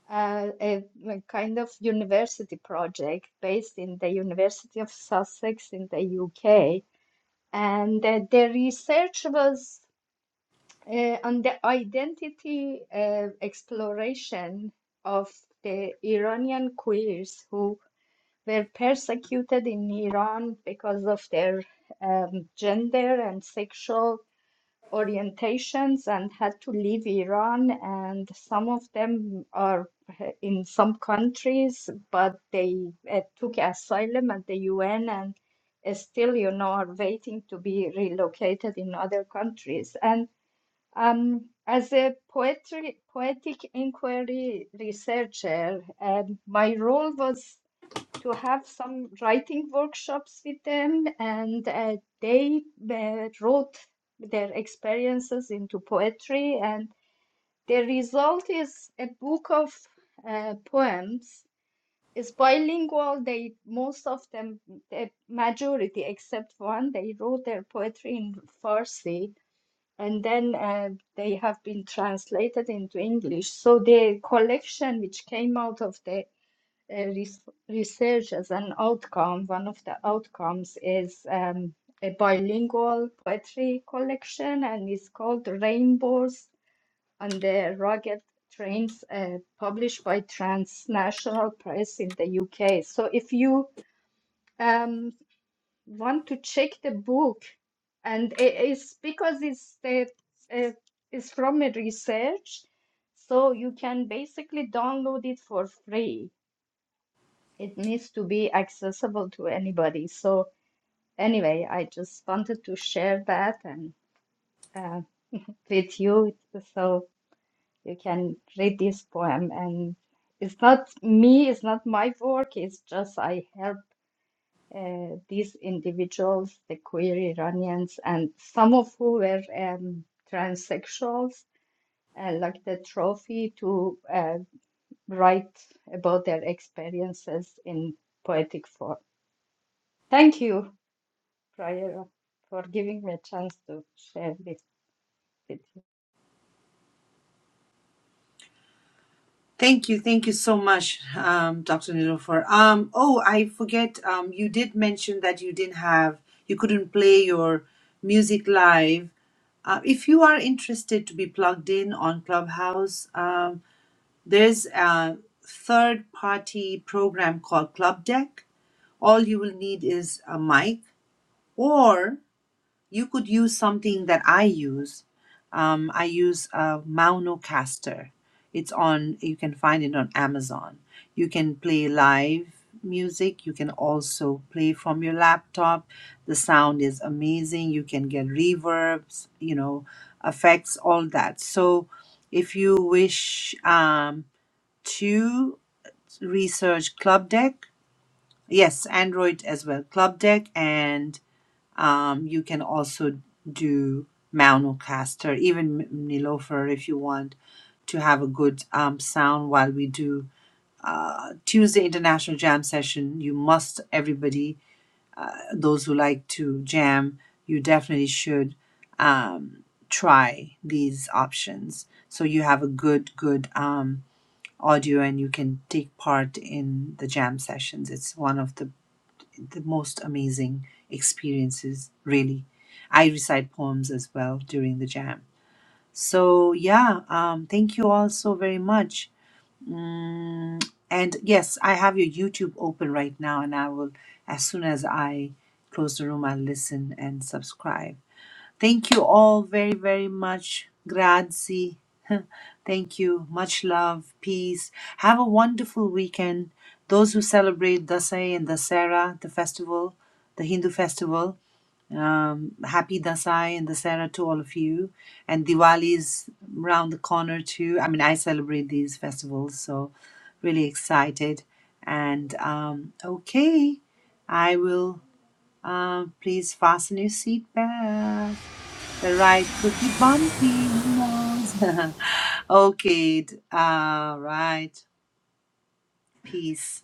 I: uh, a, a kind of university project based in the University of Sussex in the UK. And uh, the research was uh, on the identity uh, exploration of the Iranian queers who were persecuted in Iran because of their um, gender and sexual orientations and had to leave Iran. And some of them are in some countries, but they uh, took asylum at the UN and uh, still, you know, are waiting to be relocated in other countries. And um, as a poetry, poetic inquiry researcher, um, my role was to have some writing workshops with them, and uh, they uh, wrote their experiences into poetry, and the result is a book of uh, poems. It's bilingual. They most of them, the majority except one, they wrote their poetry in Farsi, and then uh, they have been translated into English. So the collection which came out of the uh, res research as an outcome, one of the outcomes is um, a bilingual poetry collection and it's called Rainbows on the Rugged Trains, uh, published by Transnational Press in the UK. So if you um, want to check the book, and i- it's because it's, the, uh, it's from a research, so you can basically download it for free it needs to be accessible to anybody. So anyway, I just wanted to share that and uh, with you so you can read this poem. And it's not me, it's not my work, it's just I help uh, these individuals, the queer Iranians, and some of who were um, transsexuals, uh, like the trophy to uh, write about their experiences in poetic form. Thank you. Prior for giving me a chance to share this with you.
A: Thank you, thank you so much, um, Dr. Nilofer. Um, oh, I forget. Um, you did mention that you didn't have, you couldn't play your music live. Uh, if you are interested to be plugged in on Clubhouse, um, there's a third-party program called Club Deck. All you will need is a mic, or. You could use something that I use. Um, I use a Maunocaster. It's on, you can find it on Amazon. You can play live music. You can also play from your laptop. The sound is amazing. You can get reverbs, you know, effects, all that. So if you wish um, to research Club Deck, yes, Android as well, Club Deck and um, you can also do Maunu caster, even M- Nilofer if you want to have a good um, sound while we do uh, Tuesday International Jam Session. You must, everybody, uh, those who like to jam, you definitely should um, try these options. So you have a good, good um, audio and you can take part in the jam sessions. It's one of the the most amazing experiences, really. I recite poems as well during the jam. So, yeah, um, thank you all so very much. Mm, and yes, I have your YouTube open right now, and I will, as soon as I close the room, I'll listen and subscribe. Thank you all very, very much. Grazie. Thank you. Much love. Peace. Have a wonderful weekend. Those who celebrate Dasai and Dasera, the festival, the Hindu festival, um, happy Dasai and Dasera to all of you. And Diwali is round the corner too. I mean, I celebrate these festivals, so really excited. And um, okay, I will uh, please fasten your seatbelt. The right cookie bumpy. who okay. All right. Peace.